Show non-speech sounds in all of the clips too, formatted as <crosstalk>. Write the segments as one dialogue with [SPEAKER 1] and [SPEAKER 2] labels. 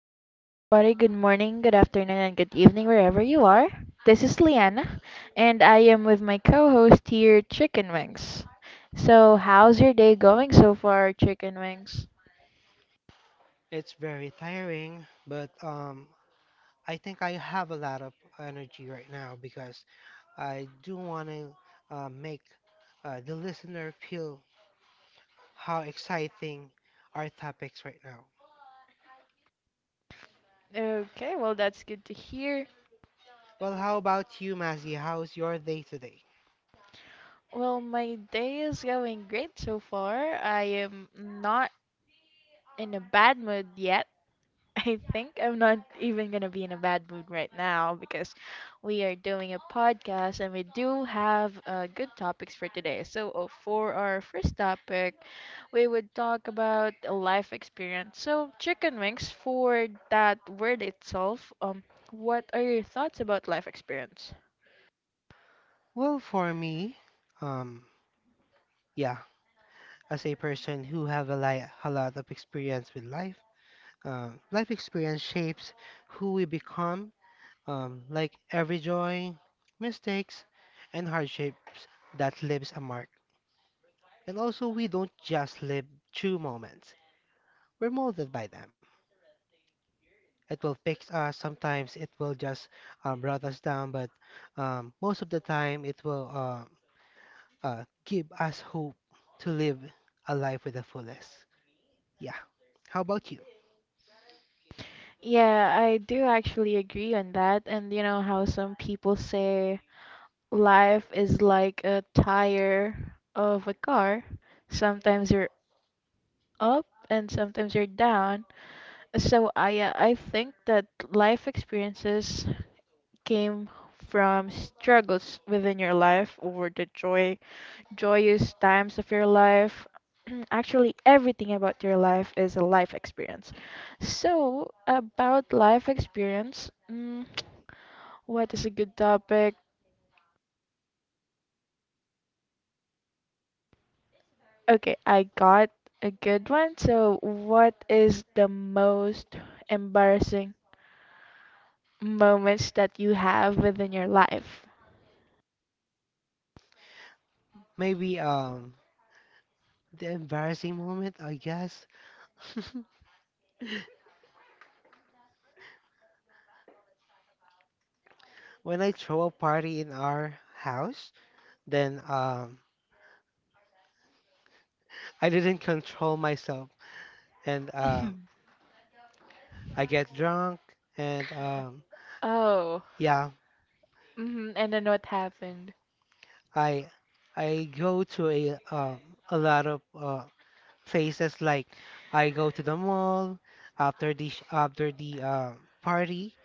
[SPEAKER 1] Hello, everybody. Good morning, good afternoon, and good evening, wherever you are. This is Liana, and I am with my co host here, Chicken Wings. So, how's your day going so far, Chicken Wings?
[SPEAKER 2] It's very tiring, but I think I have a lot of energy right now because I do want to make the listener feel how exciting our topics right now.
[SPEAKER 1] Okay, well, that's good to hear.
[SPEAKER 2] Well, how about you, Mazzy? How's your day today?
[SPEAKER 1] Well, my day is going great so far. I am not in a bad mood yet. I think I'm not even gonna be in a bad mood right now because we are doing a podcast and we do have good topics for today. So, for our first topic, we would talk about a life experience. So, chicken wings, for that word itself, what are your thoughts about life experience?
[SPEAKER 2] Well, for me, um, yeah, as a person who have a lot of experience with life, life experience shapes who we become. Like every joy, mistakes, and hardships that leaves a mark. And also, we don't just live through moments, we're molded by them. It will fix us, sometimes it will just brought us down, but most of the time, it will give us hope to live a life with the fullest. Yeah. How about you?
[SPEAKER 1] Yeah, I do actually agree on that. And you know how some people say life is like a tire of a car. Sometimes you're up and sometimes you're down. So I think that life experiences came from struggles within your life or the joyous times of your life. <clears throat> Actually, everything about your life is a life experience. So about life experience, <tsk> what is a good topic? Okay, I got a good one. So what is the most embarrassing moments that you have within your life?
[SPEAKER 2] Maybe the embarrassing moment, I guess. <laughs> When I throw a party in our house, then I didn't control myself, and
[SPEAKER 1] <laughs> Mhm.
[SPEAKER 2] I get drunk, and
[SPEAKER 1] Oh.
[SPEAKER 2] yeah,
[SPEAKER 1] And then what happened?
[SPEAKER 2] I I go to a lot of places. Like I go to the mall after the party,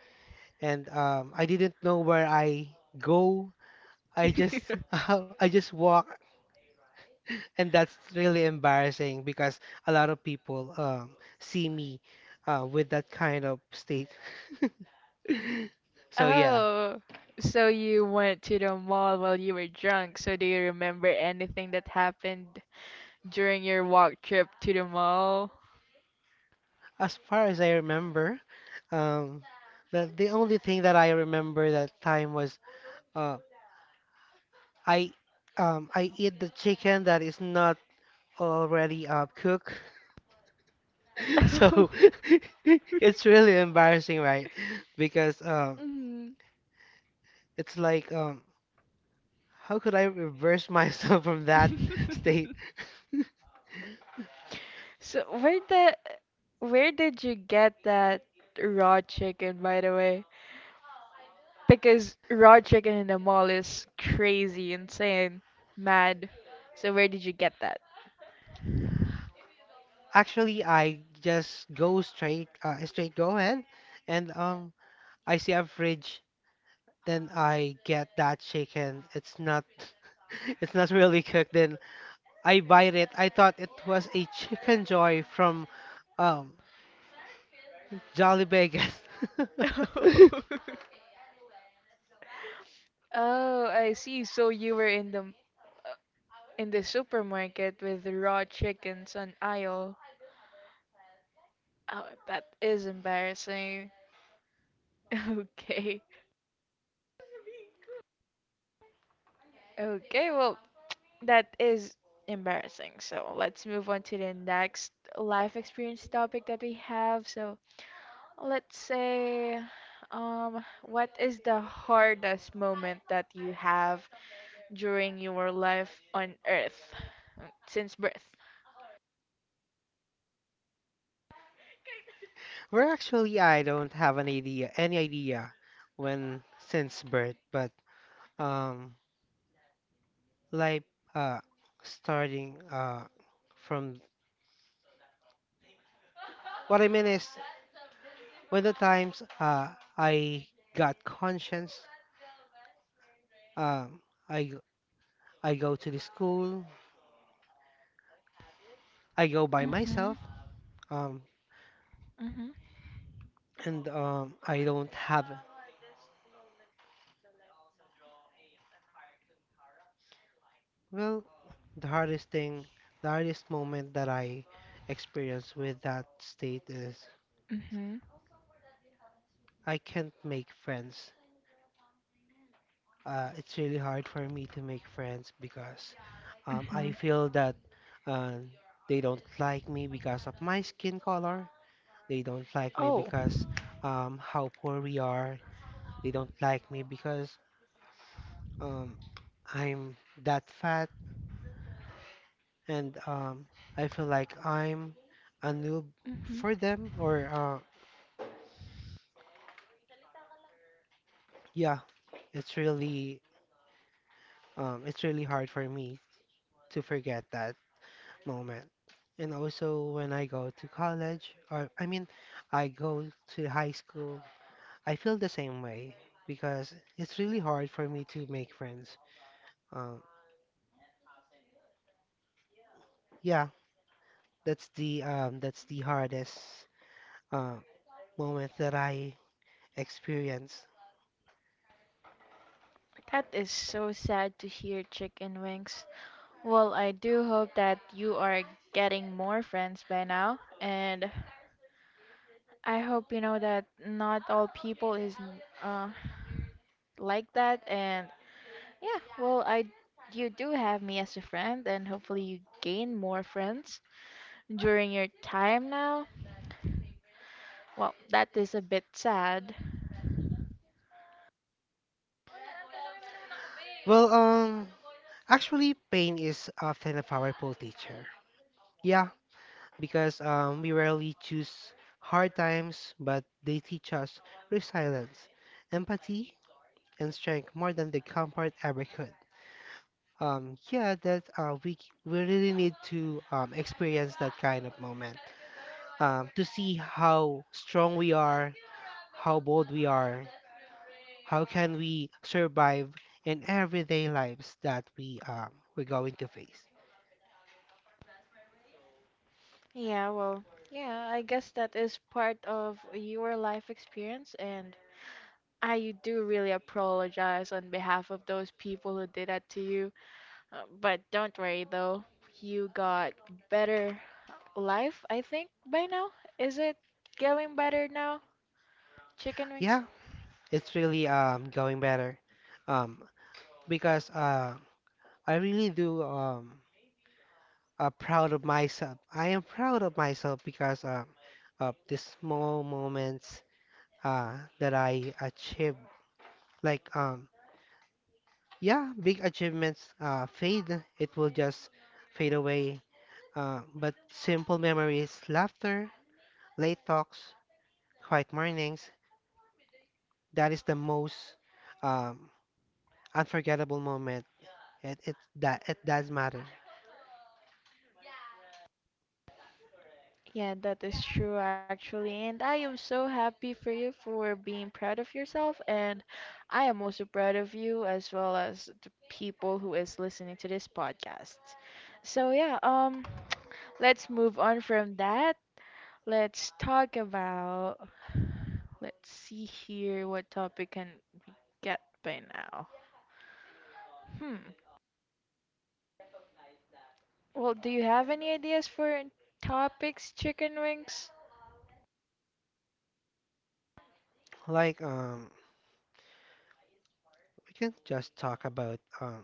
[SPEAKER 2] and I didn't know where I go. I just <laughs> I
[SPEAKER 1] <laughs>
[SPEAKER 2] just walk, and that's really embarrassing because a lot of people see me with that kind of state. <laughs> <laughs> So yeah,
[SPEAKER 1] Oh, so you went to the mall while you were drunk. So do you remember anything that happened during your walk trip to the mall?
[SPEAKER 2] as far as I remember, um, the only thing that I remember that time was uh, I I eat the chicken that is not already cooked. <laughs> So
[SPEAKER 1] <laughs>
[SPEAKER 2] <laughs> it's really embarrassing, right? Because
[SPEAKER 1] Oh.
[SPEAKER 2] it's like how could I reverse myself <laughs> from
[SPEAKER 1] <laughs>
[SPEAKER 2] that state?
[SPEAKER 1] Mhm. <laughs> So where did you get that raw chicken, by the way? Because raw chicken in the mall is crazy, insane, mad. So where did you get that?
[SPEAKER 2] Actually, I just go straight straight go ahead, and I see a fridge, then I get that chicken. It's not <laughs> It's not really cooked. Then I bite it. I thought it was a chicken joy from um Jolly Vegas. <laughs>
[SPEAKER 1] <laughs> Oh, I see. So you were in the supermarket with raw chickens on aisle. Oh, that is embarrassing. <laughs> Okay. Okay, well, that is embarrassing. So let's move on to the next life experience topic that we have. So let's say, what is the hardest moment that you have during your life on Earth since birth?
[SPEAKER 2] Where actually I don't have an idea any idea when since birth, but um like uh starting from what I mean is, when the times I got conscience, um I I go to the school, I go by
[SPEAKER 1] Mhm.
[SPEAKER 2] myself, um,
[SPEAKER 1] Mhm.
[SPEAKER 2] and I don't have, well, the hardest thing, the hardest moment that I experience with that state is
[SPEAKER 1] Mhm.
[SPEAKER 2] I can't make friends. It's really hard for me to make friends because I
[SPEAKER 1] Mhm.
[SPEAKER 2] feel that uh, they don't like me because of my skin color. They don't like me
[SPEAKER 1] Oh.
[SPEAKER 2] because how poor we are. They don't like me because um, I'm that fat, and I feel like I'm a noob
[SPEAKER 1] Mhm.
[SPEAKER 2] for them. Or yeah, it's really it's really hard for me to forget that moment. And also when I go to college, or I mean, I go to high school, I feel the same way because it's really hard for me to make friends. Um, yeah, that's the hardest uh, moment that I experience.
[SPEAKER 1] That is so sad to hear, chicken wings. Well, I do hope that you are getting more friends by now, and I hope you know that not all people is uh, like that. And yeah, well, I you do have me as a friend, and hopefully you gain more friends during your time now. Well, that is a bit sad.
[SPEAKER 2] Well, actually, pain is often a powerful teacher. Yeah, because we rarely choose hard times, but they teach us resilience, empathy, and strength more than the comfort ever could. Yeah, that we really need to experience that kind of moment to see how strong we are, how bold we are, how can we survive in everyday lives that we're going to face.
[SPEAKER 1] Yeah, well, yeah, I guess that is part of your life experience, and I do really apologize on behalf of those people who did that to you. But don't worry though, you got better life, I think, by now. Is it getting better now, chicken wings?
[SPEAKER 2] Yeah, it's really going better. Um, because I really do proud of myself. I am proud of myself because of the small moments that I achieved. Like yeah, big achievements fade. It will just fade away. But simple memories, laughter, late talks, quiet mornings, that is the most um, unforgettable moment. It does matter.
[SPEAKER 1] Yeah, that is true actually. And I am so happy for you for being proud of yourself, and I am also proud of you as well as the people who is listening to this podcast. So yeah, let's move on from that. Let's talk about, let's see here what topic can get by now. Hmm. Well, do you have any ideas for topics, chicken wings?
[SPEAKER 2] Like we can just talk about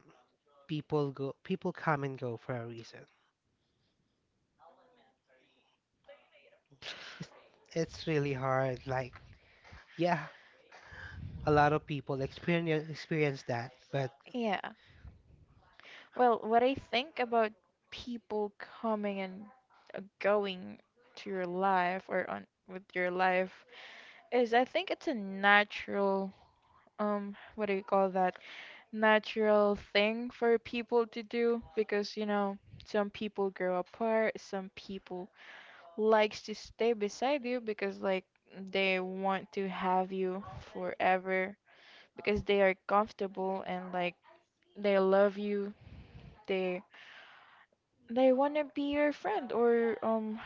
[SPEAKER 2] people come and go for a reason. It's it's really hard. Like yeah, a lot of people experience that. But
[SPEAKER 1] Yeah. Well, what I think about people coming and going to your life or on with your life is I think it's a natural what do you call that? Natural thing for people to do because you know some people grow apart, some people likes to stay beside you because like they want to have you forever because they are comfortable and like they love you, they they want to be your friend, or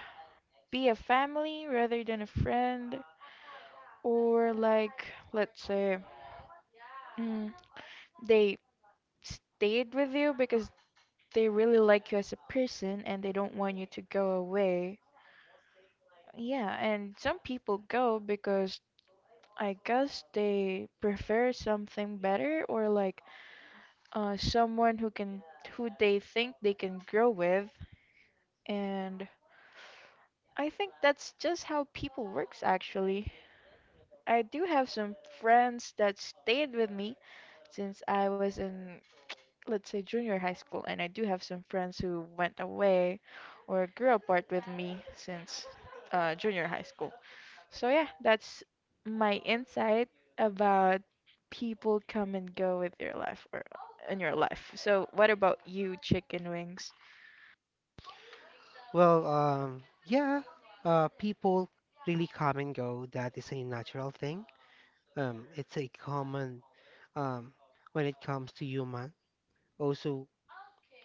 [SPEAKER 1] be a family rather than a friend, or like let's say mm, they stayed with you because they really like you as a person and they don't want you to go away. Yeah, and some people go because I guess they prefer something better, or like someone who can, who they think they can grow with. And I think that's just how people works actually. I do have some friends that stayed with me since I was in, let's say, junior high school, and I do have some friends who went away or grew apart with me since junior high school. So yeah, that's my insight about people come and go with your life or in your life. So what about you, chicken wings?
[SPEAKER 2] well, yeah, people really come and go. That is a natural thing. It's a common um when it comes to human. Also,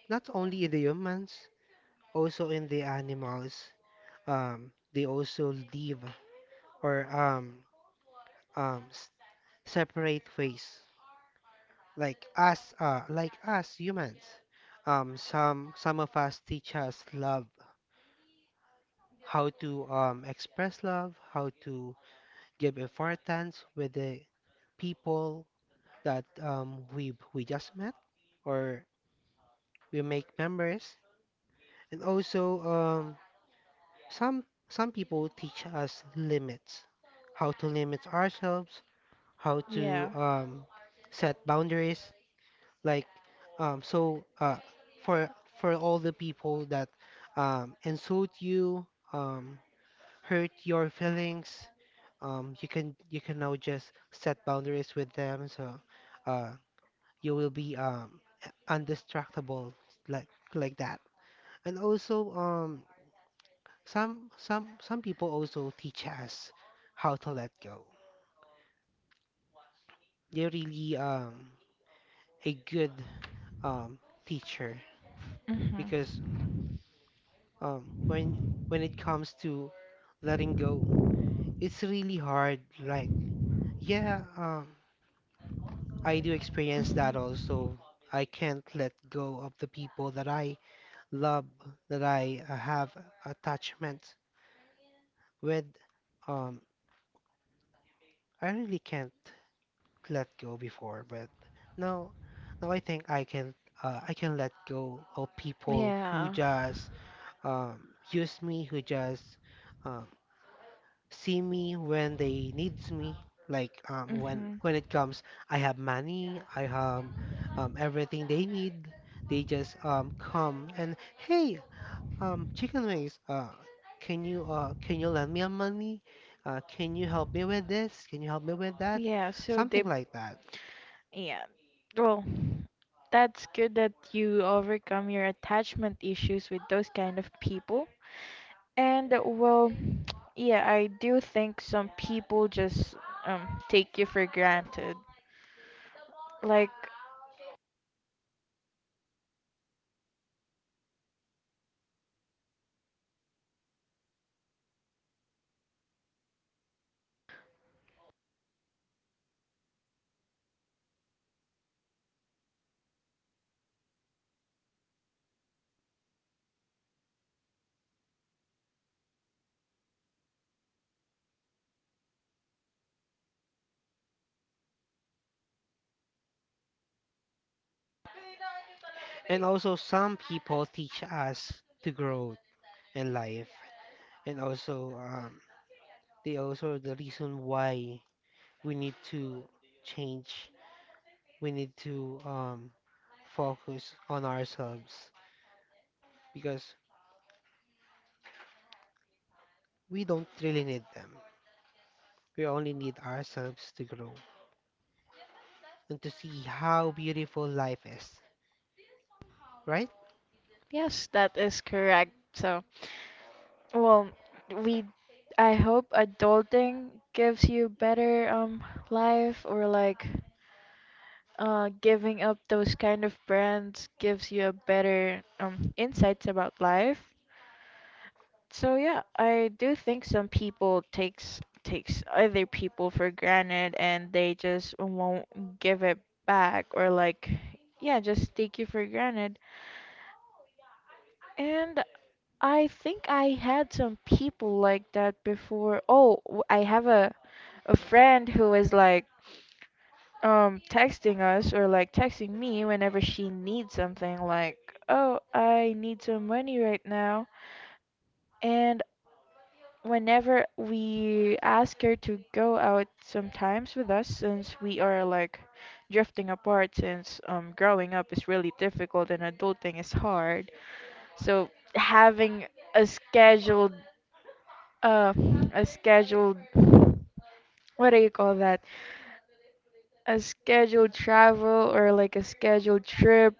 [SPEAKER 2] not only in the humans, also in the animals. They also leave or um separate ways like us humans. Some of us teach us love, how to express love, how to give importance with the people that we just met, or we make memories. And also some some people teach us limits, how to limit ourselves, how to
[SPEAKER 1] Yeah.
[SPEAKER 2] set boundaries. Like, so for for all the people that insult you, um, hurt your feelings, you can now just set boundaries with them. So uh, you will be undistractable like like that. And also, some people also teach us how to let go. They're really a good um, teacher
[SPEAKER 1] hmm
[SPEAKER 2] because um, when when it comes to letting go. It's really hard. Like, yeah, I do experience that also. I can't let go of the people that I love, that I have attachment with. Um, I really can't let go before, but now, now I think I can. I can let go of people who
[SPEAKER 1] Yeah.
[SPEAKER 2] just use me, who just uh, see me when they needs me. Like when
[SPEAKER 1] hmm
[SPEAKER 2] when it comes, I have money, I have everything they need. They just come and, "Hey, chicken wings, can you lend me a money, can you help me with this, can you help me with that,"
[SPEAKER 1] Yeah, so they
[SPEAKER 2] something like that.
[SPEAKER 1] yeah. Well, that's good that you overcome your attachment issues with those kind of people. And well, <tsk> yeah, I do think some people just take you for granted. Like,
[SPEAKER 2] And also, some people teach us to grow in life. And also, they also are the reason why we need to change. We need to focus on ourselves because we don't really need them. We only need ourselves to grow and to see how beautiful life is, right?
[SPEAKER 1] yes, that is correct. So, well, we I hope adulting gives you better life, or like giving up those kind of brands gives you a better insights about life. So yeah, I do think some people takes other people for granted and they just won't give it back or like, yeah, just take you for granted. And I think I had some people like that before. I have a friend who is like texting us or like texting me whenever she needs something, like, "Oh, I need some money right now." And whenever we ask her to go out sometimes with us, since we are like drifting apart since growing up is really difficult and adulting is hard, so having a scheduled uh a scheduled, what do you call that, a scheduled travel, or like a scheduled trip,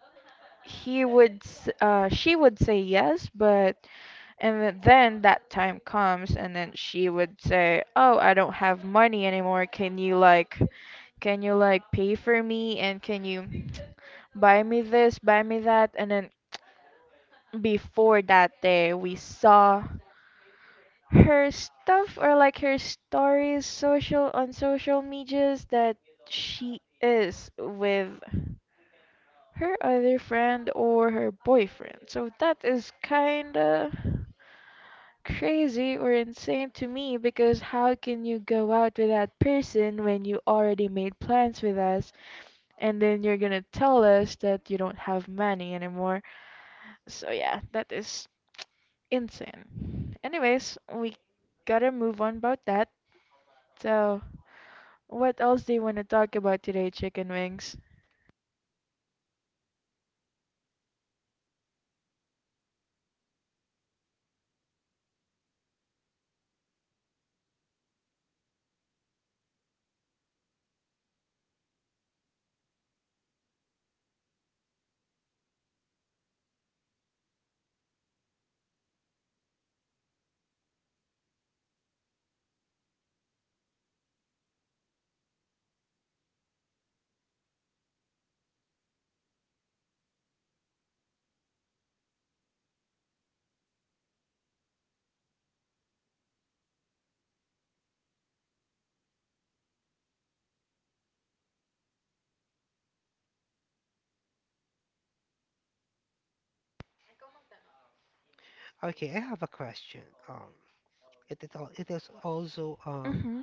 [SPEAKER 1] she would say yes, but then that time comes and then she would say, "Oh, I don't have money anymore. Can you like, can you like pay for me, and can you <tsk> buy me this, buy me that?" And then before that day, we saw her stuff or like her stories social on social medias that she is with her other friend or her boyfriend. So that is kinda crazy or insane to me because how can you go out with that person when you already made plans with us and then you're gonna tell us that you don't have money anymore? So yeah, that is insane. Anyways, we gotta move on about that. So what else do you wanna talk about today, chicken wings?
[SPEAKER 2] Okay, I have a question. Um, it is also
[SPEAKER 1] Mm-hmm.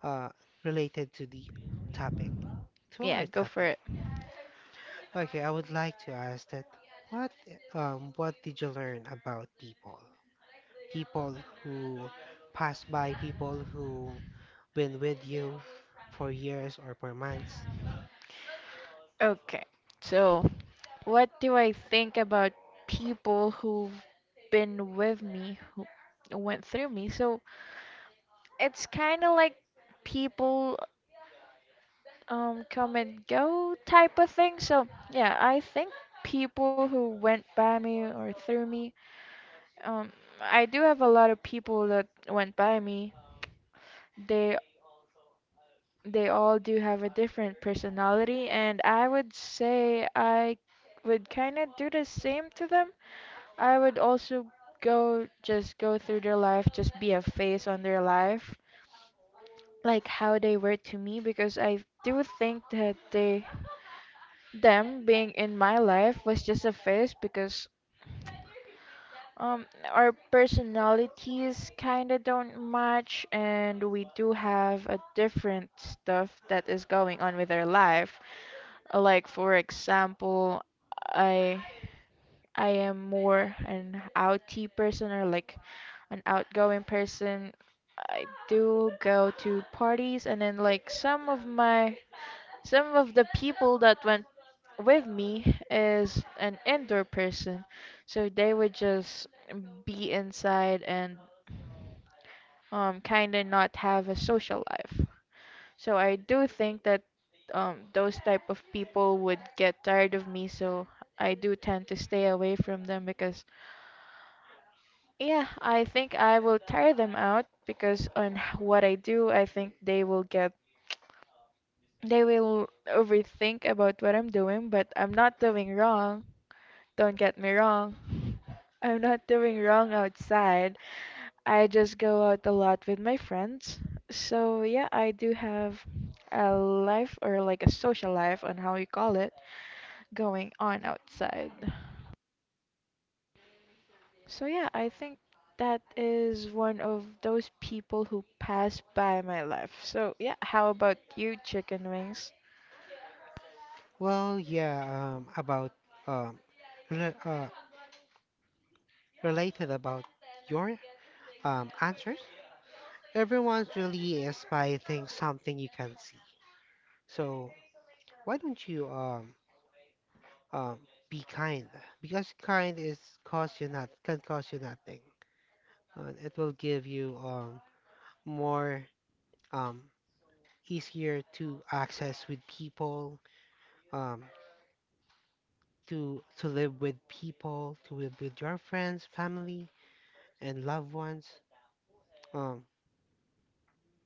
[SPEAKER 2] uh related to the topic, to our
[SPEAKER 1] Yeah, go for
[SPEAKER 2] topic.
[SPEAKER 1] it.
[SPEAKER 2] Okay, I would like to ask that, what what did you learn about people? People who pass by, people who been with you for years or for months.
[SPEAKER 1] Okay. So what do I think about people who've been with me, who went through me? So it's kind of like people come and go type of thing. So yeah, I think people who went by me or through me, um, I do have a lot of people that went by me. They they all do have a different personality, and I would say I would kind of do the same to them. I would also go just go through their life, just be a face on their life, like how they were to me, because I do think that they them being in my life was just a face because our personalities kind of don't match and we do have a different stuff that is going on with our life. Like for example, I I am more an outy person, or like an outgoing person. I do go to parties, and then like some of my some of the people that went with me is an indoor person. So they would just be inside and kind of not have a social life. So I do think that those type of people would get tired of me, so I do tend to stay away from them. Because yeah, I think I will tire them out because on what I do, I think they will get, they will overthink about what I'm doing, but I'm not doing wrong. Don't get me wrong. I'm not doing wrong outside. I just go out a lot with my friends. So yeah, I do have a life, or like a social life, on how you call it, going on outside. So yeah, I think that is one of those people who pass by my life. So yeah, how about you, chicken wings?
[SPEAKER 2] Well, yeah, about um, re- uh, related about your answers. Everyone really is by think something you can see. So why don't you um, be kind? Because kind is cost you not can cost you nothing. And it will give you more um, easier to access with people. Um, to live with people, to live with your friends, family, and loved ones. Um,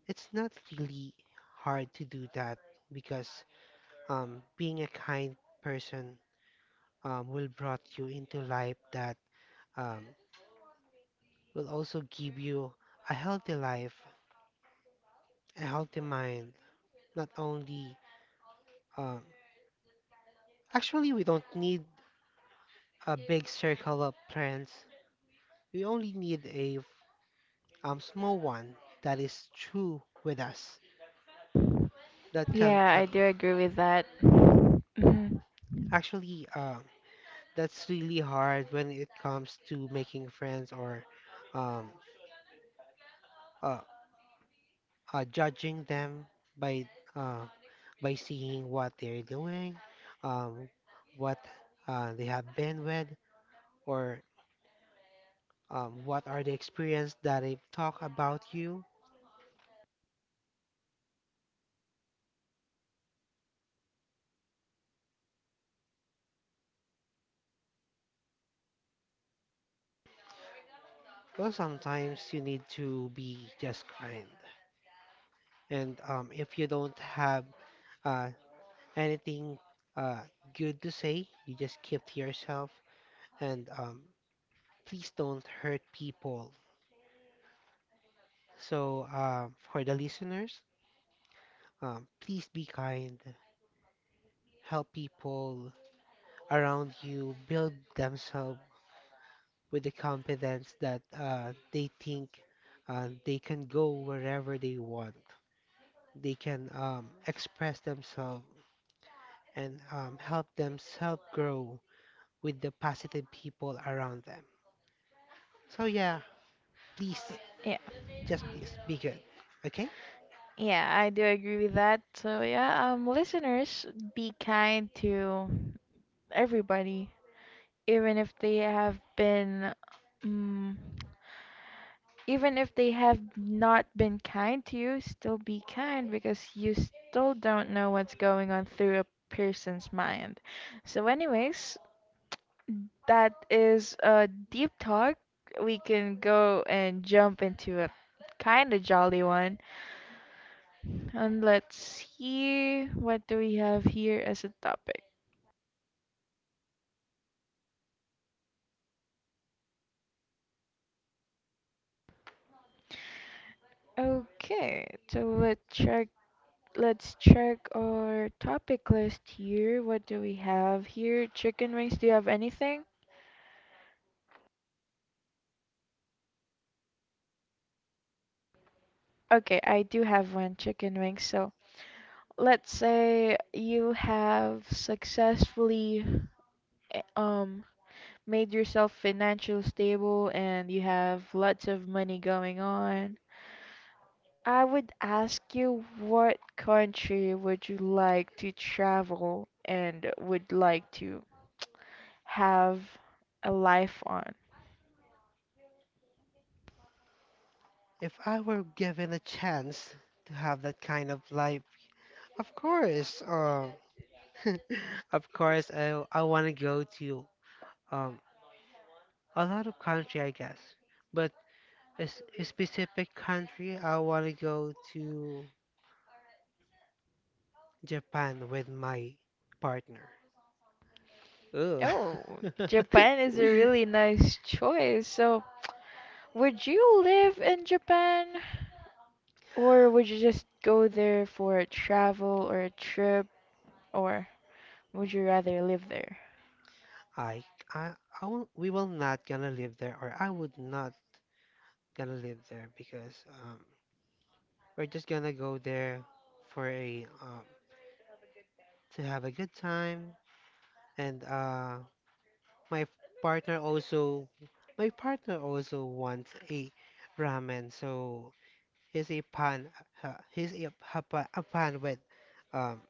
[SPEAKER 2] it's not really hard to do that because being a kind person will brought you into life that um, will also give you a healthy life, a healthy mind. Not only um, actually, we don't need a big circle of friends. We only need a small one that is true with us. That can't
[SPEAKER 1] Yeah,
[SPEAKER 2] tell.
[SPEAKER 1] I do agree with that. Mhm.
[SPEAKER 2] Actually, that's really hard when it comes to making friends or um, uh, judging them by uh, by seeing what they're doing, um, what they have been with, or what are the experience that they talk about you. Well, sometimes you need to be just kind, and if you don't have uh, anything uh, good to say, you just keep to yourself and please don't hurt people. So, for the listeners, please be kind, help people around you, build themselves with the confidence that they think they can go wherever they want. They can express themselves and help themselves grow with the positive people around them. So, yeah, please,
[SPEAKER 1] Yeah,
[SPEAKER 2] just please be good. Okay?
[SPEAKER 1] yeah, I do agree with that. So yeah, listeners, be kind to everybody, even if they have been. Mm even if they have not been kind to you, still be kind because you still don't know what's going on through a person's mind. So, anyways, that is a deep talk. We can go and jump into a kind of jolly one. And let's see what do we have here as a topic. Okay, so let's check our topic list here. What do we have here? Chicken wings, do you have anything? Okay, I do have one chicken wing. So let's say you have successfully eh, um made yourself financial stable and you have lots of money going on. I would ask you what country would you like to travel and would like to have a life on?
[SPEAKER 2] If I were given a chance to have that kind of life, of course, <laughs> of course, I want to go to um a lot of country, I guess. But a specific country, I want to go to Japan with my partner. Ugh.
[SPEAKER 1] Oh, Japan is a
[SPEAKER 2] <laughs>
[SPEAKER 1] really nice choice. So would you live in Japan? Or would you just go there for a travel or a trip, or would you rather live there?
[SPEAKER 2] I I we will not gonna live there, or I would not gonna live there because. We're just gonna go there for a to have a good time. And my f- partner also, my partner also wants a ramen. So he's a pan, he's a pan with um,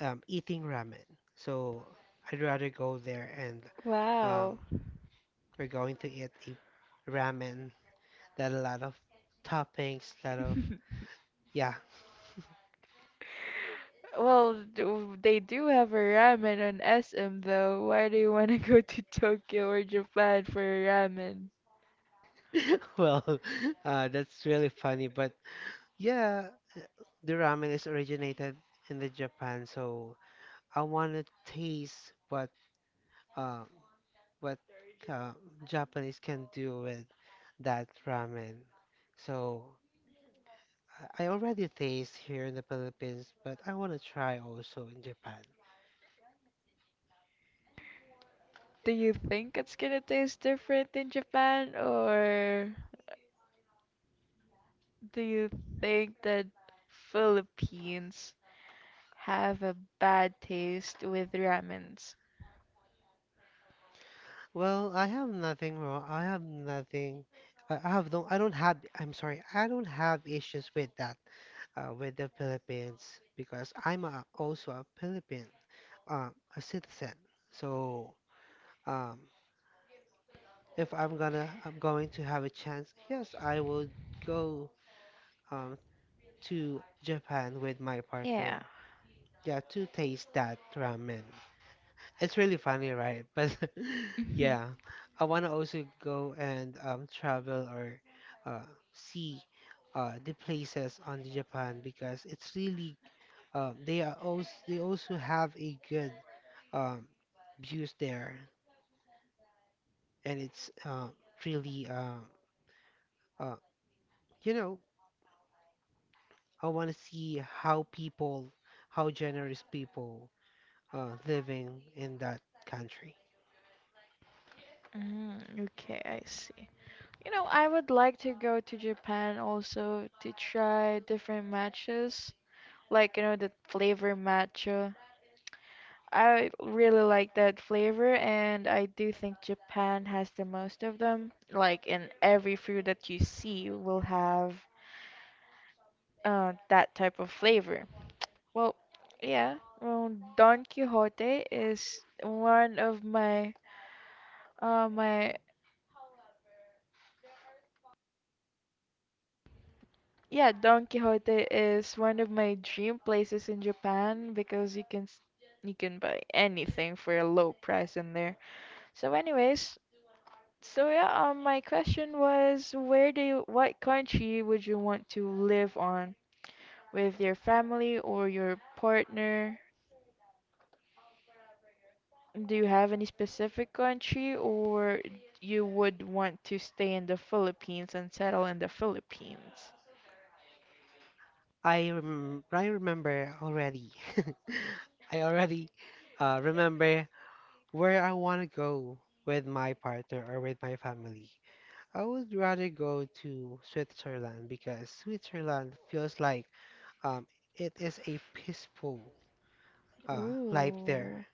[SPEAKER 2] eating ramen. So I'd rather go there and
[SPEAKER 1] Wow.
[SPEAKER 2] um, we're going to eat a ramen that a lot of toppings, lot of,
[SPEAKER 1] <laughs>
[SPEAKER 2] yeah.
[SPEAKER 1] Well, they do have a ramen on SM though. Why do you <laughs> want to go to Tokyo or Japan for a ramen?
[SPEAKER 2] <laughs> Well, <laughs> that's really funny, but yeah, the ramen is originated in the Japan, so I want to taste uh, what uh, Japanese can do with that ramen. So I already taste here in the Philippines, but I want to try also in Japan.
[SPEAKER 1] Do you think it's gonna taste different in Japan, or do you think that Philippines have a bad taste with ramens?
[SPEAKER 2] Well, I have nothing wrong. I have nothing. I have don't. I don't have. I'm sorry. I don't have issues with that with the Philippines because I'm also a Philippine, uh, a citizen. So Um, if I'm going to have a chance, yes, I will go um, to Japan with my partner.
[SPEAKER 1] Yeah.
[SPEAKER 2] Yeah, to taste that ramen. It's really funny, right? <laughs> But yeah,
[SPEAKER 1] <laughs>
[SPEAKER 2] I wanna also go and travel or uh, see the places on the Japan because it's really they are also they also have a good um, views there, and it's really uh, you know I want to see how people, how generous people living in that country.
[SPEAKER 1] Okay, I see. You know, I would like to go to Japan also to try different matchas, like, you know, the flavor matcha. I really like that flavor, and I do think Japan has the most of them. Like, in every fruit that you see will have that type of flavor. Well, yeah, well, Don Quixote is one of my my Yeah, Don Quixote is one of my dream places in Japan because you can you can buy anything for a low price in there. So anyways, so yeah, my question was what country would you want to live on with your family or your partner? Do you have any specific country or you would want to stay in the Philippines and settle in the Philippines?
[SPEAKER 2] I remember already. <laughs> I already remember where I want to go with my partner or with my family. I would rather go to Switzerland because Switzerland feels like um, it is a peaceful life there.
[SPEAKER 1] Ooh.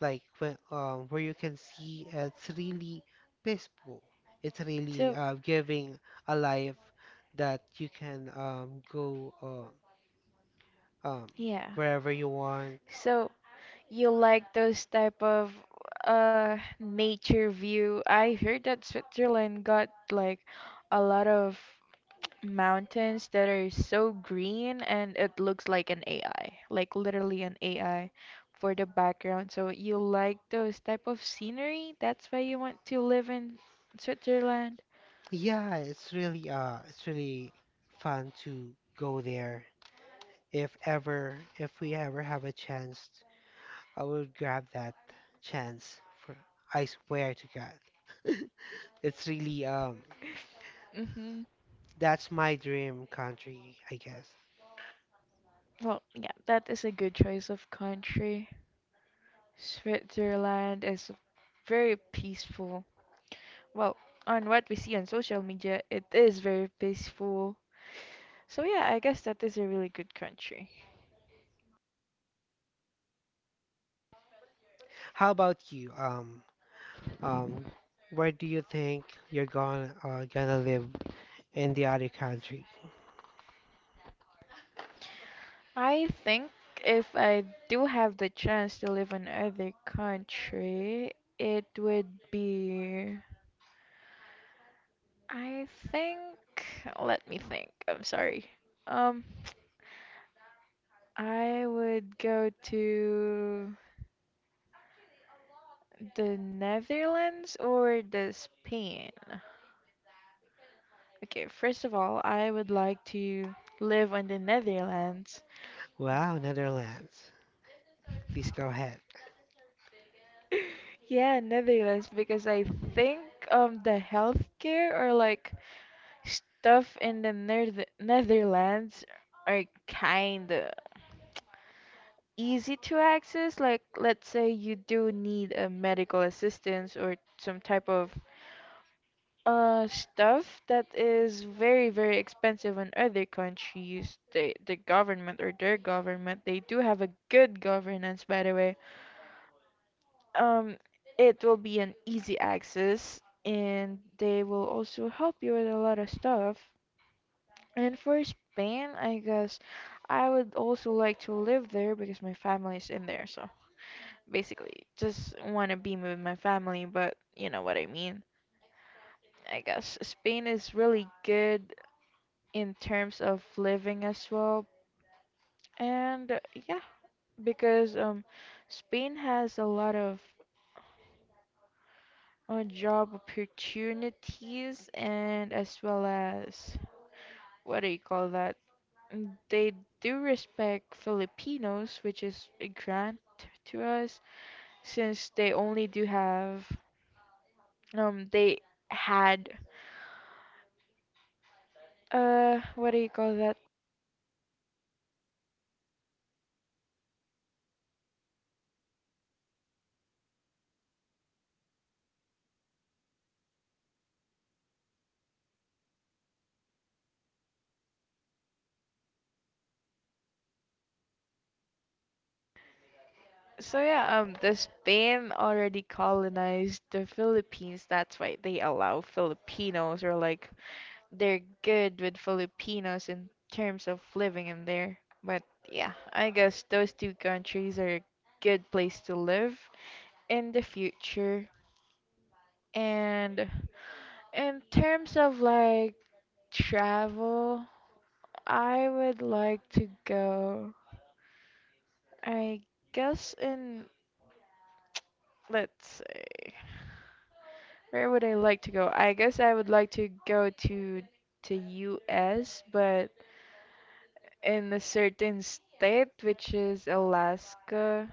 [SPEAKER 2] Like where you can see it's really peaceful. It's really
[SPEAKER 1] So,
[SPEAKER 2] giving a life that you can go um,
[SPEAKER 1] yeah.
[SPEAKER 2] wherever you want.
[SPEAKER 1] So you like those type of nature view. I heard that Switzerland got like a lot of mountains that are so green and it looks like an AI, like literally an AI for the background. So you like those type of scenery? That's why you want to live in Switzerland?
[SPEAKER 2] Yeah, it's really fun to go there. If we ever have a chance, I will grab that chance. For I swear to God, <laughs> it's really
[SPEAKER 1] Mm-hmm.
[SPEAKER 2] that's my dream country, I guess.
[SPEAKER 1] Well, yeah, that is a good choice of country. Switzerland is very peaceful. Well, on what we see on social media, it is very peaceful. So yeah, I guess that is a really good country.
[SPEAKER 2] How about you? Um, where do you think you're gonna gonna live in the other country?
[SPEAKER 1] I think if I do have the chance to live in other country, it would be, I think, let me think. I'm sorry. Um I would go to the Netherlands or the Spain. Okay, first of all, I would like to live in the Netherlands.
[SPEAKER 2] Wow, Netherlands. Please go ahead. <laughs>
[SPEAKER 1] Yeah, Netherlands because I think the healthcare or like stuff in the Netherlands are kind of easy to access. Like let's say you do need a medical assistance or some type of stuff that is very very expensive in other countries. The government or their government, they do have a good governance, by the way. Um, it will be an easy access, and they will also help you with a lot of stuff. And for Spain, I guess I would also like to live there because my family is in there. So basically, just want to be with my family, but you know what I mean. I guess Spain is really good in terms of living as well. And yeah, because Spain has a lot of on job opportunities and as well as what do you call that? Mm, they do respect Filipinos, which is a grant to us since they only do have they had what do you call that? So yeah, the Spain already colonized the Philippines. That's why they allow Filipinos or like they're good with Filipinos in terms of living in there. But yeah, I guess those two countries are a good place to live in the future. And in terms of like travel, I would like to go, I guess in, let's say, where would I like to go? I guess I would like to go to the US, but in a certain state, which is Alaska,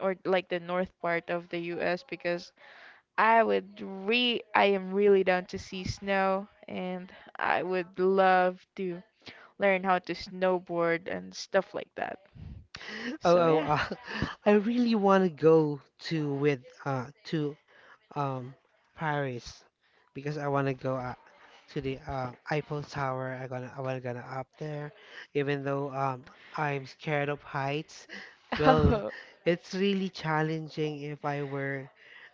[SPEAKER 1] or like the north part of the US because I would re I am really down to see snow and I would love to learn how to snowboard and stuff like that.
[SPEAKER 2] Oh,
[SPEAKER 1] So
[SPEAKER 2] oh,
[SPEAKER 1] yeah.
[SPEAKER 2] uh, <laughs> I really want to go to with to um Paris because I want to go to the Eiffel Tower. I was gonna up there, even though I'm scared of heights.
[SPEAKER 1] <laughs>
[SPEAKER 2] Well,
[SPEAKER 1] Oh.
[SPEAKER 2] it's really challenging if I were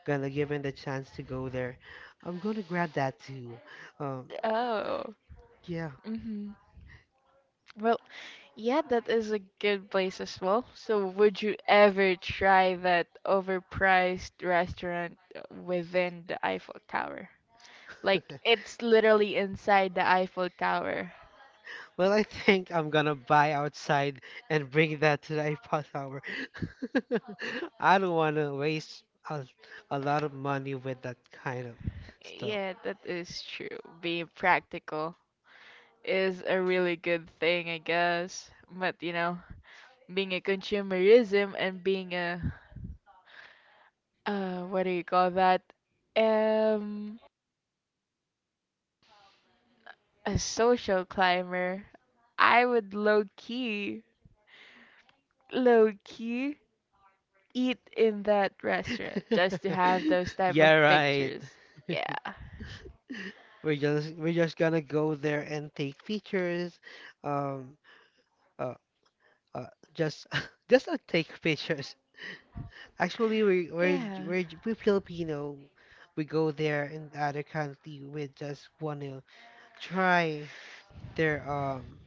[SPEAKER 2] gonna given the chance to go there. I'm gonna grab that too. Um,
[SPEAKER 1] Oh.
[SPEAKER 2] yeah.
[SPEAKER 1] Hmm. Well, yeah, that is a good place as well. So would you ever try that overpriced restaurant within the Eiffel Tower? Like it's
[SPEAKER 2] <laughs>
[SPEAKER 1] literally inside the Eiffel Tower.
[SPEAKER 2] Well, I think I'm gonna buy outside and bring that to the Eiffel Tower. <laughs> I don't wanna waste a, a lot of money with that kind of stuff.
[SPEAKER 1] Yeah, that is true. Being practical is a really good thing, I guess. But you know, being a consumerism and being a what do you call that? Um, a social climber. I would low key eat in that restaurant just to have
[SPEAKER 2] <laughs>
[SPEAKER 1] those type
[SPEAKER 2] Yeah,
[SPEAKER 1] of
[SPEAKER 2] right.
[SPEAKER 1] pictures.
[SPEAKER 2] <laughs>
[SPEAKER 1] Yeah,
[SPEAKER 2] We're just gonna go there and take pictures. Um, uh, uh, just <laughs> just take pictures. Actually, we
[SPEAKER 1] yeah,
[SPEAKER 2] we're we Filipino. We go there in the other country. We just wanna try their um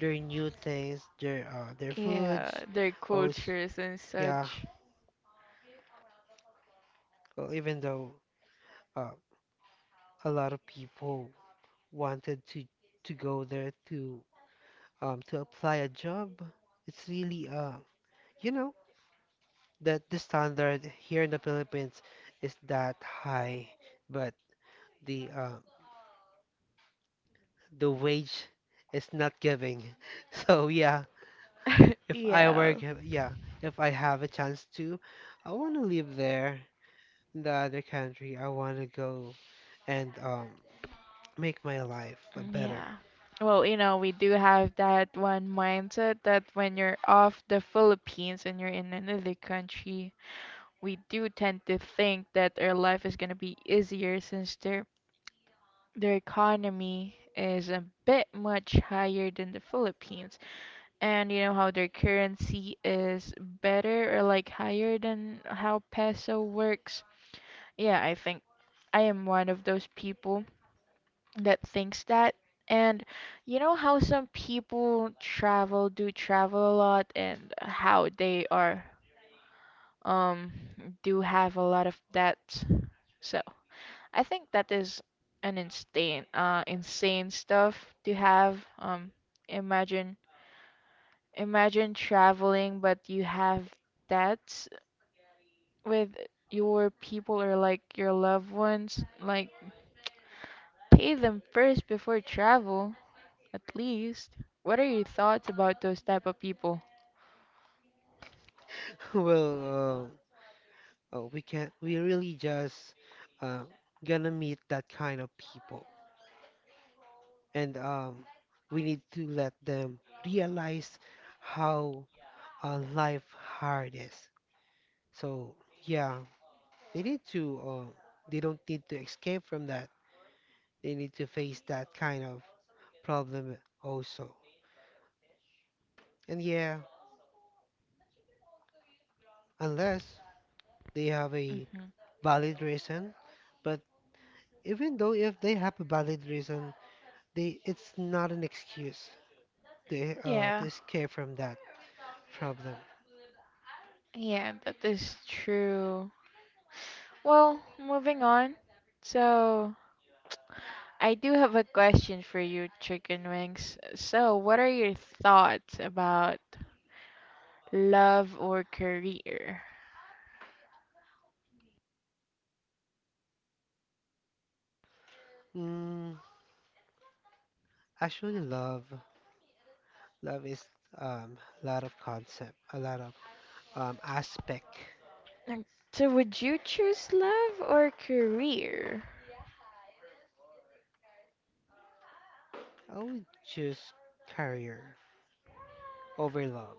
[SPEAKER 2] their new things, their
[SPEAKER 1] yeah.
[SPEAKER 2] foods.
[SPEAKER 1] Their
[SPEAKER 2] Oh,
[SPEAKER 1] cultures and
[SPEAKER 2] yeah.
[SPEAKER 1] such.
[SPEAKER 2] Well, even though uh a lot of people wanted to go there to apply a job, it's really, you know, that the standard here in the Philippines is that high, but the uh, the wage is not giving. <laughs> So yeah,
[SPEAKER 1] <laughs>
[SPEAKER 2] if I
[SPEAKER 1] Yeah.
[SPEAKER 2] work, yeah, if I have a chance to, I want to live there in the other country. I want to go and make my life a
[SPEAKER 1] Mm,
[SPEAKER 2] better.
[SPEAKER 1] yeah. Well, you know, we do have that one mindset that when you're off the Philippines and you're in another country, we do tend to think that our life is going to be easier since their economy is a bit much higher than the Philippines. And you know how their currency is better or like higher than how peso works. Yeah, I think I am one of those people that thinks that. And you know how some people travel, do travel a lot, and how they are, um, do have a lot of debts. So I think that is an insane, insane stuff to have. Imagine, imagine traveling, but you have debts with your people or like your loved ones. Like, pay them first before travel. At least, what are your thoughts about those type of people?
[SPEAKER 2] <laughs> Well, we can we really just uh, gonna meet that kind of people, and we need to let them realize how life hard is. So yeah, they need to. They don't need to escape from that. They need to face that kind of problem also. And yeah, unless they have a
[SPEAKER 1] Hmm.
[SPEAKER 2] valid reason, but even though if they have a valid reason, they it's not an excuse to
[SPEAKER 1] Yeah,
[SPEAKER 2] escape from that problem.
[SPEAKER 1] yeah, that is true. Well, moving on. So, I do have a question for you, Chicken Wings. So, what are your thoughts about love or career?
[SPEAKER 2] Mm, I actually love. Love is um, a lot of concept, a lot of aspect.
[SPEAKER 1] Mm, so, would you choose love or career?
[SPEAKER 2] I would choose career over love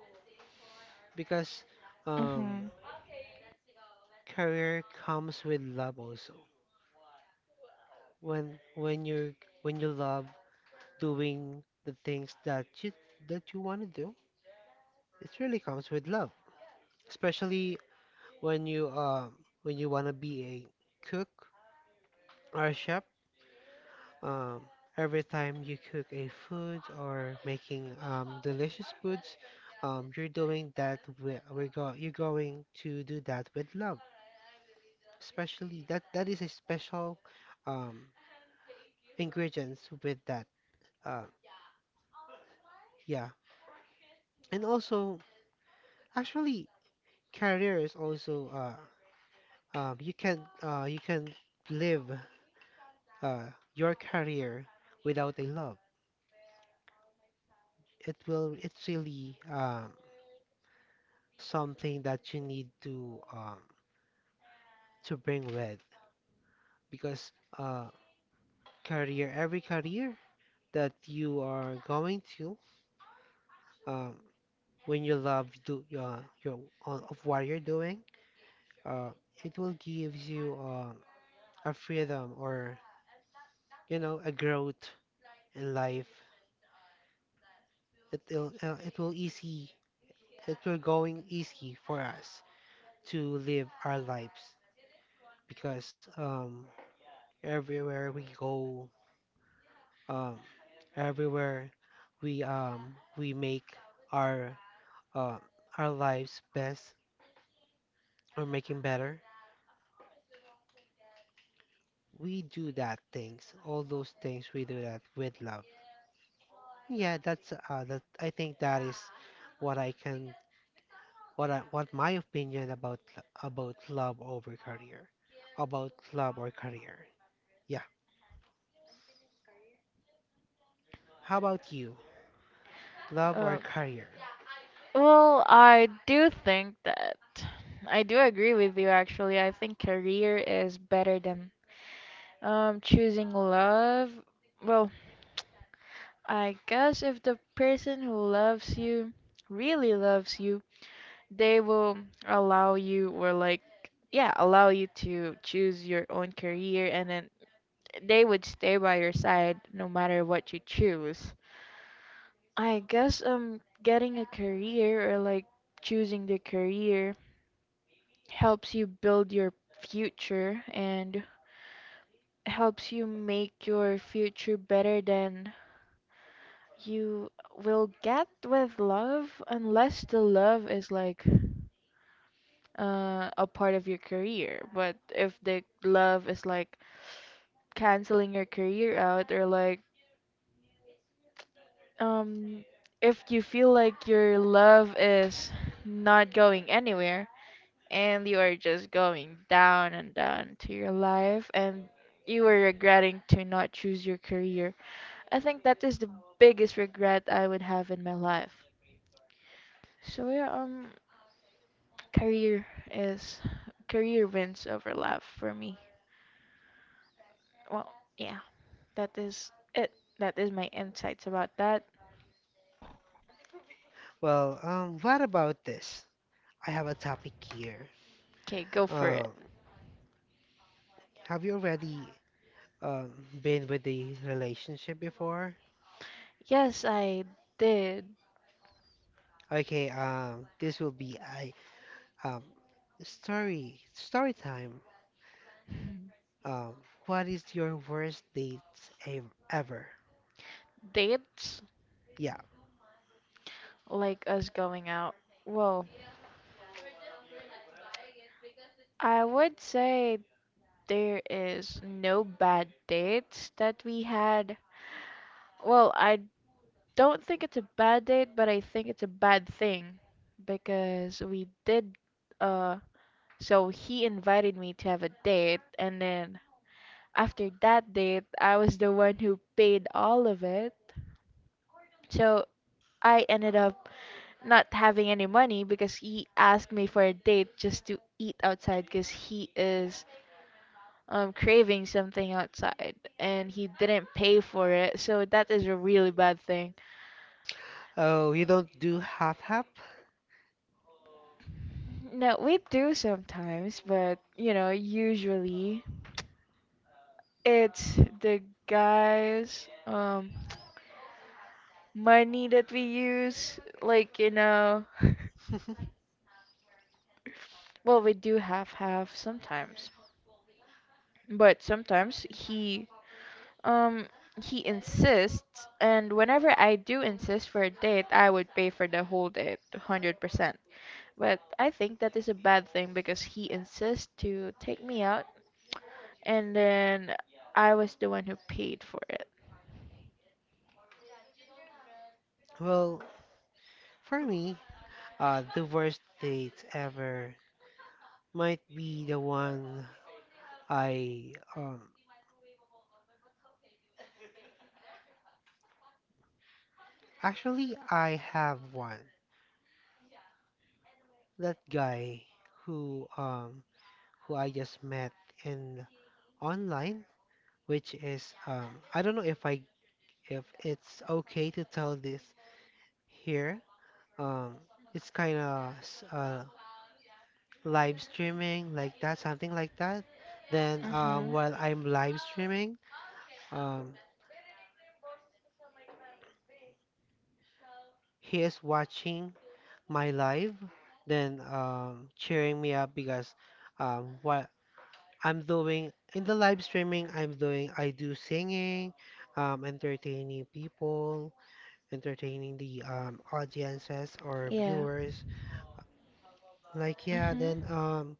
[SPEAKER 2] because um,
[SPEAKER 1] Mm-hmm.
[SPEAKER 2] career comes with love also. When when you when you love doing the things that you want to do, it really comes with love. Especially when you um when you want to be a cook or a chef. Um, every time you cook a food or making delicious foods, you're doing that with, we're go you're going to do that with love. Especially that is a special um, ingredients with that. Uh, yeah, and also actually career is also you can live uh, your career without a love. It's really something that you need to bring with because uh, career every career that you are going to um, when you love do your on, of what you're doing uh, it will give you a freedom or a growth in life. It will it will easy it will going easy for us to live our lives because everywhere we go. Um, Everywhere we make our uh, our lives best or making better. We do that things, all those things we do that with love. Yeah, that I think that is what I can what I what my opinion about love over career, about love or career. Yeah. How about you? Love
[SPEAKER 1] Uh,
[SPEAKER 2] or career?
[SPEAKER 1] well, I do think that I do agree with you actually. I think career is better than choosing love. Well, I guess if the person who loves you really loves you, they will allow you or like yeah, allow you to choose your own career and then they would stay by your side no matter what you choose. I guess getting a career or like choosing the career helps you build your future and helps you make your future better than you will get with love unless the love is like a part of your career, but if the love is like canceling your career out or like um if you feel like your love is not going anywhere and you are just going down and down to your life and you are regretting to not choose your career. I think that is the biggest regret I would have in my life. So yeah, career is, career wins over love for me. Well, yeah, that is it. That is my insights about that.
[SPEAKER 2] Well, what about this? I have a topic here.
[SPEAKER 1] Okay, go for it.
[SPEAKER 2] Um, have you already um, been with the relationship before?
[SPEAKER 1] Yes, I did
[SPEAKER 2] Okay, this will be a um, story time.
[SPEAKER 1] <laughs>
[SPEAKER 2] Um, what is your worst date ever?
[SPEAKER 1] dates
[SPEAKER 2] Yeah.
[SPEAKER 1] like us going out. Well, I would say there is no bad dates that we had. Well, I don't think it's a bad date, but I think it's a bad thing because we did uh so he invited me to have a date and then after that date, I was the one who paid all of it. So I ended up not having any money because he asked me for a date just to eat outside because he is craving something outside and he didn't pay for it, so that is a really bad thing.
[SPEAKER 2] Oh, you don't do half?
[SPEAKER 1] No, we do sometimes, but you know, usually it's the guys' money that we use, like you know. <laughs>
[SPEAKER 2] <laughs>
[SPEAKER 1] Well, we do half half sometimes, but sometimes um he insists, and whenever I do insist for a date, I would pay for the whole date 100%. But I think that is a bad thing because he insists to take me out, and then I was the one who paid for it.
[SPEAKER 2] Well, for me, the worst date ever might be the one I actually I have one. That guy who um who I just met in online, which is I don't know if I if it's okay to tell this here. Um, it's kind of uh, live streaming like that, something like that. Then
[SPEAKER 1] Mhm.
[SPEAKER 2] while I'm live streaming, um, he is watching my live, then cheering me up because what I'm doing in the live streaming, I'm doing I do singing, entertaining people entertaining the audiences or
[SPEAKER 1] Yeah.
[SPEAKER 2] viewers. Like, yeah,
[SPEAKER 1] Mhm.
[SPEAKER 2] then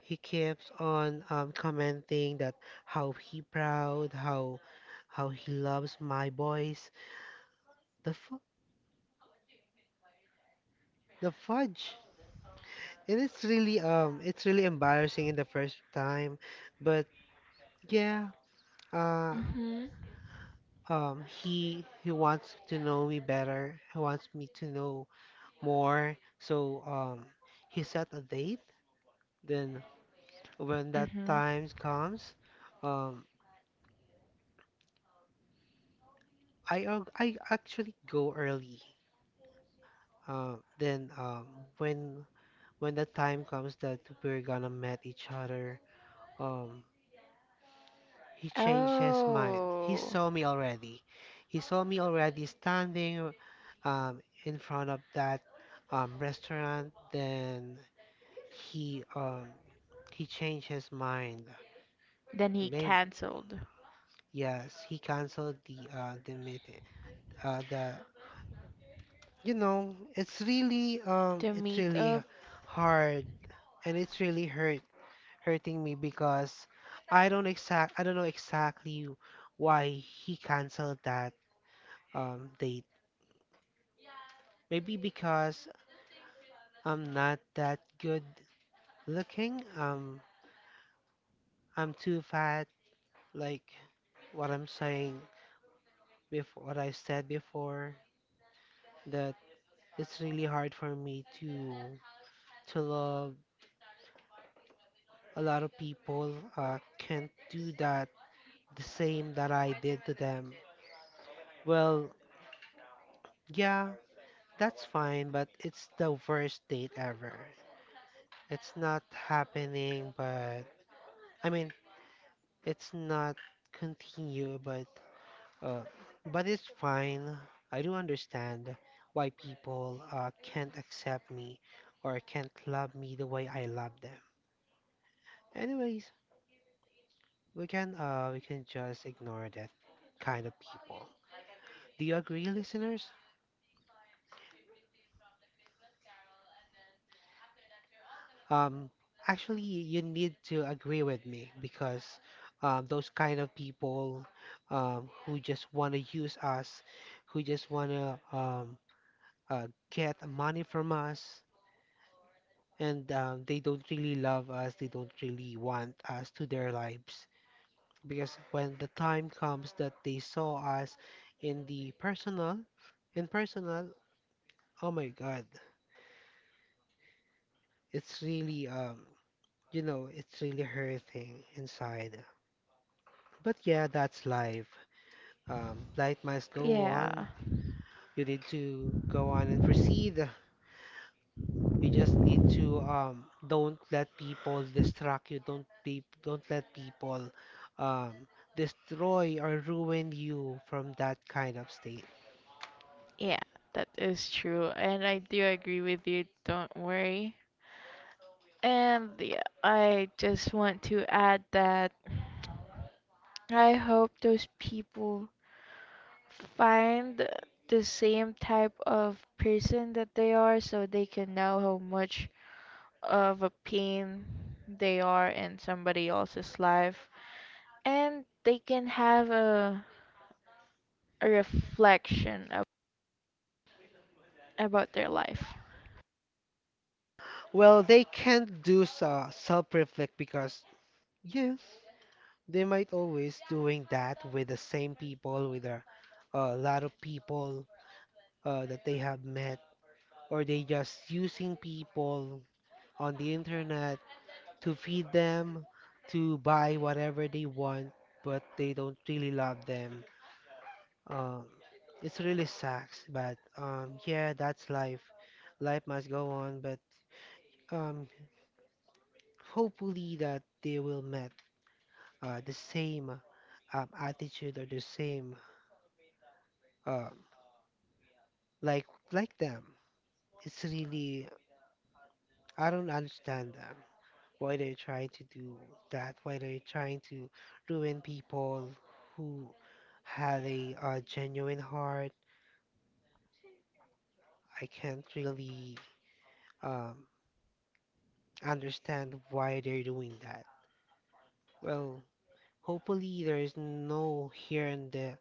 [SPEAKER 2] he keeps on commenting that how he proud, how he loves my boys. The fu the fudge. And it's really embarrassing in the first time, but yeah, uh,
[SPEAKER 1] Mhm.
[SPEAKER 2] he wants to know me better. He wants me to know more. So he set a date. Then when that
[SPEAKER 1] Mhm.
[SPEAKER 2] time comes, um, I actually go early. Then when when the time comes that we're gonna meet each other, um, he changed his mind. He
[SPEAKER 1] Oh.
[SPEAKER 2] saw me already. He saw me already standing in front of that restaurant. Then he um, he changed his mind.
[SPEAKER 1] Then he
[SPEAKER 2] Maybe
[SPEAKER 1] canceled
[SPEAKER 2] yes, he canceled the meeting. Uh, the
[SPEAKER 1] the
[SPEAKER 2] it's really
[SPEAKER 1] meetup.
[SPEAKER 2] hard and it's really hurting me because I don't know exactly why he canceled that date. Maybe because I'm not that good looking. I'm too fat like what I'm saying what I said before, that it's really hard for me to love a lot of people can't do that the same that I did to them. Well, yeah, that's fine, but it's the worst date ever. It's not happening, but I mean, it's not continue, uh, but it's fine. I do understand why people can't accept me or can't love me the way I love them. Anyways, we can just ignore that kind of people. Do you agree, listeners? Um, actually, you need to agree with me because those kind of people who just want to use us, who just want to get money from us, and they don't really love us, they don't really want us to their lives. Because when the time comes that they saw us in the personal, in personal, oh my God, it's really it's really hurting inside. But yeah, that's life. Life must go on.
[SPEAKER 1] Yeah.
[SPEAKER 2] You need to go on and proceed. You just need to don't let people distract you. Don't let people um, destroy or ruin you from that kind of state.
[SPEAKER 1] Yeah, that is true. And I do agree with you. Don't worry. And yeah, I just want to add that I hope those people find the same type of person that they are so they can know how much of a pain they are in somebody else's life and they can have a reflection of, about their life.
[SPEAKER 2] Well, they can't do so, self-reflect because yes, they might always doing that with the same people, with a lot of people that they have met, or they just using people on the internet to feed them, to buy whatever they want, but they don't really love them. Um, it's really sucks, but yeah, that's life. Life must go on, but um, hopefully that they will met the same attitude or the same um, like like them. It's really I don't understand them, why they're trying to do that, why they're trying to ruin people who have a, genuine heart. I can't really um, understand why they're doing that. Well, hopefully there is no here in the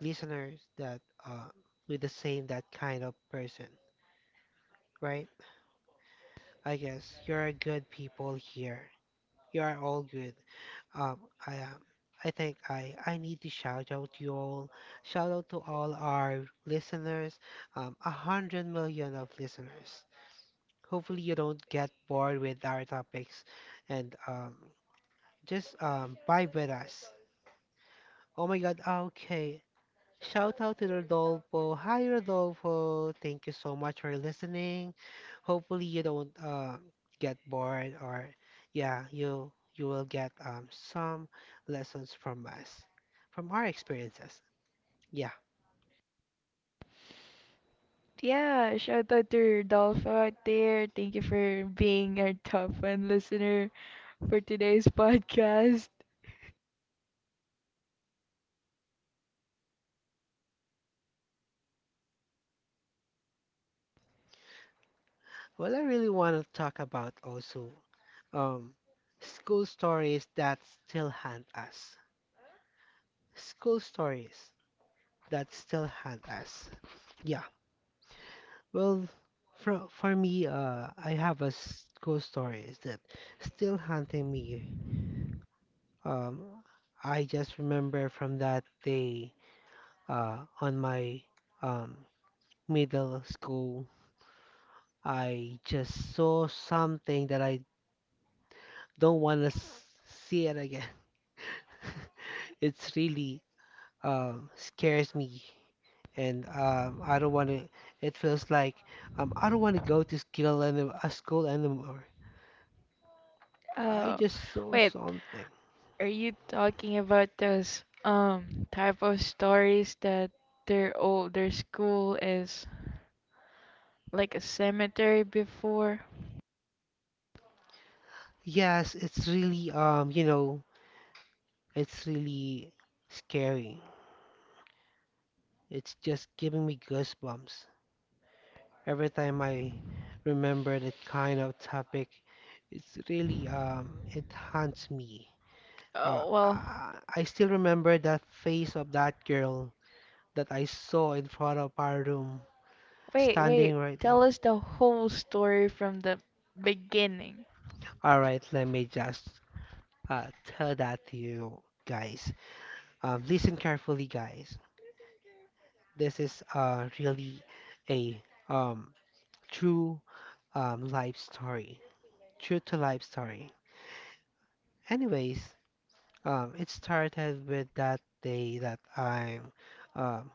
[SPEAKER 2] listeners that uh, with the same that kind of person, right? I guess you're a good people here. You are all good. Um, I um, I think I need to shout out you all, shout out to all our listeners, 100 million of listeners. Hopefully you don't get bored with our topics, and just vibe with us. Oh my God, okay. Shout out to Rodolfo. Hi, Rodolfo. Thank you so much for listening. Hopefully you don't get bored or yeah, you will get some lessons from us, from our experiences. Yeah.
[SPEAKER 1] Yeah, shout out to Rodolfo out there. Thank you for being our top one listener for today's <laughs> podcast.
[SPEAKER 2] Well, I really want to talk about also um school stories that still haunt us. School stories that still haunt us. Yeah. Well, for me, I have a ghost stories that still haunting me. Um, I just remember from that day, on my um middle school, I just saw something that I don't want to see it again. <laughs> It's really scares me, and I don't want to. It feels like I don't want to go to school and a school anymore. I
[SPEAKER 1] Oh,
[SPEAKER 2] just saw
[SPEAKER 1] wait,
[SPEAKER 2] something.
[SPEAKER 1] are you talking about those type of stories that their school is like a cemetery before?
[SPEAKER 2] Yes, it's really, you know, it's really scary. It's just giving me goosebumps every time I remember that kind of topic. It's really, it haunts me. Uh,
[SPEAKER 1] Oh well.
[SPEAKER 2] I, I still remember that face of that girl that I saw in front of our room,
[SPEAKER 1] Wait,
[SPEAKER 2] standing
[SPEAKER 1] wait.
[SPEAKER 2] right there.
[SPEAKER 1] Tell us the whole story from the beginning.
[SPEAKER 2] All right, let me just tell that to you guys. Listen carefully, guys. This is really a um, true um, life story, true to life story. Anyways, it started with that day that I'm. Um,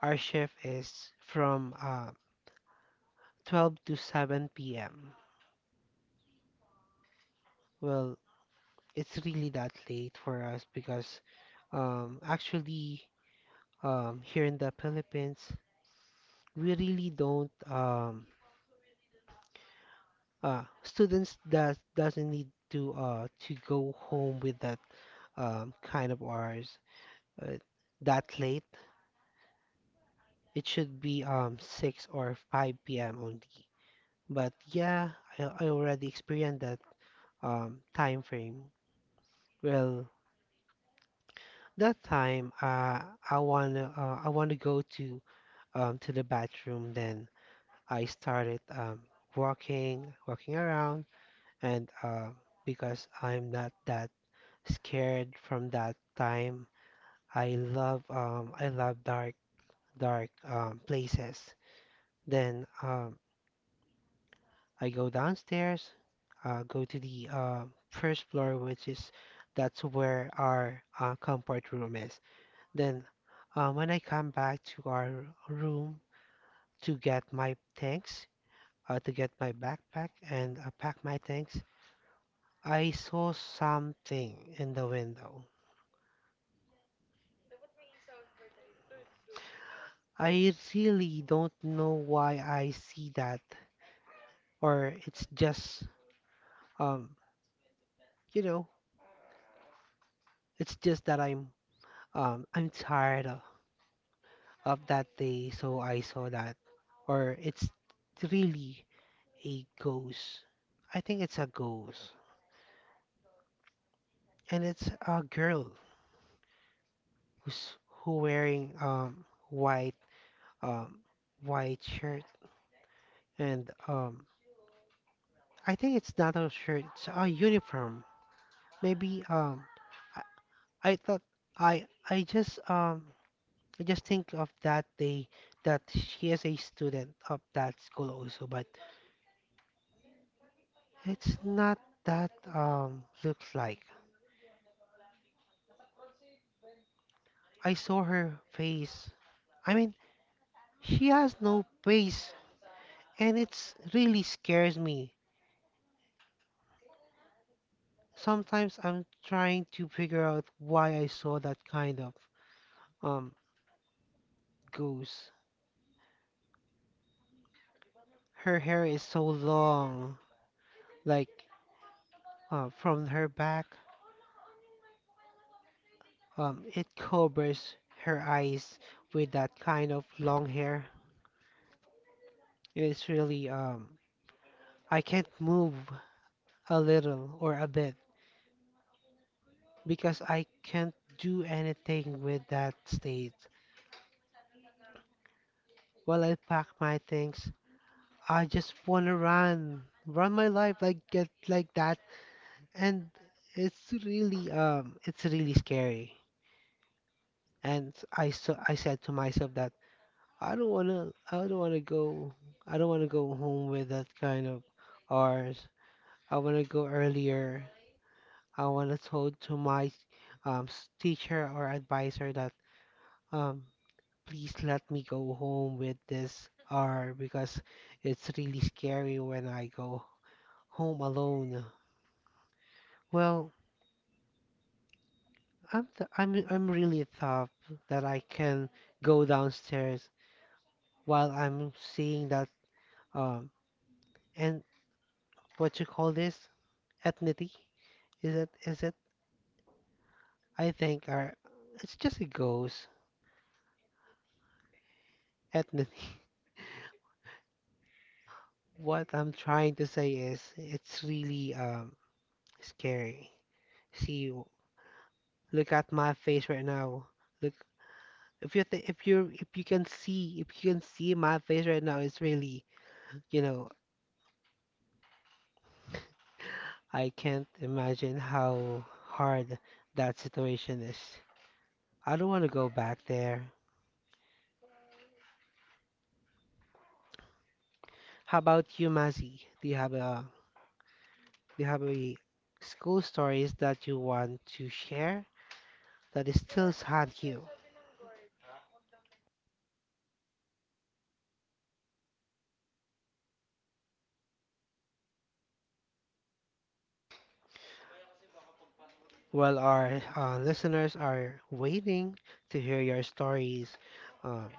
[SPEAKER 2] our shift is from 12 to 7 p.m. Well, it's really that late for us because actually here in the Philippines, we really don't students doesn't need to go home with that kind of hours uh, that late. It should be 6 or 5 p.m. only. But yeah, I already experienced that time frame. Well, that time I wanna go to the bathroom. Then I started walking around and because I'm not that scared from that time. I love dark places. Then I go downstairs, go to the first floor which is that's where our comfort room is. Then when I come back to our room to get my things, to get my backpack and pack my things, I saw something in the window. I really don't know why I see that, or it's just um you know it's just that I'm tired of that day, so I saw that, or it's really a ghost. I think it's a ghost, and it's a girl who's who wearing um white shirt and I think it's not a shirt, it's a uniform. Maybe I thought I I just um I just think of that day that she is a student of that school also, but it's not that looks like. I saw her face. I mean, she has no face, and it's really scares me. Sometimes I'm trying to figure out why I saw that kind of um ghost. Her hair is so long, like from her back. It covers her eyes with that kind of long hair. It's really, I can't move a little or a bit because I can't do anything with that state. While I pack my things, I just wanna run, run my life like get like that, and it's really scary. And I so I said to myself that I don't wanna I don't wanna go I don't wanna go home with that kind of hours. I wanna go earlier. I wanna told to my teacher or advisor that um please let me go home with this hour because it's really scary when I go home alone. Well, I'm really tough that I can go downstairs while I'm seeing that um and what you call this? Ethnity, is it? Is it? I think are. It's just a ghost. Ethnity. <laughs> What I'm trying to say is it's really scary. See, look at my face right now. Look, if you th if you can see my face right now, it's really, you know, I can't imagine how hard that situation is. I don't want to go back there. How about you, Mazi? Do you have any school stories that you want to share that is still haunt you? Well, our listeners are waiting to hear your stories, um,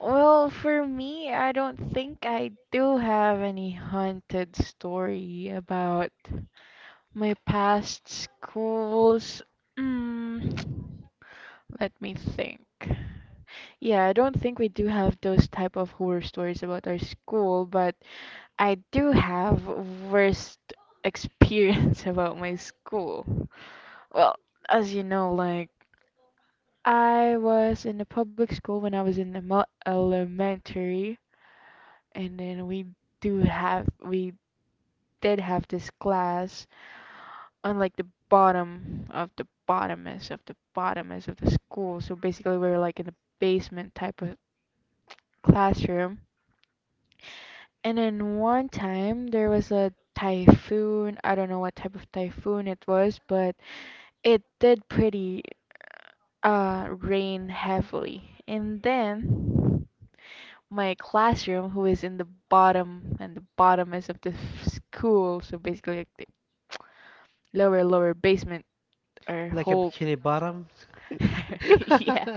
[SPEAKER 1] Well, for me, I don't think I do have any haunted story about my past schools. Mm, <tsk> let me think. Yeah, I don't think we do have those type of horror stories about our school, but I do have worst experience <laughs> about my school. Well, as you know, like I was in a public school when I was in the elementary, and then we did have this class on like the bottom of the bottomest of the bottomest of the school. So basically, we were like in a basement type of classroom. And then one time there was a typhoon. I don't know what type of typhoon it was, but it did pretty rain heavily. And then my classroom, who is in the bottom, and the bottom is of the school, so basically like the lower basement or
[SPEAKER 2] like a
[SPEAKER 1] whole.
[SPEAKER 2] bikini bottom.
[SPEAKER 1] <laughs>
[SPEAKER 2] <laughs>
[SPEAKER 1] Yeah.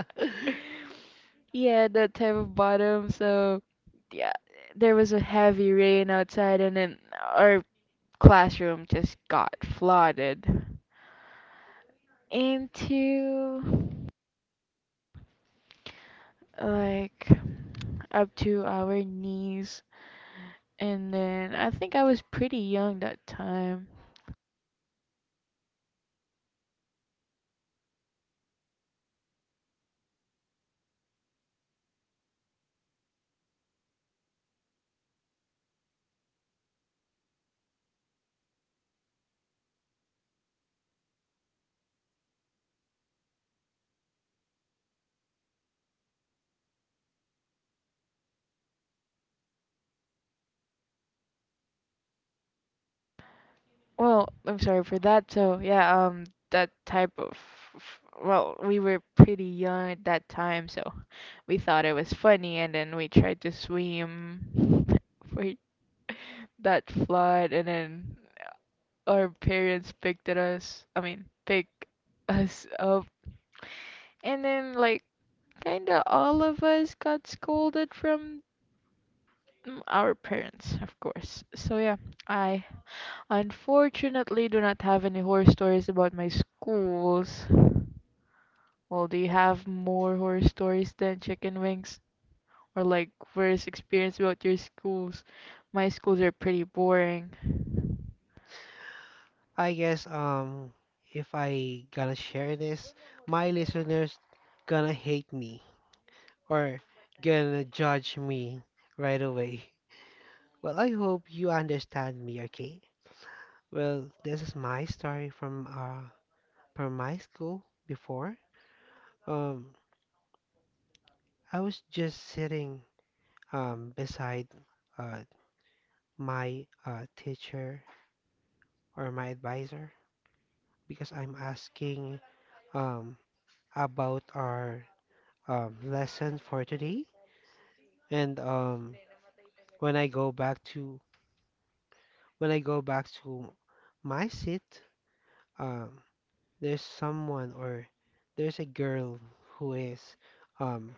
[SPEAKER 1] Yeah, that type of bottom. So, yeah, there was a heavy rain outside, and then our classroom just got flooded into like up to our knees. And then I think I was pretty young that time. Well, I'm sorry for that. So, yeah, that type of, well, we were pretty young at that time, so we thought it was funny, and then we tried to swim <laughs> for that flood, and then our parents picked at us, I mean, picked us up. And then, like, kinda all of us got scolded from our parents, of course. So yeah, I unfortunately do not have any horror stories about my schools. Well, do you have more horror stories than chicken wings? Or like worst experience about your schools? My schools are pretty boring.
[SPEAKER 2] I guess if I gonna share this, my listeners gonna hate me or gonna judge me right away. Well, I hope you understand me, okay? Well, this is my story from my school before. Um, I was just sitting beside uh, my teacher or my advisor because I'm asking um, about our lesson for today. And when I go back to when I go back to my seat, um, there's someone or there's a girl who is um,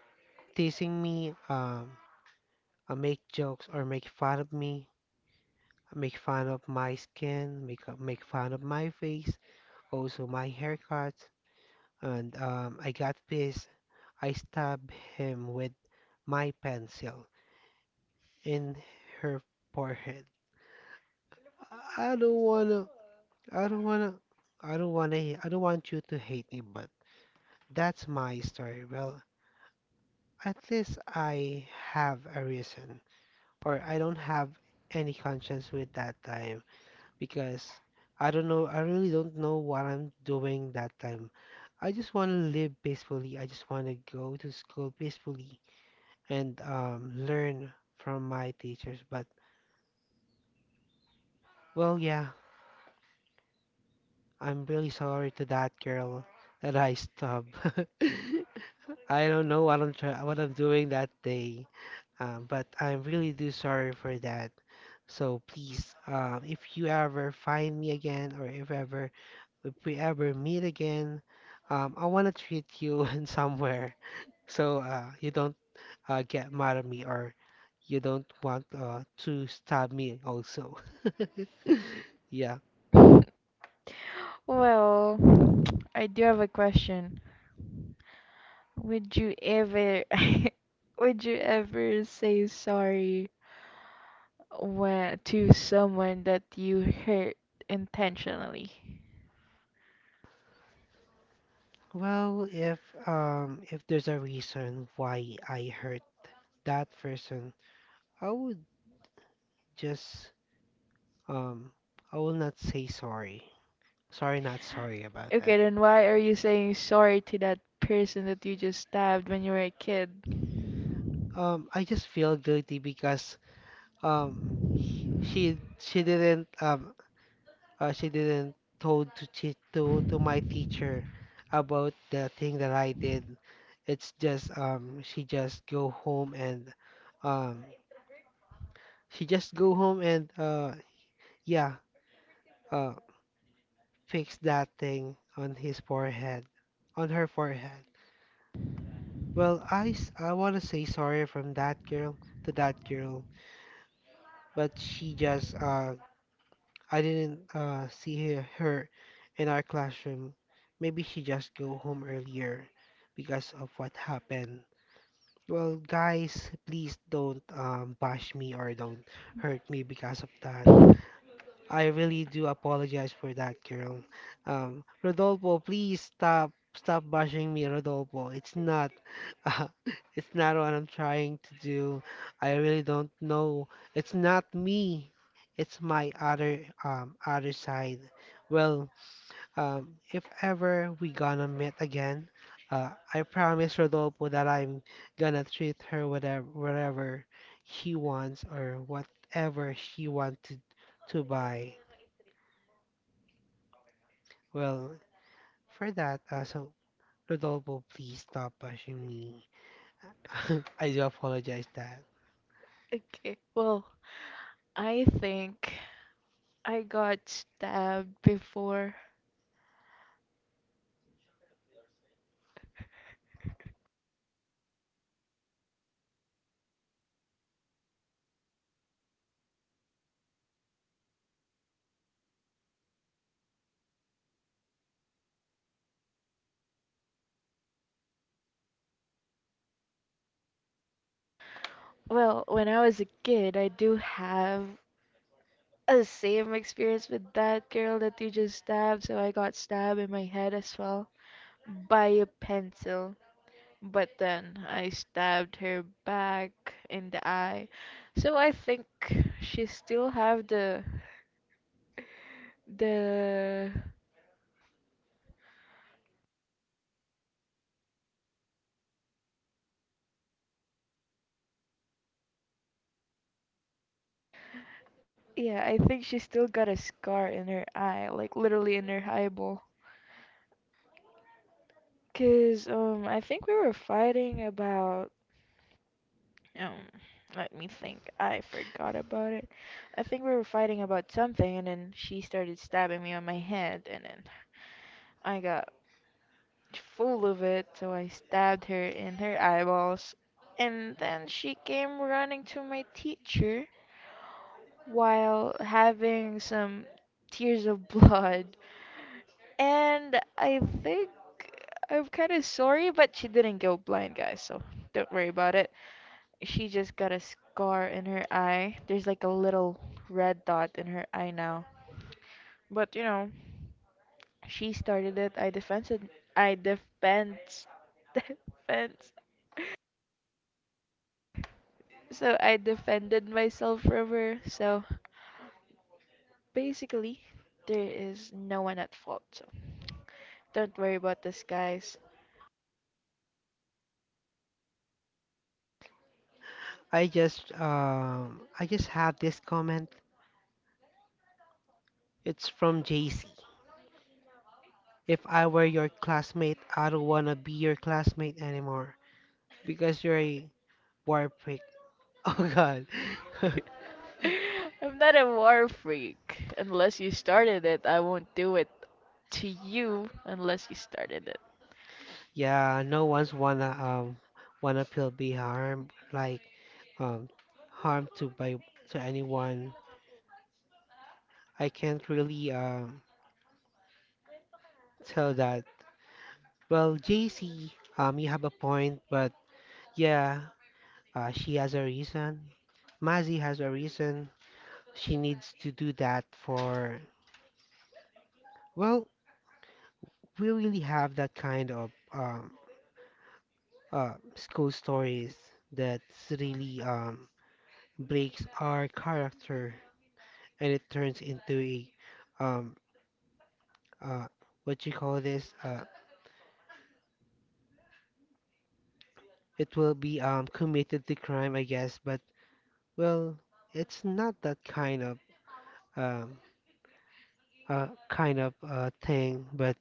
[SPEAKER 2] teasing me, make jokes or make fun of me, make fun of my skin, make fun of my face, also my haircut, and I got pissed. I stabbed him with my pencil in her forehead. I don't wanna, I don't wanna, I don't wanna, I don't want you to hate me, but that's my story. Well, at least I have a reason, or I don't have any conscience with that time, because I don't know, I really don't know what I'm doing that time. I just want to live peacefully. I just want to go to school peacefully and learn from my teachers. But, well, yeah, I'm really sorry to that girl that I stopped. <laughs> I don't know what I'm doing that day, but I'm really do sorry for that. So please, if you ever find me again, or if ever if we ever meet again, I want to treat you <laughs> in somewhere so you don't get mad at me or you don't want to stab me also. <laughs> Yeah.
[SPEAKER 1] Well, <tsk> I do have a question. Would you ever <laughs> would you ever say sorry where to someone that you hurt intentionally.
[SPEAKER 2] Well, if there's a reason why I hurt that person, I would just um, I will not say sorry. Sorry, not sorry about
[SPEAKER 1] Okay,
[SPEAKER 2] that.
[SPEAKER 1] then why are you saying sorry to that person that you just stabbed when you were a kid?
[SPEAKER 2] I just feel guilty because um she she didn't um she didn't told to che to my teacher about the thing that I did. It's just she just go home and um she just go home and yeah uh fix that thing on his forehead on her forehead. Well, I wanna say sorry from that girl to that girl, but she just I didn't see her in our classroom. Maybe she just go home earlier because of what happened. Well, guys, please don't bash me or don't hurt me because of that. I really do apologize for that, girl. Rodolfo, please stop bashing me, Rodolfo. It's not <laughs> uh, it's not what I'm trying to do. I really don't know. It's not me. It's my other side. Well, if ever we gonna meet again, I promise Rodolfo that I'm gonna treat her whatever he wants or whatever she wants to buy. Well, for that, so Rodolfo, please stop pushing me. <laughs> I do apologize that.
[SPEAKER 1] Okay, well, I think I got stabbed before. Well, when I was a kid, I do have a same experience with that girl that you just stabbed, so I got stabbed in my head as well by a pencil. But then I stabbed her back in the eye. So I think she still have the yeah, I think she still got a scar in her eye, like literally in her eyeball. Cause I think we were fighting about um let me think. I forgot about it. I think we were fighting about something, and then she started stabbing me on my head, and then I got full of it, so I stabbed her in her eyeballs. And then she came running to my teacher while having some tears of blood. And I think I'm kind of sorry, but she didn't go blind, guys, so don't worry about it. She just got a scar in her eye. There's like a little red dot in her eye now. But you know, she started it. I defended. I defense. <laughs> Defense. So I defended myself from her. So basically, there is no one at fault. So don't worry about this, guys.
[SPEAKER 2] I just have this comment. It's from JC. If I were your classmate, I don't wanna be your classmate anymore because you're a war prick. <laughs> Oh God. <laughs>
[SPEAKER 1] <laughs> I'm not a war freak. Unless you started it, I won't do it to you unless you started it.
[SPEAKER 2] Yeah, no one's wanna wanna feel be harmed like um harmed to by to anyone. I can't really tell that. Well, JC, you have a point, but yeah, she has a reason. Mazzy has a reason. She needs to do that for, well, we really have that kind of school stories that really breaks our character and it turns into a, um, uh, what you call this? It will be committed to crime, I guess, but well, it's not that kind of. um kind of thing. But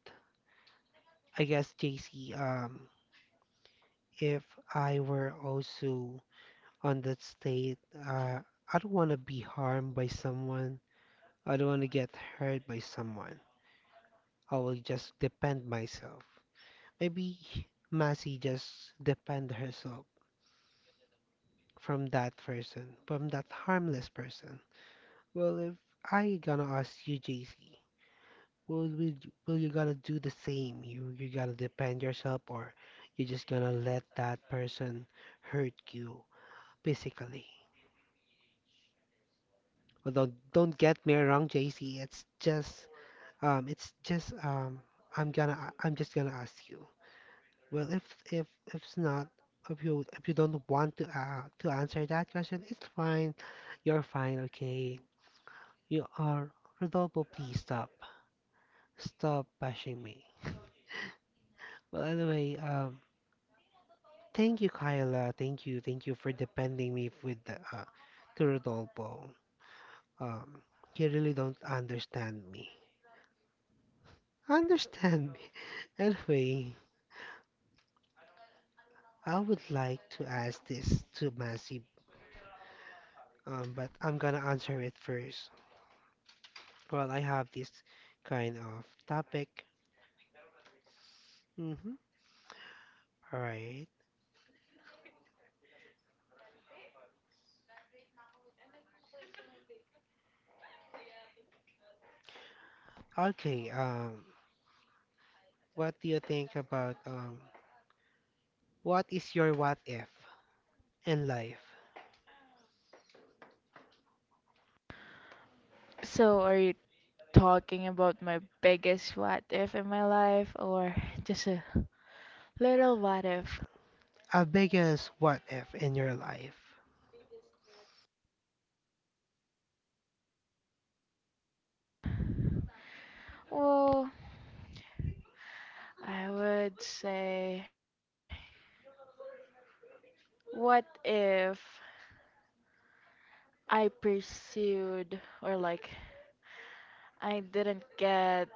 [SPEAKER 2] I guess, JC, if I were also on that state, uh, I don't want to be harmed by someone. I don't want to get hurt by someone. I will just defend myself. Maybe Massey just defend herself from that person, from that harmless person. Well, if I gonna ask you, JC, well, well, you gotta do the same. You gotta defend yourself, or you're just gonna let that person hurt you physically. Although, don't get me wrong, JC. It's just I'm just gonna ask you. Well, if it's not if you if you don't want to answer that question, it's fine. You're fine, okay? You are. Rodolfo, please stop. Stop bashing me. Well, anyway, thank you, Kyla. Thank you. Thank you for defending me with the to Rodolfo. Um, you really don't understand me. Understand me. <laughs> Anyway, I would like to ask this to Massive, but I'm gonna answer it first. Well, I have this kind of topic. Mm-hmm. All right. Okay. What do you think about what is your what if in life?
[SPEAKER 1] So, are you talking about my biggest what if in my life or just a little what if?
[SPEAKER 2] A biggest what if in your life?
[SPEAKER 1] Well, I would say, what if. I pursued, or like, I didn't get,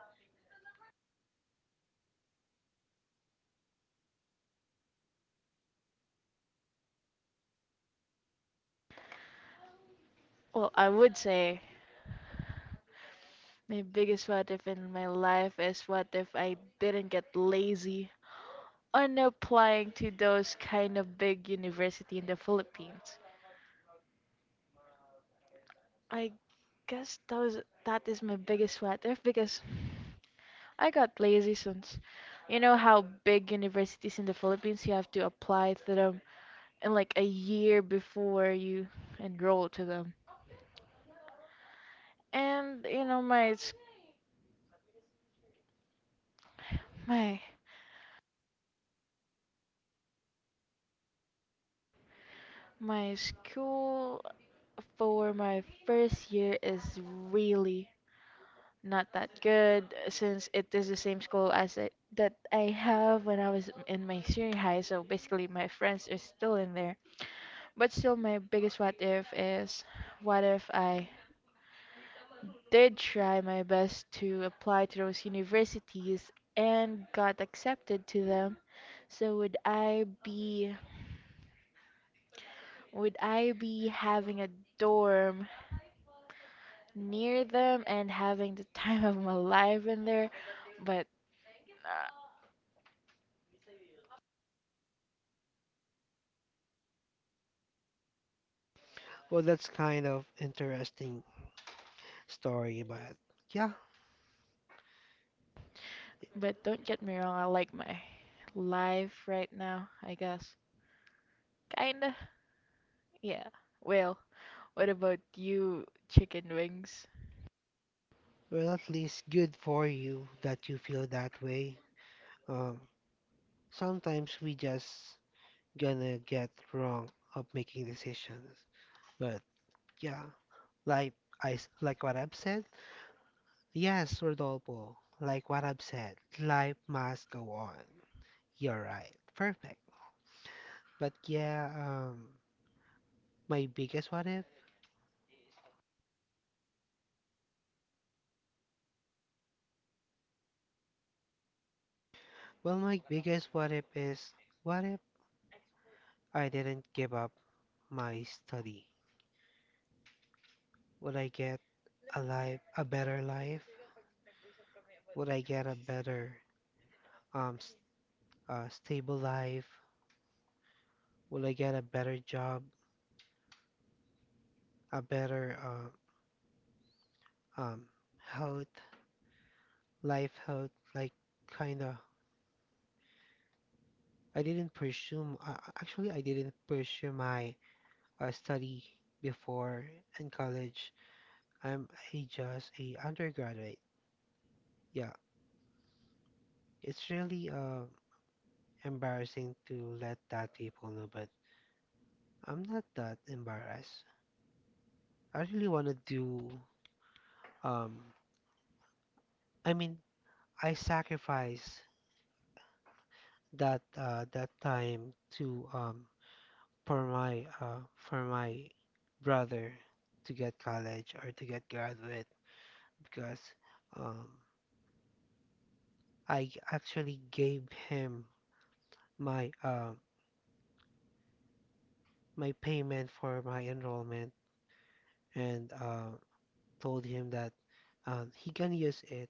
[SPEAKER 1] well, I would say my biggest what if in my life is what if I didn't get lazy on applying to those kind of big university in the Philippines. I guess that was, that is my biggest what if because I got lazy since you know how big universities in the Philippines, you have to apply to the like a year before you enroll to them. And you know my my school for my first year is really not that good since it is the same school as I, that I have when I was in my senior high. So basically, my friends are still in there. But still, my biggest what if is what if I did try my best to apply to those universities and got accepted to them. So would I be having a dorm near them and having the time of my life in there? But uh,
[SPEAKER 2] Well, that's kind of interesting story, but yeah,
[SPEAKER 1] but don't get me wrong, I like my life right now, I guess. Kinda. Yeah. Well, what about you, chicken wings?
[SPEAKER 2] well, at least good for you that you feel that way. Um, Sometimes we just gonna get wrong of making decisions, but yeah, like what I've said. Yes, Rodolfo, like what I've said, life must go on. You're right, perfect. But yeah, my biggest what if? Well, my biggest what if is what if I didn't give up my study? Would I get a life, a better life? Would I get a better, s stable life? Would I get a better job, a better, um, health, life health? Like, kinda. I didn't pursue. Actually, I didn't pursue my study before in college. I'm a, just a undergraduate. Yeah, it's really embarrassing to let that people know, but I'm not that embarrassed. I really want to do um I mean I sacrifice that time to for my brother to get college or to get graduate because um I actually gave him my my payment for my enrollment and told him that he can use it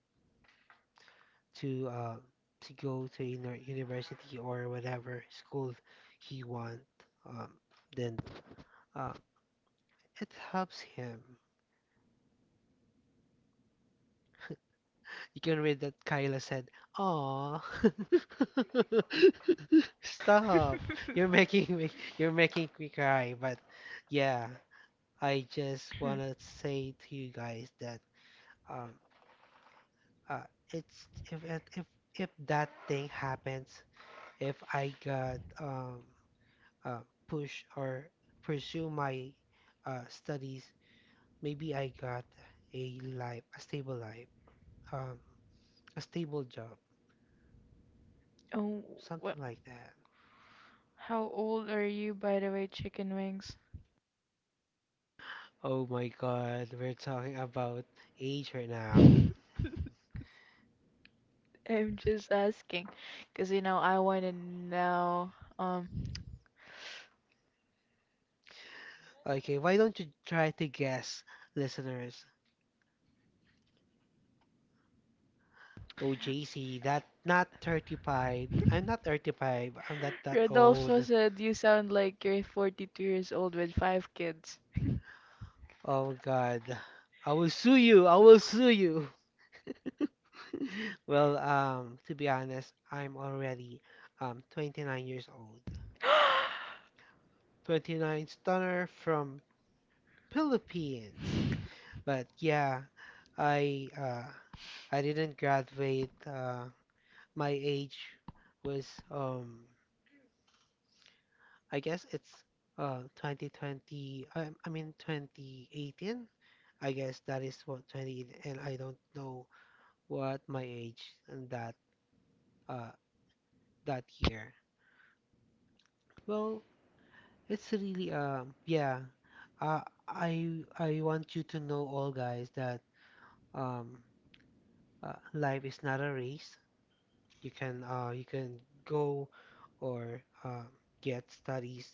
[SPEAKER 2] to uh, to go to inner university or whatever school he want. Um, then uh, it helps him. You can read that Kyla said, "Aw, <laughs> stop! You're making me cry." But yeah, I just wanna say to you guys that um uh it's if that thing happens, if I got uh, push or pursue my studies, maybe I got a life, um, a stable job,
[SPEAKER 1] Oh,
[SPEAKER 2] something
[SPEAKER 1] well,
[SPEAKER 2] like that.
[SPEAKER 1] how old are you, by the way, chicken wings?
[SPEAKER 2] Oh my God, we're talking about age right now.
[SPEAKER 1] <laughs> I'm just asking, because you know I want to know. Um,
[SPEAKER 2] Okay, why don't you try to guess, listeners? Oh, JC, that not 35. I'm not
[SPEAKER 1] <laughs>
[SPEAKER 2] 35. I'm not that old.
[SPEAKER 1] Rodolfo said you sound like you're 42 years old with five kids.
[SPEAKER 2] Oh God, I will sue you. I will sue you. <laughs> Well, to be honest, I'm already 29 years old. 29 stunner from Philippines. But yeah, I uh I didn't graduate. My age was I guess it's 2020. I mean 2018. I guess that is what 20 and I don't know what my age and that uh that year. Well, it's really yeah. Uh, I want you to know all guys that um life is not a race. You can go or get studies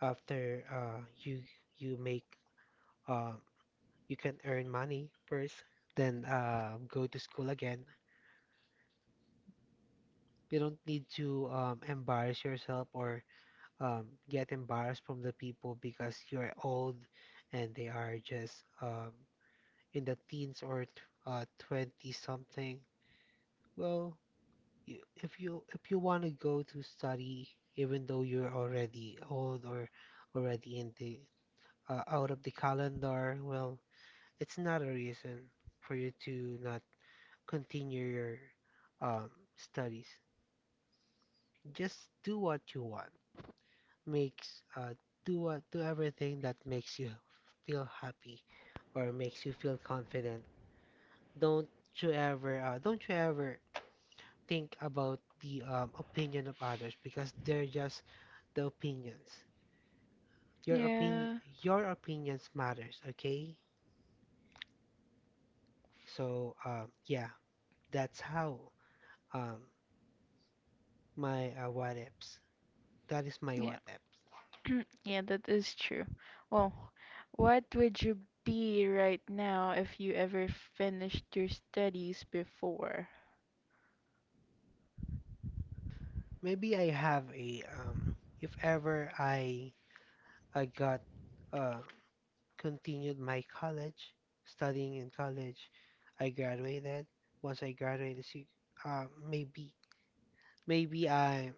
[SPEAKER 2] after you make uh you can earn money first, then go to school again. You don't need to embarrass yourself or get embarrassed from the people because you're old and they are just in the teens or 20 something. Well, you, if you want to go to study, even though you're already old or already in the out of the calendar, well, it's not a reason for you to not continue your um, studies. Just do what you want. Makes Do what do everything that makes you feel happy or makes you feel confident. Don't don't you ever think about the opinion of others because they're just the opinions. Your opinion,
[SPEAKER 1] Yeah,
[SPEAKER 2] your opinions matters, okay? So, yeah, that's how um my what ifs. That is my what
[SPEAKER 1] yeah,
[SPEAKER 2] ifs.
[SPEAKER 1] yeah, that is true. Well, what would you be right now if you ever finished your studies before?
[SPEAKER 2] Maybe I have a if ever I got uh continued my college studying in college, I graduated. Once I graduated, see, maybe Maybe I'm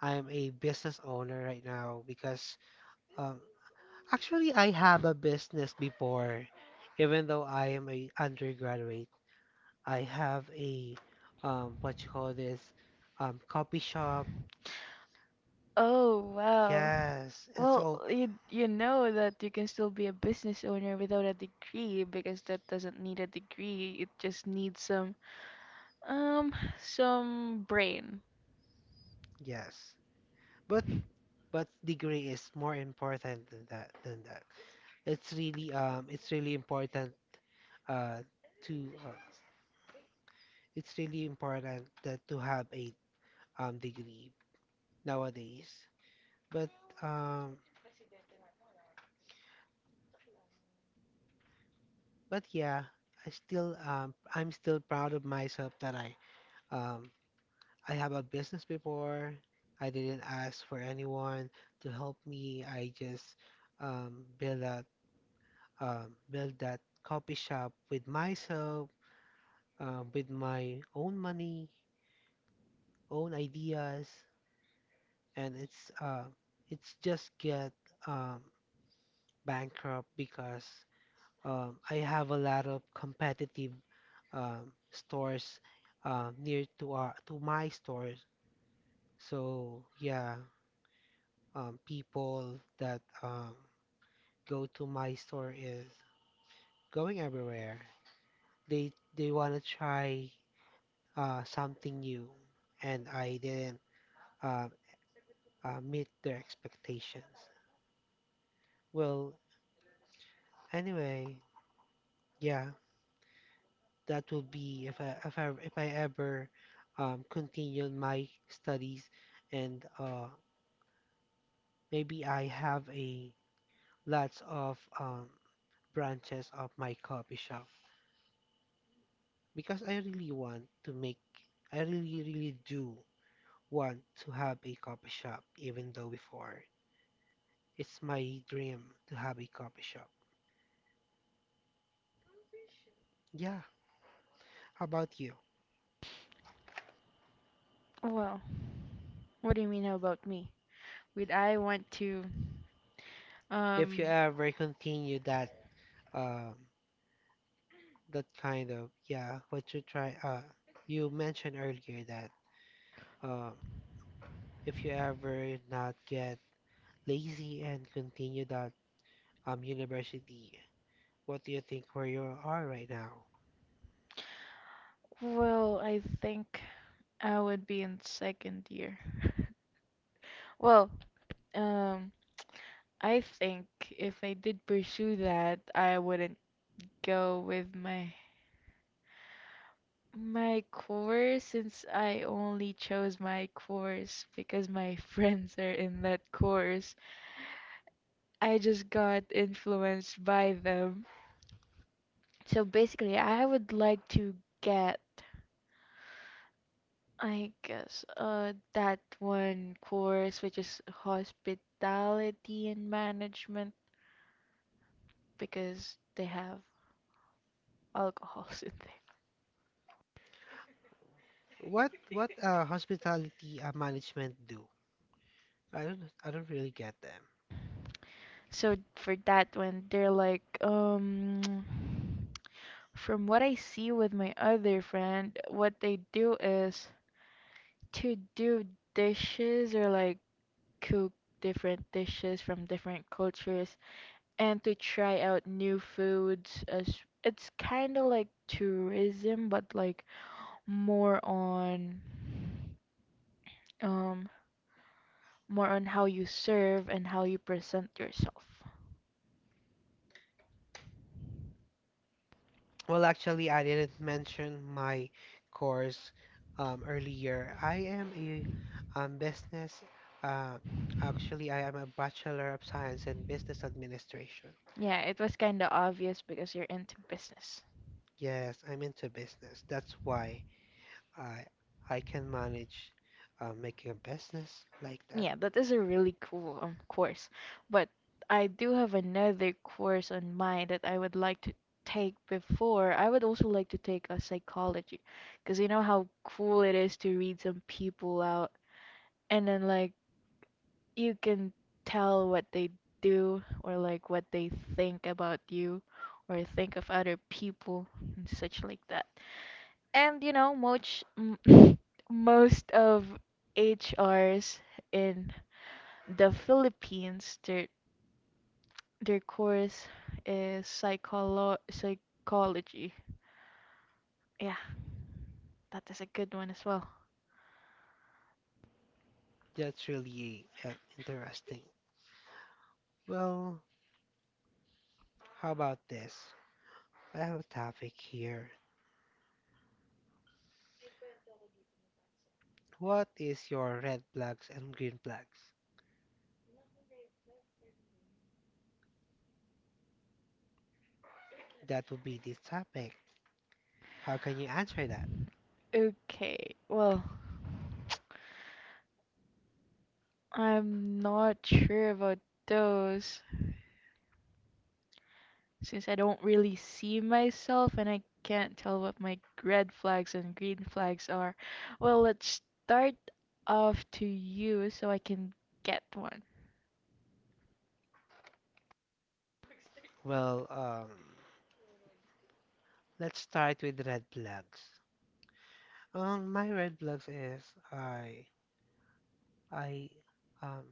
[SPEAKER 2] I'm a business owner right now because um, actually I have a business before, even though I am a undergraduate. I have a what you call this coffee shop.
[SPEAKER 1] Oh, wow.
[SPEAKER 2] Yes, and
[SPEAKER 1] Well,
[SPEAKER 2] so
[SPEAKER 1] you know that you can still be a business owner without a degree because that doesn't need a degree. It just needs some brain.
[SPEAKER 2] yes, but degree is more important than that than that. It's really important uh to it's really important that to have a degree nowadays. But um, but yeah, I still I'm still proud of myself that um, I have a business before. I didn't ask for anyone to help me. I just um, build that build that copy shop with myself, with my own money, own ideas, and it's just get um, bankrupt because I have a lot of competitive stores near to our to my stores. So yeah, people that go to my store is going everywhere. They want to try something new, and I didn't uh, meet their expectations. Well, anyway, yeah, that will be if I if I if I ever continue my studies and maybe I have a lots of branches of my coffee shop because I really want to make I really really do want to have a coffee shop, even though before it's my dream to have a coffee shop. Yeah, how about you?
[SPEAKER 1] Well, what do you mean how about me? Would I want to
[SPEAKER 2] If you
[SPEAKER 1] um
[SPEAKER 2] ever continue that um kind of, yeah, you mentioned earlier that um, if you ever not get lazy and continue that university, what do you think where you are right now?
[SPEAKER 1] well, I think I would be in second year. <laughs> Well, um I think if I did pursue that, I wouldn't go with my course, since I only chose my course because my <laughs> friends are in that course, I just got influenced by them. So basically, I would like to get, I guess, that one course which is hospitality and management because they have alcohols <laughs> in there.
[SPEAKER 2] What hospitality management do? I don't really get them.
[SPEAKER 1] So for that one, they're like. From what I see with my other friend, what they do is to do dishes or like cook different dishes from different cultures and to try out new foods as it's kind of like tourism but like more on um more on how you serve and how you present yourself.
[SPEAKER 2] Well, actually, I didn't mention my course earlier. I am a business uh, actually I am a Bachelor of Science in Business Administration.
[SPEAKER 1] Yeah, it was kind of obvious because you're into business.
[SPEAKER 2] Yes, I'm into business. That's why I I can manage making a business like that.
[SPEAKER 1] Yeah, that is a really cool course. But I do have another course on mind that I would like to take before. I would also like to take a psychology because you know how cool it is to read some people out and then like you can tell what they do or like what they think about you or think of other people and such like that. And you know, most <laughs> most of HRs in the Philippines, their course is psychology. Yeah, that is a good one as well.
[SPEAKER 2] That's really interesting. Well, how about this? I have a topic here. What is your red flags and green flags? That would be the topic. How can you answer that?
[SPEAKER 1] Okay, well, I'm not sure about those since I don't really see myself, and I can't tell what my red flags and green flags are. Well, let's start off to you so I can get one.
[SPEAKER 2] Well, let's start with red flags. My red flags is I I um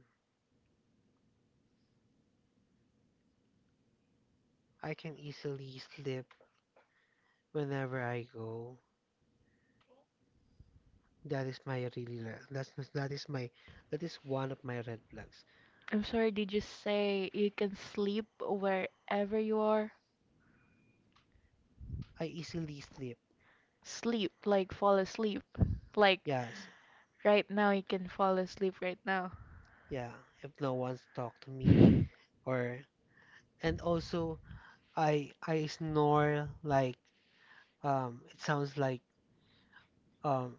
[SPEAKER 2] I can easily sleep whenever I go. That is my really re- that's my that is one of my red flags.
[SPEAKER 1] I'm sorry, did you say you can sleep wherever you are?
[SPEAKER 2] I easily sleep.
[SPEAKER 1] Sleep, like fall asleep. Like
[SPEAKER 2] Yes,
[SPEAKER 1] right now you can fall asleep right now.
[SPEAKER 2] yeah. If no one's talk to me or and also I snore like it sounds like um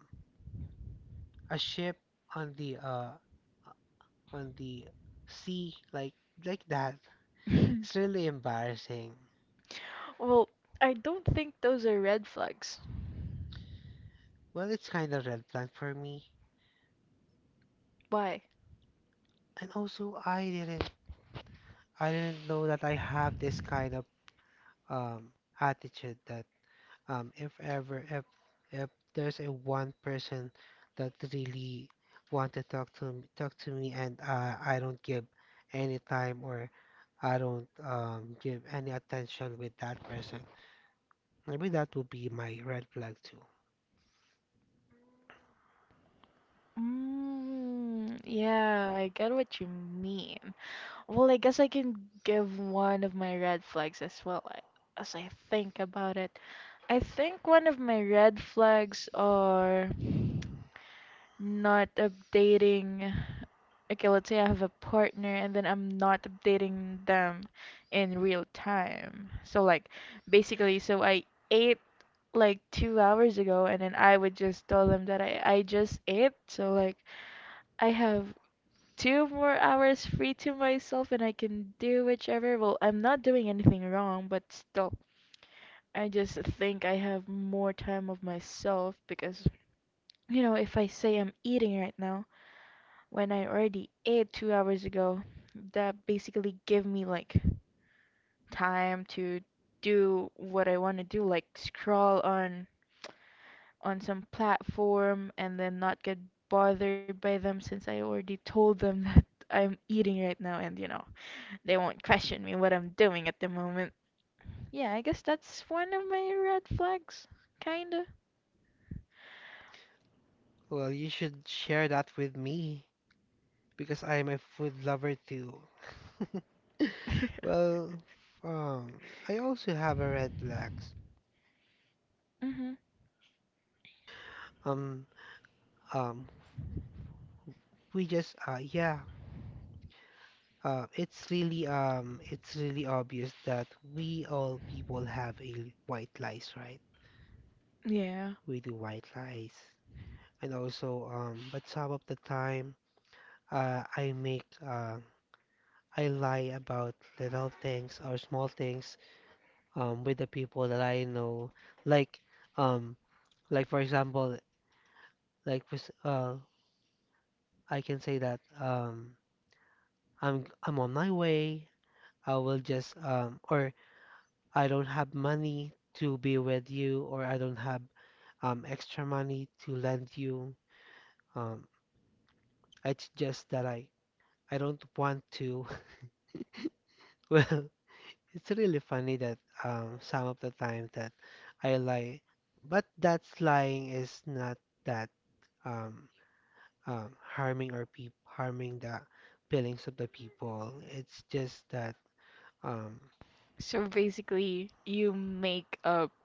[SPEAKER 2] a ship on the uh on the sea like that. It's really embarrassing.
[SPEAKER 1] Well, I don't think those are red flags.
[SPEAKER 2] Well, it's kind of red flag for me.
[SPEAKER 1] Why?
[SPEAKER 2] And also I didn't know that I have this kind of um, attitude that if ever if there's a one person that really want to talk to me and I don't give any time or I don't give any attention with that person, maybe that would be my red flag too.
[SPEAKER 1] Mm, yeah, I get what you mean. Well, I guess I can give one of my red flags as well as I think about it. I think one of my red flags are not updating. Okay, let's say I have a partner, and then I'm not updating them in real time. So like basically, so I ate like 2 hours ago, and then I would just tell them that I just ate, so like I have 2 more hours free to myself, and I can do whichever. Well, I'm not doing anything wrong, but still I just think I have more time of myself because, you know, if I say I'm eating right now when I already ate 2 hours ago, that basically gave me like time to do what I want to do, like scroll on some platform, and then not get bothered by them since I already told them <laughs> that I'm eating right now, and you know, they won't question me what I'm doing at the moment. Yeah, I guess that's one of my red flags, kinda.
[SPEAKER 2] Well, you should share that with me because I'm a food lover too. <laughs>
[SPEAKER 1] <laughs>
[SPEAKER 2] Well, um, I also have a red flags.
[SPEAKER 1] Hmm.
[SPEAKER 2] Um, um, we just, yeah, it's really obvious that we all people have a white lies, right?
[SPEAKER 1] Yeah.
[SPEAKER 2] We do white lies, and also, but some of the time, I make, I lie about little things or small things, with the people that I know, like, um, like for example, like, I can say that, I'm on my way. I will just, or I don't have money to be with you, or I don't have extra money to lend you. Um, it's just that I don't want to. <laughs> Well, it's really funny that some of the time that I lie, but that's lying is not that um, harming or peop harming the feelings of the people. It's just that um,
[SPEAKER 1] So basically, you make up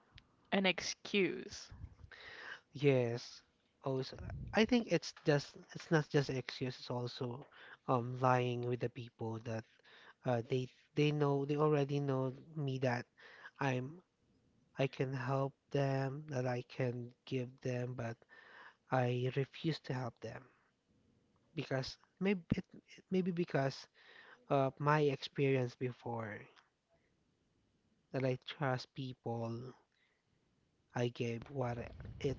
[SPEAKER 1] an excuse.
[SPEAKER 2] yes. Also, I think it's just it's not just excuse, it's also lying with the people that uh they they know they already know me that I'm I can help them, that I can give them, but I refuse to help them because maybe maybe because of my experience before that I trust people, I gave what I- it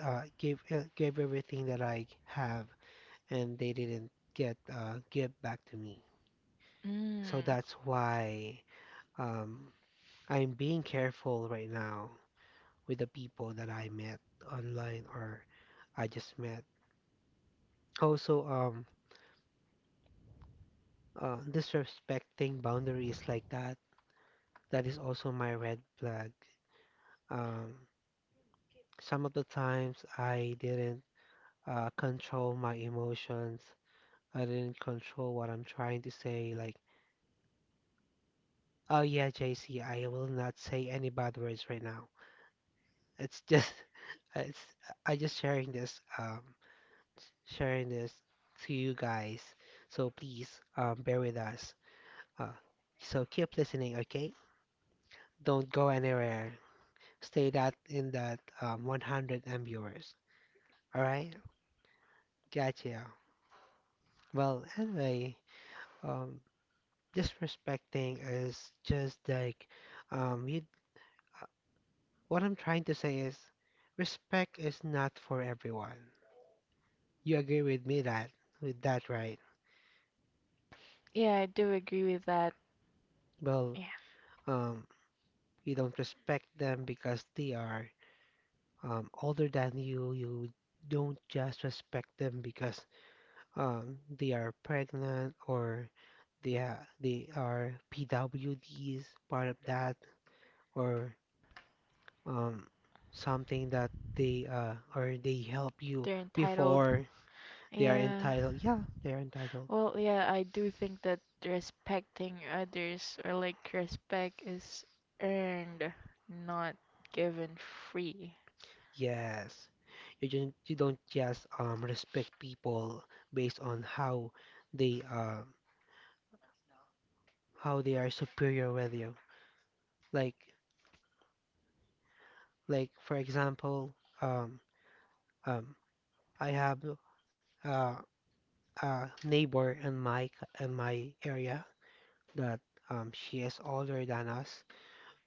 [SPEAKER 2] gave gave everything that I have and they didn't get give back to me. So
[SPEAKER 1] Mm.
[SPEAKER 2] that's why um, I'm being careful right now with the people that I met online or I just met. Also, disrespecting boundaries like that, that is also my red flag. Um, some of the times I didn't control my emotions. I didn't control what I'm trying to say. Like, oh yeah, JC, I will not say any bad words right now. It's just <laughs> it's I just sharing this to you guys. So please bear with us. Uh, so keep listening, okay? Don't go anywhere. Stay that in that 100 viewers. All right? Gotcha. Well, anyway, um just respecting is just like you uh, what I'm trying to say is respect is not for everyone. You agree with me that with that, right?
[SPEAKER 1] Yeah, I do agree with that.
[SPEAKER 2] Well,
[SPEAKER 1] Yeah,
[SPEAKER 2] Um, you don't respect them because they are older than you. You don't just respect them because they are pregnant or they are PWDs, part of that, or um, something that they or they help you
[SPEAKER 1] they're entitled.
[SPEAKER 2] before they are
[SPEAKER 1] Yeah.
[SPEAKER 2] entitled. Yeah, they are entitled.
[SPEAKER 1] Well, yeah, I do think that respecting others or like respect is earned, not given free.
[SPEAKER 2] Yes, you don't just respect people based on they uh how they are superior with you. Like like for example, um um I have uh, a neighbor in in my area that she is older than us.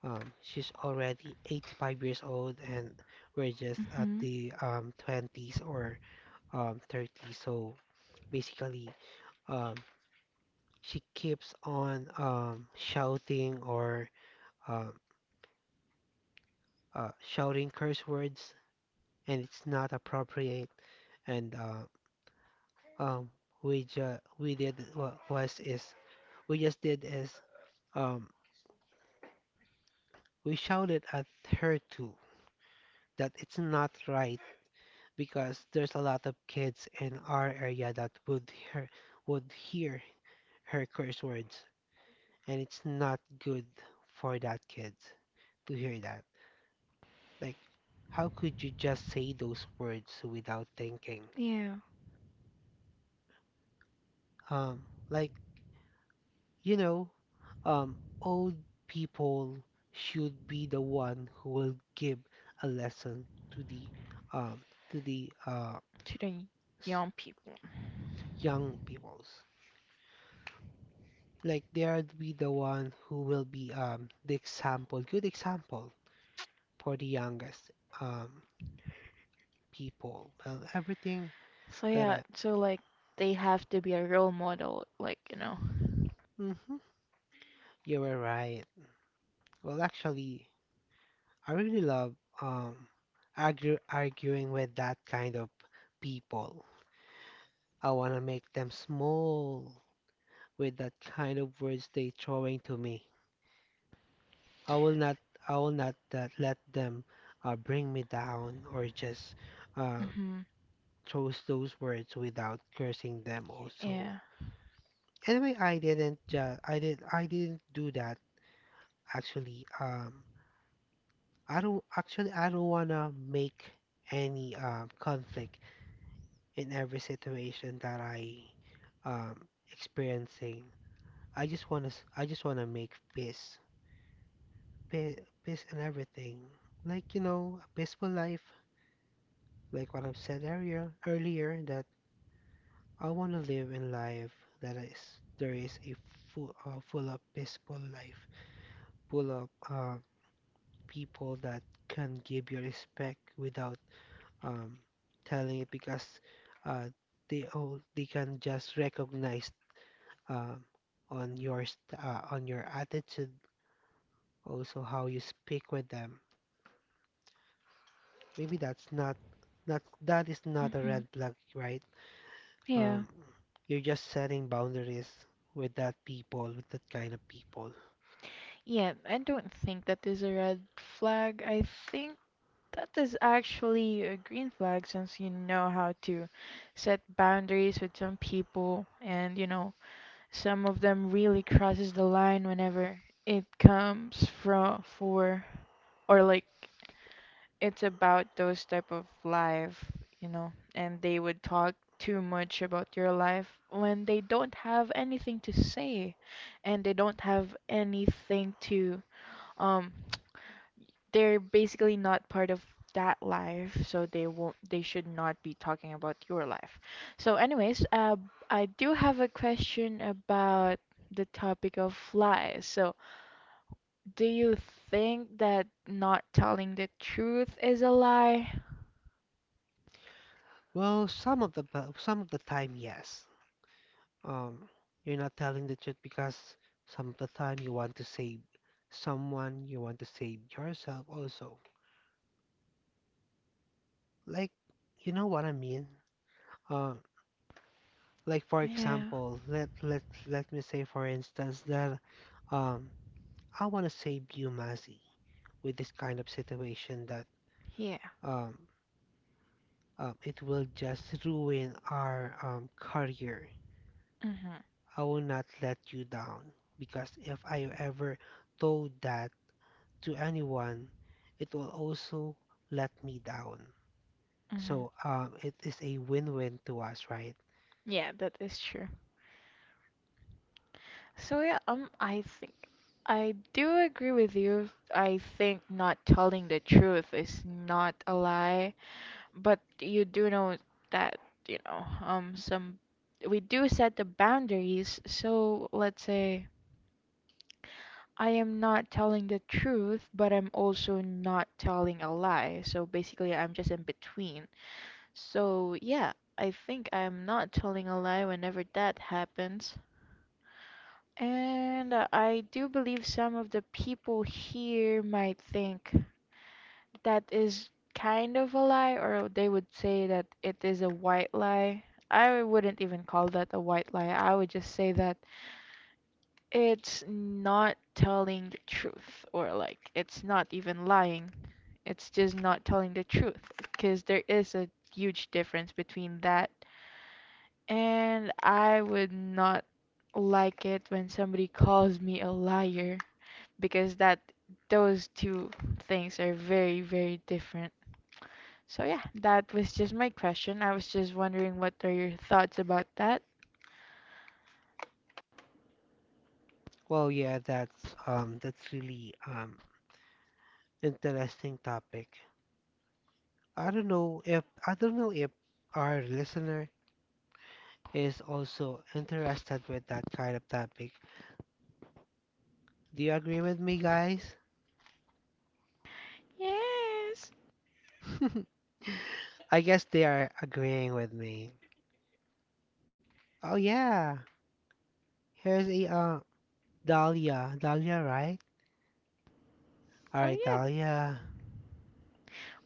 [SPEAKER 2] She's already 85 years old and we're just at
[SPEAKER 1] Hmm.
[SPEAKER 2] the 20s or 30s. So basically um she keeps on shouting or um, shouting curse words, and it's not appropriate. And um, we ju we just did is um, we shouted at her too that it's not right because there's a lot of kids in our area that would hear her curse words, and it's not good for that kid to hear that. Like, how could you just say those words without thinking?
[SPEAKER 1] Yeah,
[SPEAKER 2] Like, you know, old people should be the one who will give a lesson to the um to the
[SPEAKER 1] to the
[SPEAKER 2] s-
[SPEAKER 1] young people.
[SPEAKER 2] young peoples. Like they are to be the one who will be the example, good example for the youngest um people. Well, everything
[SPEAKER 1] So
[SPEAKER 2] that
[SPEAKER 1] yeah,
[SPEAKER 2] I,
[SPEAKER 1] so like they have to be a role model, like, you know.
[SPEAKER 2] hmm you were right. Well, actually, I really love um, arguing with that kind of people. I want to make them small with that kind of words they throwing to me. I will not I will not let them bring me down or just uh,
[SPEAKER 1] Hmm.
[SPEAKER 2] chose those words without cursing them also.
[SPEAKER 1] Yeah.
[SPEAKER 2] Anyway, I didn't do that actually. I don't wanna make any conflict in every situation that I um experiencing. I just wanna make peace, peace, peace and everything. Like you know, a peaceful life. Like what I've said earlier that I wanna live in life that is there is a full of peaceful life, full of people that can give you respect without um telling it because uh they all they can just recognize um, on your on your attitude, also how you speak with them. Maybe that's not that is not a
[SPEAKER 1] Hmm.
[SPEAKER 2] red flag, right?
[SPEAKER 1] Yeah.
[SPEAKER 2] Um, you're just setting boundaries with that people, with that kind of people.
[SPEAKER 1] Yeah, I don't think that is a red flag. I think that is actually a green flag since you know how to set boundaries with some people and you know some of them really crosses the line whenever it comes from for or like it's about those type of life, and they would talk too much about your life when they don't have anything to say and they don't have anything to um they're basically not part of that life, so they won't, they should not be talking about your life. So anyways, I do have a question about the topic of lies. So, do you think that not telling the truth is a lie?
[SPEAKER 2] Well, some of the time, yes. Um, you're not telling the truth because some of the time you want to save someone, you want to save yourself also. Like, you know what I mean? Uh, like for
[SPEAKER 1] Yeah.
[SPEAKER 2] example, let me say for instance that um I want to save you, Massey, with this kind of situation that
[SPEAKER 1] Yeah.
[SPEAKER 2] um it will just ruin our career.
[SPEAKER 1] Mhm.
[SPEAKER 2] I will not let you down because if I ever told that to anyone, it will also let me down.
[SPEAKER 1] Mhm.
[SPEAKER 2] So it is a win-win to us, right?
[SPEAKER 1] Yeah, that is true. So yeah, I think I do agree with you. I think not telling the truth is not a lie. But you do know that, you know, some we do set the boundaries. So let's say I am not telling the truth, but I'm also not telling a lie. So basically, I'm just in between. So yeah, I think I'm not telling a lie whenever that happens. And I do believe some of the people here might think that is kind of a lie, or they would say that it is a white lie. I wouldn't even call that a white lie. I would just say that it's not telling the truth, or it's not even lying. It's just not telling the truth, because there is a huge difference between that. And I would not like it when somebody calls me a liar, because that those two things are very, very different. So yeah, that was just my question. I was just wondering, what are your thoughts about that?
[SPEAKER 2] Well, yeah, that's really interesting topic. I don't know if our listener is also interested with that kind of topic. Do you agree with me, guys?
[SPEAKER 1] Yes.
[SPEAKER 2] <laughs> I guess they are agreeing with me. Oh yeah, here's a Dahlia, Dahlia, right? All
[SPEAKER 1] Oh
[SPEAKER 2] right,
[SPEAKER 1] yeah.
[SPEAKER 2] Dahlia.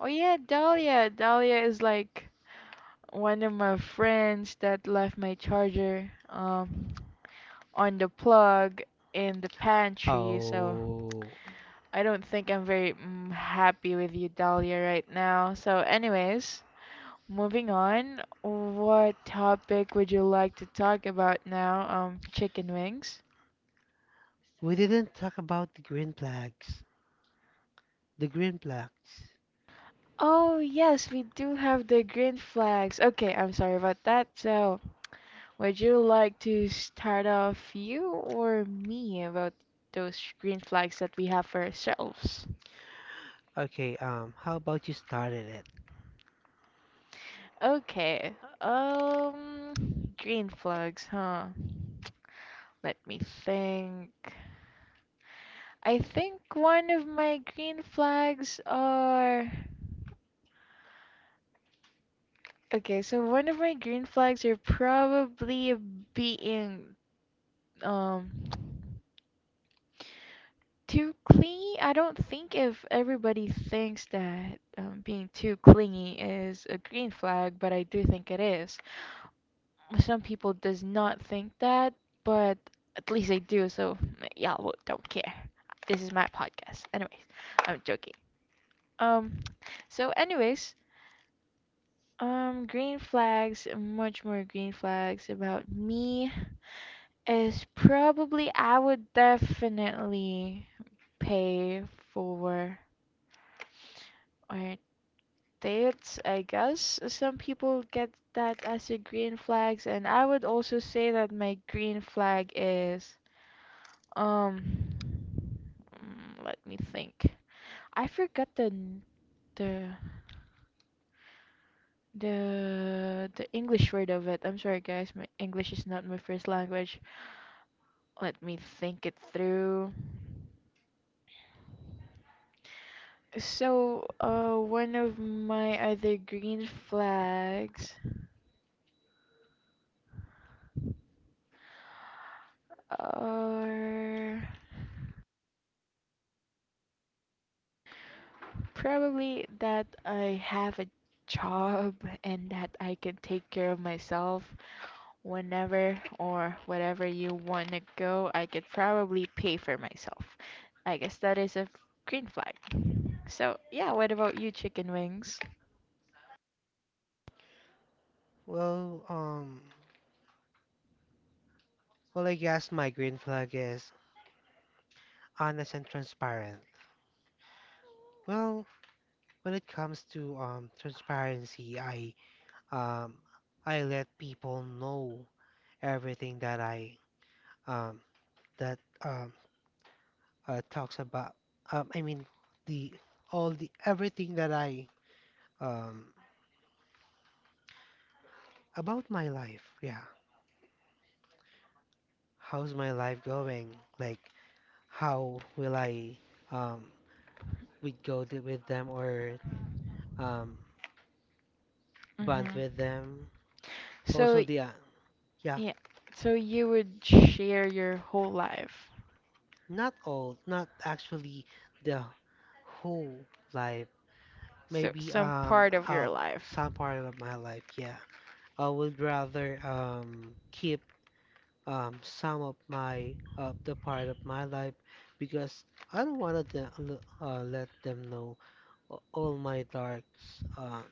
[SPEAKER 1] Oh yeah, Dahlia. Dahlia is one of my friends that left my charger on the plug in the pantry. So
[SPEAKER 2] Oh,
[SPEAKER 1] I don't think I'm very happy with you, Dahlia, right now. So anyways, moving on, what topic would you like to talk about now? Chicken wings.
[SPEAKER 2] we didn't talk about the green flags. The green flags.
[SPEAKER 1] Oh, yes, we do have the green flags. Okay, I'm sorry about that. So, would you like to start off, you or me, about those green flags that we have for ourselves?
[SPEAKER 2] Okay, how about you started it?
[SPEAKER 1] Okay. Um, green flags, huh? Let me think. I think one of my green flags are, okay, so one of my green flags are probably being um too clingy. I don't think if everybody thinks that being too clingy is a green flag, but I do think it is. Some people does not think that, but at least they do. So y'all don't care. This is my podcast. Anyways, I'm joking. Um, so anyways, green flags, much more green flags about me is probably I would definitely pay for or states, I guess. Some people get that as a green flags, and I would also say that my green flag is um let me think. I forgot the the the English word of it. I'm sorry guys, my English is not my first language. Let me think it through. So, one of my other green flags are, probably that I have a job <laughs> and that I can take care of myself whenever or wherever you want to go. I could probably pay for myself. I guess that is a green flag. So, yeah, what about you, chicken wings?
[SPEAKER 2] Well, um. Well, I guess my green flag is honest and transparent. Well, when it comes to transparency, um I let people know everything that I um that talks about I mean the all the everything that I um about my life. Yeah. How's my life going? Like how will I um we go with them or um bond
[SPEAKER 1] hmm
[SPEAKER 2] with them?
[SPEAKER 1] So,
[SPEAKER 2] Also the yeah,
[SPEAKER 1] yeah, so you would share your whole life.
[SPEAKER 2] not all, not actually the whole life.
[SPEAKER 1] So,
[SPEAKER 2] Maybe
[SPEAKER 1] some part of your life.
[SPEAKER 2] some part of my life, yeah. I would rather keep some of my the part of my life because I don't want to let them know all my darks.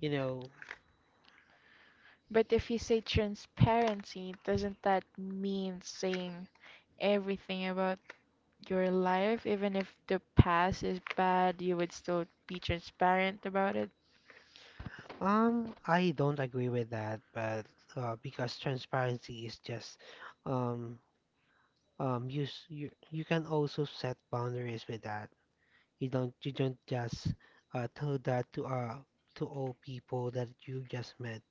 [SPEAKER 2] You know,
[SPEAKER 1] But if you say transparency, doesn't that mean saying everything about your life? Even if the past is bad, you would still be transparent about it?
[SPEAKER 2] I don't agree with that, but because transparency is just um you, you can also set boundaries with that you don't just tell that to all people that you just met.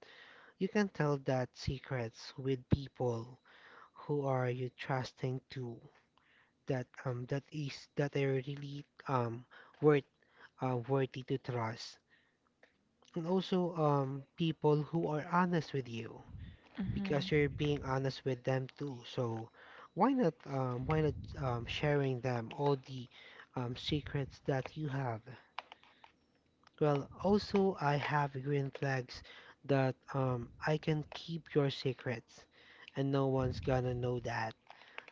[SPEAKER 2] You can tell that secrets with people who are you trusting to that that is that are really worth worthy to trust and also people who are honest with you because you're
[SPEAKER 1] Mm-hmm.
[SPEAKER 2] being honest with them too. So why not sharing them all the secrets that you have? Well, also I have green flags that I can keep your secrets, and no one's gonna know that.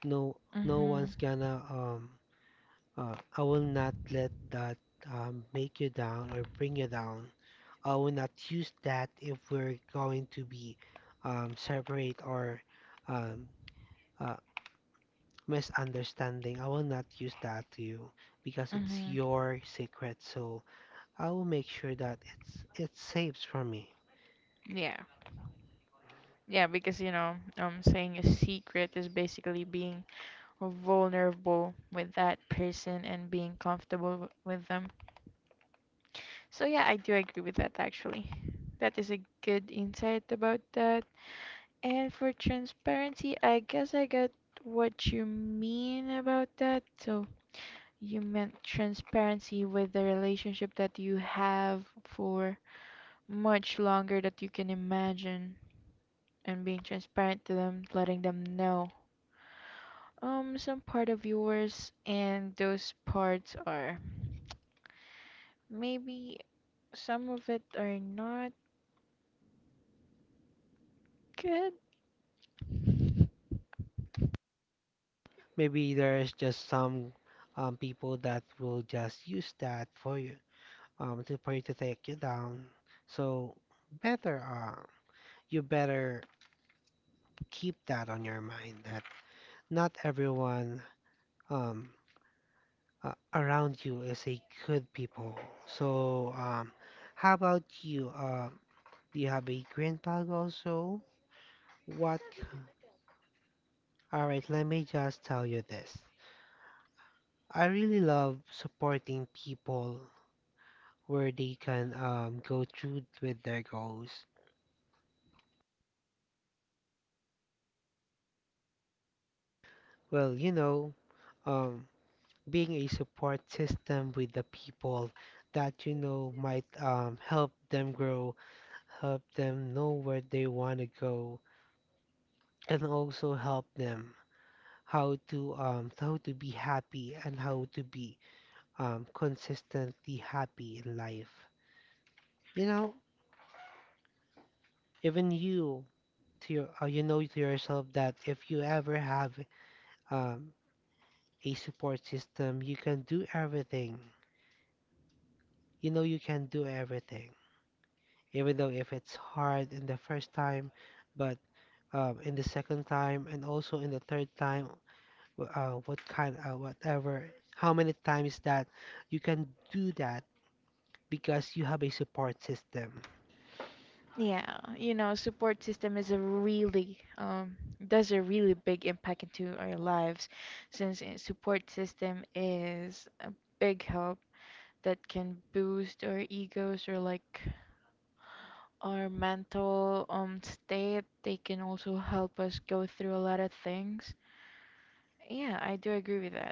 [SPEAKER 2] No, No
[SPEAKER 1] Mm-hmm.
[SPEAKER 2] one's gonna I will not let that make you down or bring you down. I will not use that if we're going to be separate or um, uh, misunderstanding. I will not use that to you because it's
[SPEAKER 1] Mm-hmm.
[SPEAKER 2] your secret. So I will make sure that it's safe from me.
[SPEAKER 1] Yeah. Yeah, because saying a secret is basically being vulnerable with that person and being comfortable with them. So yeah, I do agree with that actually. That is a good insight about that. And for transparency, I guess I got what you mean about that. So you meant transparency with the relationship that you have for much longer that you can imagine and being transparent to them, letting them know. Some part of yours, and those parts are maybe some of it are not good.
[SPEAKER 2] Maybe there's just some people that will just use that for you to for you to take you down. So better you better keep that on your mind that not everyone um around you is a good people. So how about you? Do you have a green bag also? What? Alright, let me just tell you this. I really love supporting people where they can go through with their goals. Well, you know, um, being a support system with the people that you know might help them grow, help them know where they want to go, and also help them how to be happy and how to be consistently happy in life. You know, even you to your, you know to yourself that if you ever have um, a support system, you can do everything. You know you can do everything, even though if it's hard in the first time, but in the second time and also in the third time, what kind, whatever, how many times that you can do that because you have a support system.
[SPEAKER 1] Yeah, you know, support system is a really does a really big impact into our lives, since a support system is a big help that can boost our egos or our mental state. They can also help us go through a lot of things. Yeah, I do agree with that.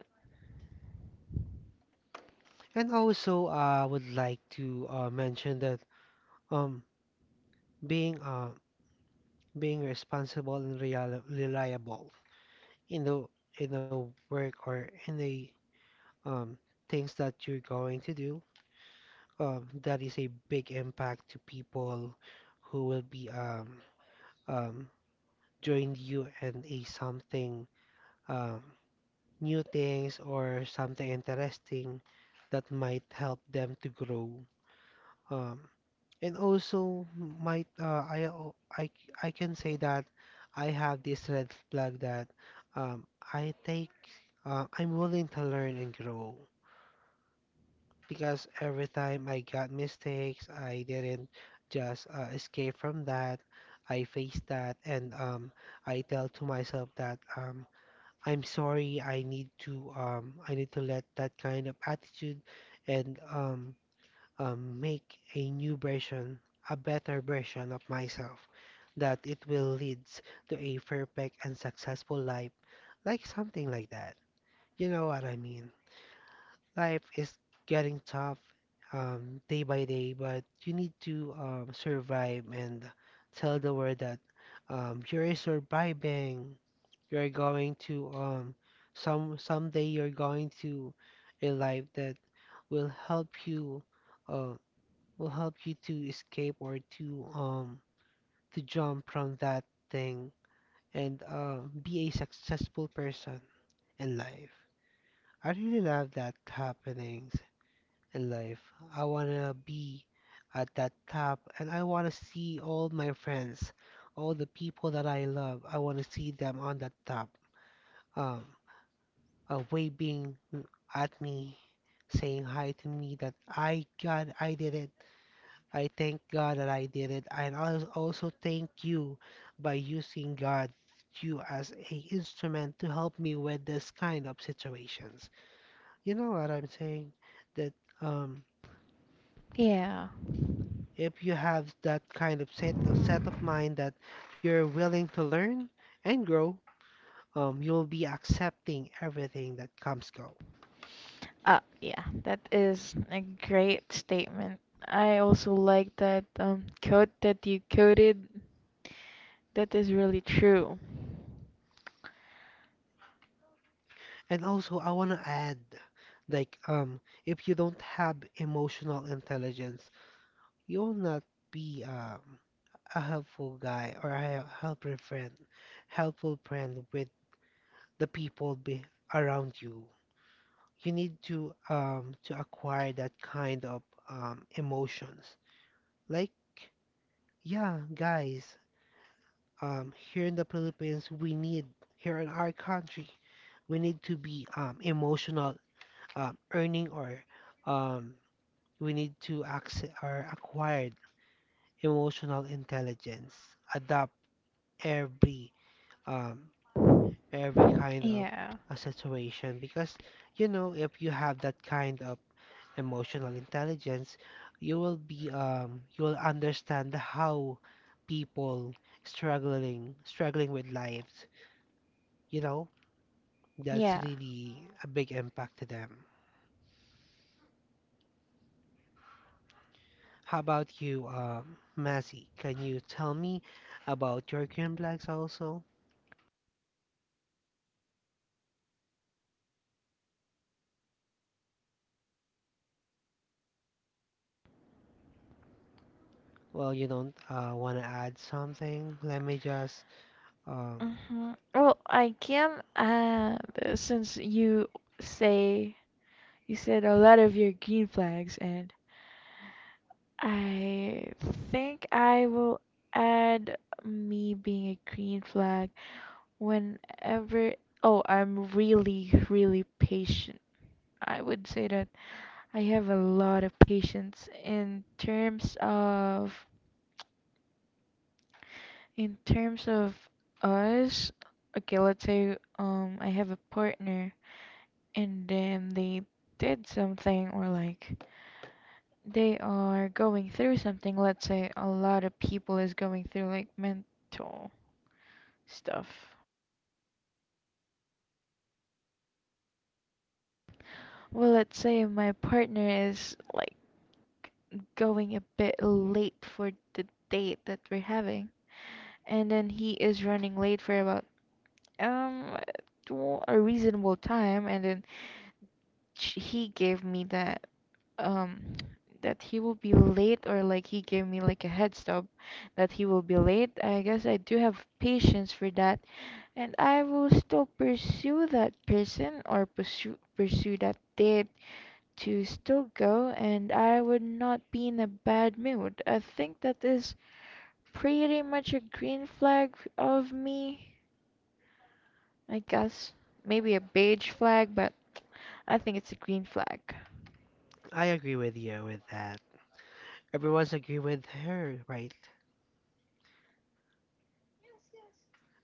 [SPEAKER 2] And also, I would like to mention that um, being uh, being responsible and real reliable in the in the work or in the um, things that you're going to do, that is a big impact to people who will be um, join you and a something um, new things or something interesting that might help them to grow. Um, And also, might I, al- I c- I can say that I have this red flag that um, I take I'm willing to learn and grow because every time I got mistakes, I didn't just escape from that. I faced that, and I tell to myself that I'm sorry. I need to let that kind of attitude and make a new version, a better version of myself, that it will lead to a perfect and successful life, like something like that. You know what I mean? Life is getting tough day by day, but you need to survive and tell the world that you're surviving. You're going to someday you're going to a life that will help you uh, will help you to escape or to jump from that thing and be a successful person in life. I really love that happenings in life. I wanna be at that top and I wanna see all my friends, all the people that I love. I wanna see them on that top, um, waving at me, saying hi to me that I got, I did it, I thank God that I did it, and I also thank you by using God you as a instrument to help me with this kind of situations. You know what I'm saying? That um,
[SPEAKER 1] Yeah.
[SPEAKER 2] if you have that kind of set of mind that you're willing to learn and grow, you'll be accepting everything that comes go.
[SPEAKER 1] Yeah, that is a great statement. I also like that quote that you quoted. That is really true.
[SPEAKER 2] And also, I want to add, like, if you don't have emotional intelligence, you'll not be a helpful guy or a helpful friend with the people be around you. You need to acquire that kind of emotions. Like, yeah, guys, Here in the Philippines, we need, here in our country, we need to be emotional, earning, or um, we need to access or acquire emotional intelligence, adapt every um every kind of
[SPEAKER 1] Yeah,
[SPEAKER 2] a situation. Because you know, if you have that kind of emotional intelligence, you will be you will understand how people struggling with lives, you know? That's
[SPEAKER 1] yeah.
[SPEAKER 2] really a big impact to them. How about you, Massey? Can you tell me about your green flags also? Well, you don't want to add something? Let me just um
[SPEAKER 1] Well, I can add, since say you said a lot of your green flags, and I think I will add me being a green flag whenever. Oh, I'm really, really patient. I would say that I have a lot of patience in terms of, In terms of us, okay, let's say I have a partner and then they did something or they are going through something. Let's say a lot of people is going through mental stuff. Well, let's say my partner is going a bit late for the date that we're having, and then he is running late for about um a reasonable time, and then he gave me that um that he will be late, or he gave me a heads up that he will be late. I guess I do have patience for that, and I will still pursue that person or pursue that date to still go, and I would not be in a bad mood. I think that is pretty much a green flag of me, I guess. Maybe a beige flag, but I think it's a green flag.
[SPEAKER 2] I agree with you with that. Everyone's agree with her, right?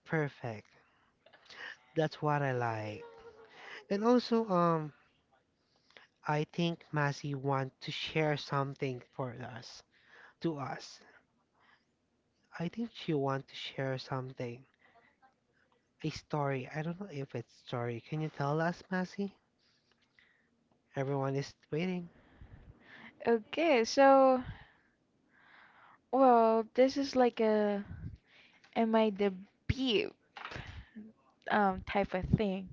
[SPEAKER 2] Perfect. That's what I like. And also, I think Massey want to share something for us, to us. I think she want to share something, a story. I don't know if it's story. Can you tell us, Massey? Everyone is waiting.
[SPEAKER 1] Okay, so well, this is like a am I the bee type of thing.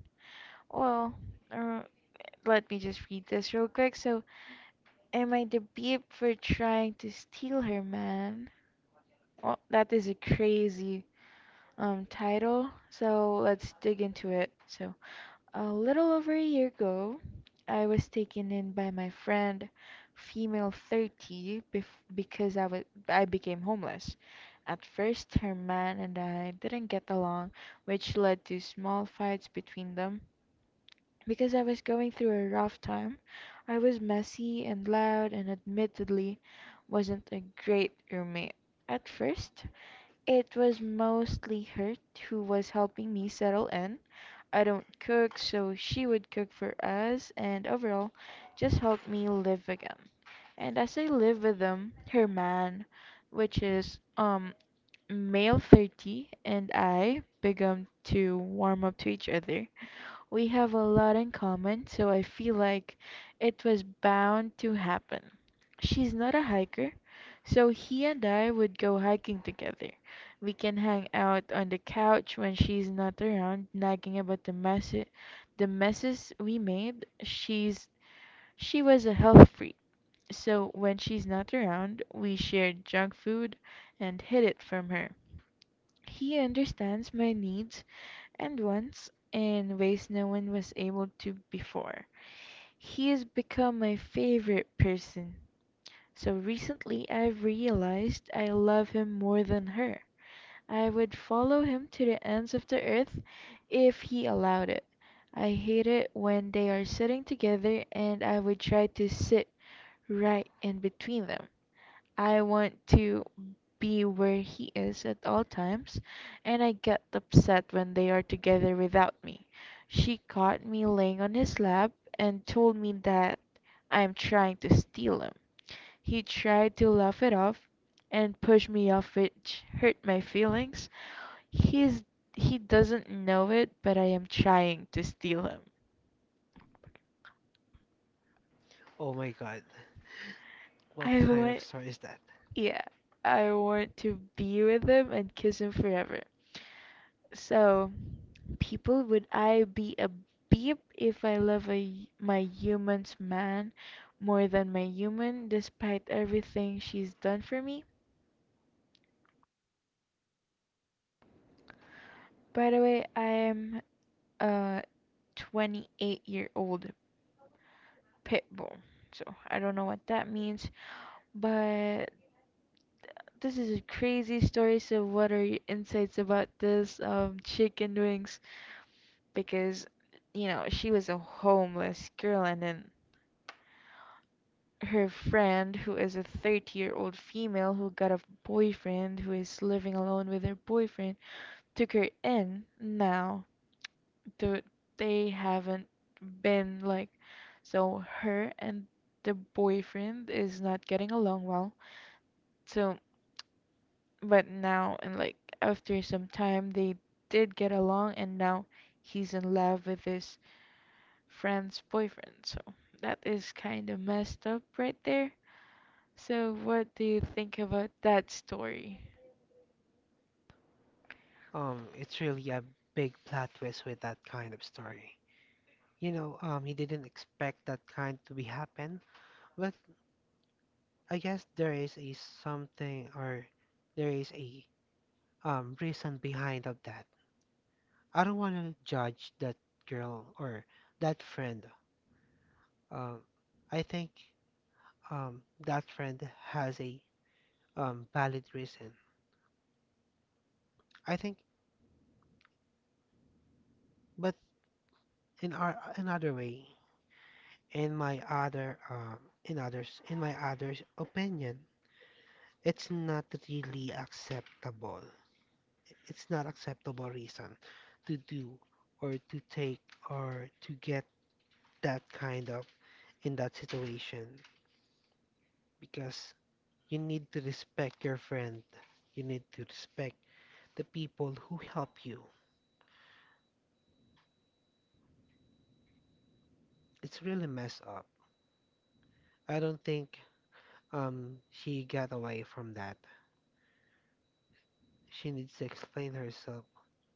[SPEAKER 1] Well, uh, let me just read this real quick. So, am I the bee for trying to steal her man? Well, that is a crazy title. So let's dig into it. So, a little over a year ago, I was taken in by my friend, female 30, bef because I became homeless. At first, her man and I didn't get along, which led to small fights between them. Because I was going through a rough time, I was messy and loud, and admittedly wasn't a great roommate. At first, it was mostly her who was helping me settle in. I don't cook, so she would cook for us and overall just help me live with them. And as I live with them, her man, which is male 30, and I began to warm up to each other. We have a lot in common, so I feel like it was bound to happen. She's not a hiker, so he and I would go hiking together. We can hang out on the couch when she's not around, nagging about the messes we made. She was a health freak, so when she's not around, we shared junk food and hid it from her. He understands my needs and once in ways no one was able to before. He has become my favorite person. So recently I've realized I love him more than her. I would follow him to the ends of the earth if he allowed it. I hate it when they are sitting together, and I would try to sit right in between them. I want to be where he is at all times, and I get upset when they are together without me. She caught me laying on his lap and told me that I am trying to steal him. He tried to laugh it off and push me off, which hurt my feelings. He's he doesn't know it, but I am trying to steal him.
[SPEAKER 2] Oh my God, what
[SPEAKER 1] I
[SPEAKER 2] kind of
[SPEAKER 1] want
[SPEAKER 2] story is that?
[SPEAKER 1] yeah, I want to be with him and kiss him forever. So, people, would I be a beep if I love a, my human's man more than my human, despite everything she's done for me? By the way, I am a 28-year-old year old pit bull, so I don't know what that means, but this is a crazy story. So, what are your insights about this, chicken wings? Because you know, she was a homeless girl and then her friend, who is a 30-year-old year old female who got a boyfriend who is living alone with her boyfriend, took her in. Now, dude, they haven't been like, so her and the boyfriend is not getting along well. So, but now, and like after some time, they did get along, and now he's in love with his friend's boyfriend. So, that is kind of messed up right there. So, what do you think about that story?
[SPEAKER 2] It's really a big plot twist with that kind of story. You know, you didn't expect that kind to be happen. Well, I guess there is a something, or there is a reason behind of that. I don't want to judge that girl or that friend. Um, I think that friend has a valid reason. I think, but in our another way, in my other in others, in my others opinion, it's not really acceptable. It's not acceptable reason to do or to take or to get that kind of in that situation, because you need to respect your friend. You need to respect the people who help you. It's really messed up. I don't think she got away from that. She needs to explain herself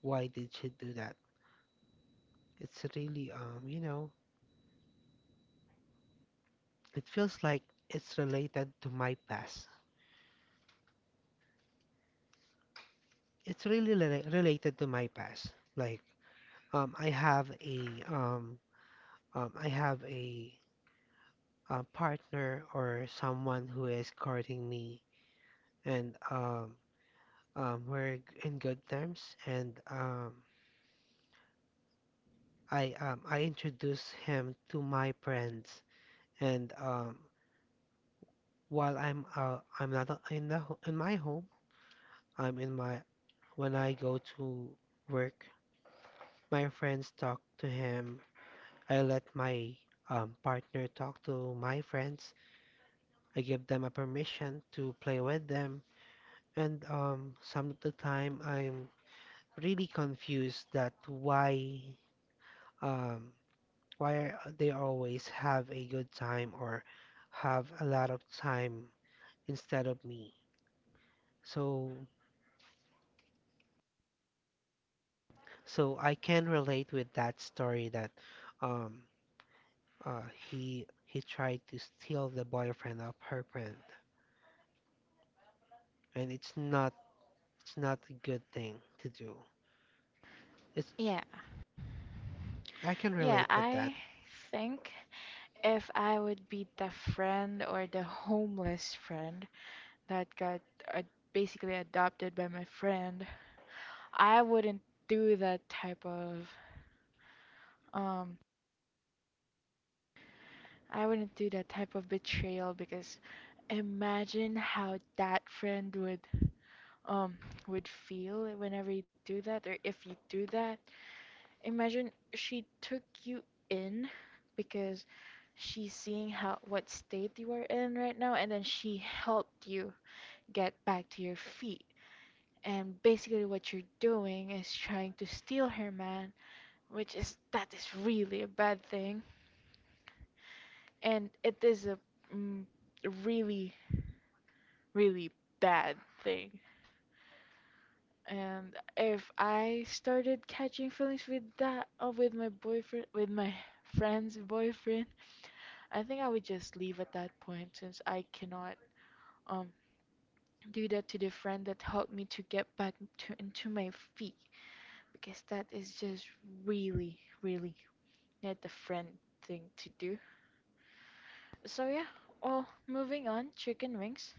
[SPEAKER 2] why did she do that. It's really you know, it feels like it's related to my past, it's really related to my past. Like, um, I have a um, I have a, partner, or someone who is courting me, and we're in good terms. And I introduce him to my friends. And while I'm not o- in the in my home, I'm in my, when I go to work, my friends talk to him. I let my partner talk to my friends. I give them a permission to play with them. And some of the time, I'm really confused that um, why are they always have a good time or have a lot of time instead of me. So so I can relate with that story, that um, uh, he tried to steal the boyfriend of her friend, and it's not, it's not a good thing to do. It's,
[SPEAKER 1] Yeah,
[SPEAKER 2] I can
[SPEAKER 1] yeah,
[SPEAKER 2] relate with
[SPEAKER 1] I
[SPEAKER 2] that.
[SPEAKER 1] think if I would be the friend or the homeless friend that got uh, basically adopted by my friend, I wouldn't do that type of um betrayal, because imagine how that friend um would feel whenever you do that or if you do that. Imagine she took you in because she's seeing how what state you are in right now, and then she helped you get back to your feet. And basically, what you're doing is trying to steal her man, which is, that is really a bad thing, and it is a mm, really, really bad thing. And if I started catching feelings with that, or with my boyfriend, with my friend's boyfriend, I think I would just leave at that point, since I cannot um do that to the friend that helped me to get back to into my feet, because that is just really, really not the friend thing to do. So yeah, well, moving on, chicken wings.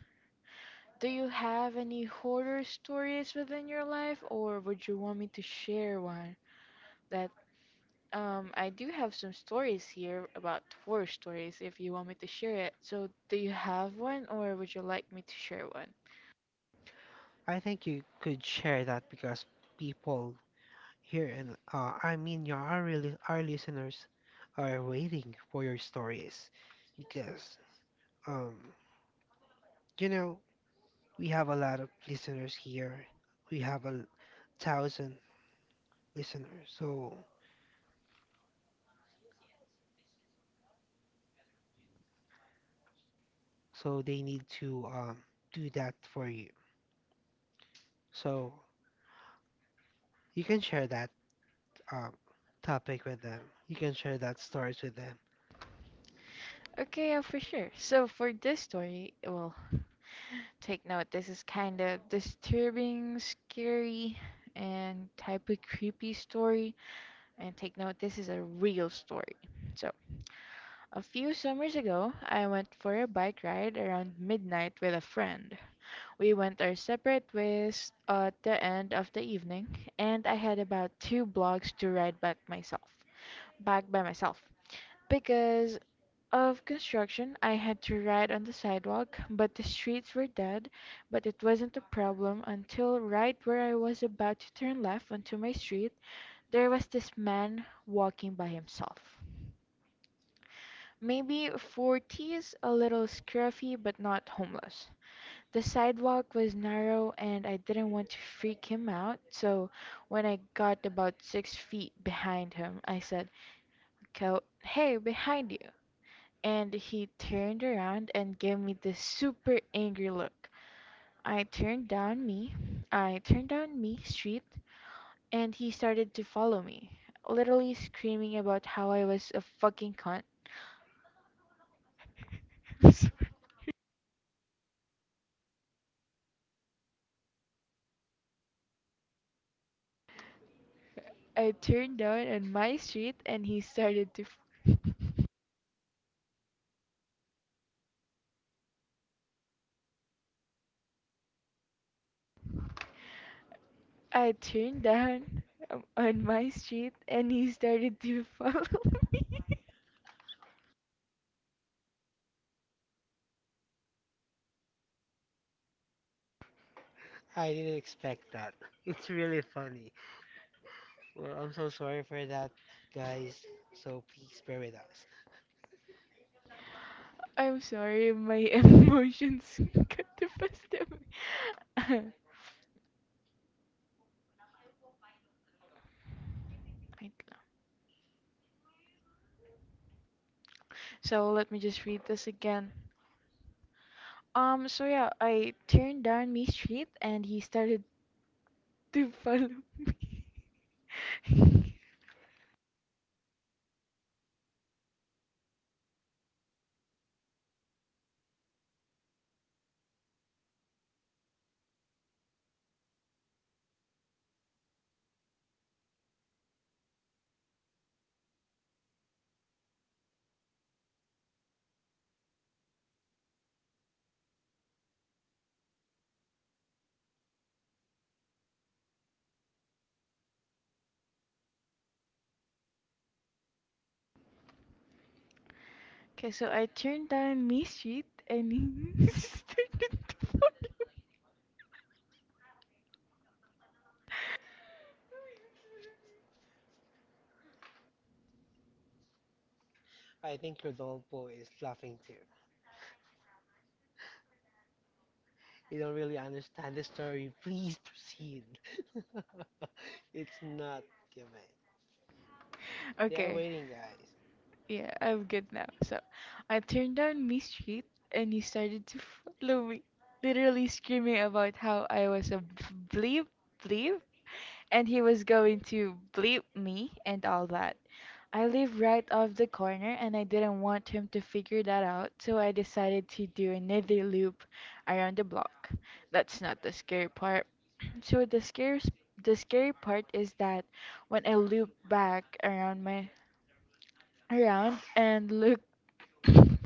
[SPEAKER 1] Do you have any horror stories within your life, or would you want me to share one? That I do have some stories here about horror stories if you want me to share it. So do you have one or would you like me to share one?
[SPEAKER 2] I think you could share that, because people here, and I mean your, our, really, our listeners are waiting for your stories, because um you know, we have a lot of listeners here. We have a thousand listeners, so they need to do that for you. So you can share that um topic with them. You can share that stories with them.
[SPEAKER 1] Okay, yeah, for sure. So for this story, well, take note, this is kind of disturbing, scary, and type of creepy story. And take note, this is a real story. So a few summers ago, I went for a bike ride around midnight with a friend. We went our separate ways at the end of the evening, and I had about two blocks to ride back myself, back by myself. Because of construction, I had to ride on the sidewalk, but the streets were dead. But it wasn't a problem until right where I was about to turn left onto my street, there was this man walking by himself. Maybe 40s, a little scruffy, but not homeless. The sidewalk was narrow and I didn't want to freak him out, so when I got about 6 feet behind him, I said, " Hey, behind you!" And he turned around and gave me this super angry look. I turned down me, I turned down me street, and he started to follow me, literally screaming about how I was a fucking cunt. <laughs> I turned down on my street and he started to. F- I turned down on my street and he started to follow <laughs> me.
[SPEAKER 2] I didn't expect that. <laughs> It's really funny. Well, I'm so sorry for that, guys. So please bear with us.
[SPEAKER 1] I'm sorry, my emotions <laughs> got the best of me. <laughs> Wait. So let me just read this again. So yeah, I turned down my street and he started <laughs> to follow me. <laughs> Okay, so I turned down my street and he <laughs> started to follow me.
[SPEAKER 2] I think Rodolfo is laughing too. You don't really understand the story. Please proceed. <laughs> It's not given. They are
[SPEAKER 1] Okay.
[SPEAKER 2] waiting, guys.
[SPEAKER 1] Yeah, I'm good now. So I turned down Miss street and he started to follow me, literally screaming about how I was a bleep bleep and he was going to bleep me and all that. I live right off the corner and I didn't want him to figure that out, so I decided to do another loop around the block. That's not the scary part. <clears throat> So the scary part is that when I loop back around my around and look. <laughs>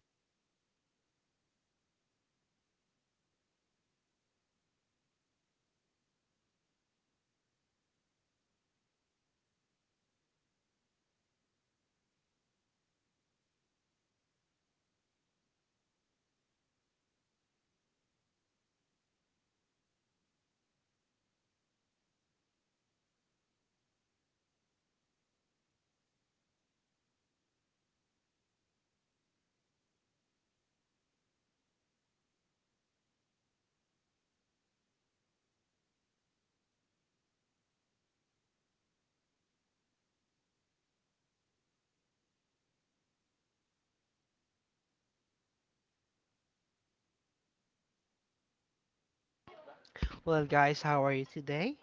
[SPEAKER 2] Well, guys, how are you today?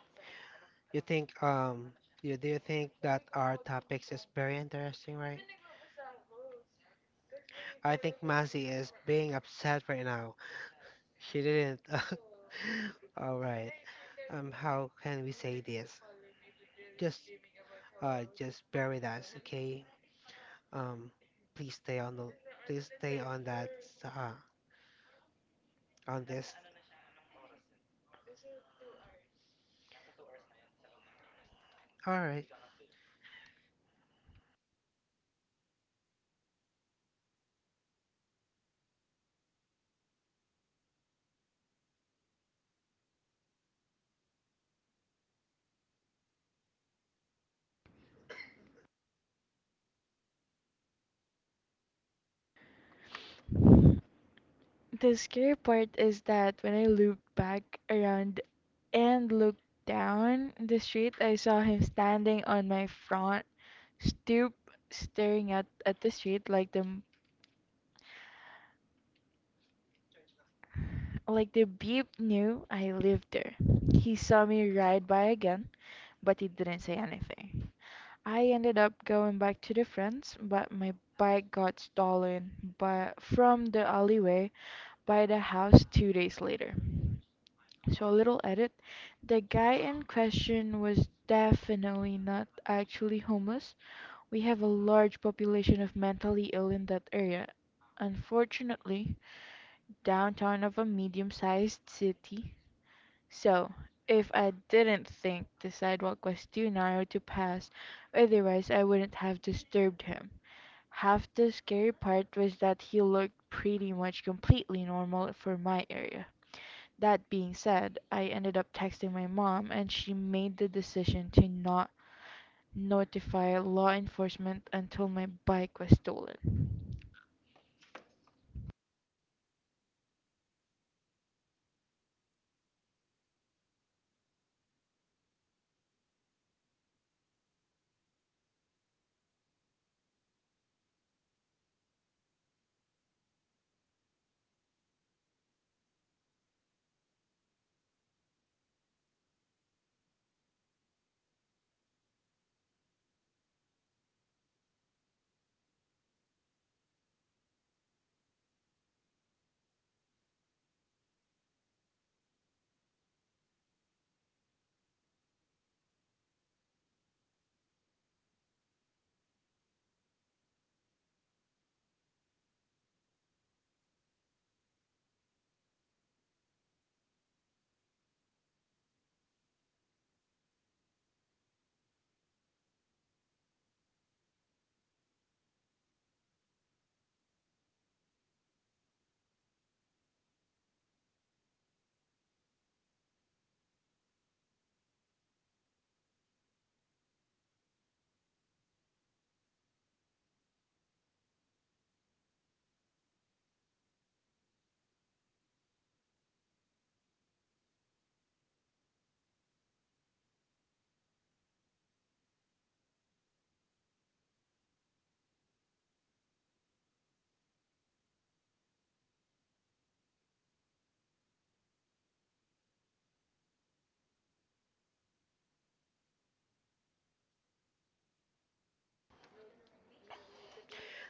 [SPEAKER 2] You think you do you think that our topics is very interesting, right? I think Massey is being upset right now. She didn't. <laughs> All right. How can we say this? Just, just bear with us, okay? Um, Please stay on the, please stay on that, uh, on this. All right.
[SPEAKER 1] The scary part is that when I looked back around and looked down the street, I saw him standing on my front stoop, staring at the street like the Like the beep knew I lived there. He saw me ride by again, but he didn't say anything. I ended up going back to the friends, but my bike got stolen from the alleyway by the house 2 days later. So a little edit. The guy in question was definitely not actually homeless. We have a large population of mentally ill in that area. Unfortunately, downtown of a medium sized city. So, if I didn't think the sidewalk was too narrow to pass, otherwise I wouldn't have disturbed him. Half the scary part was that he looked pretty much completely normal for my area. That being said, I ended up texting my mom and she made the decision to not notify law enforcement until my bike was stolen.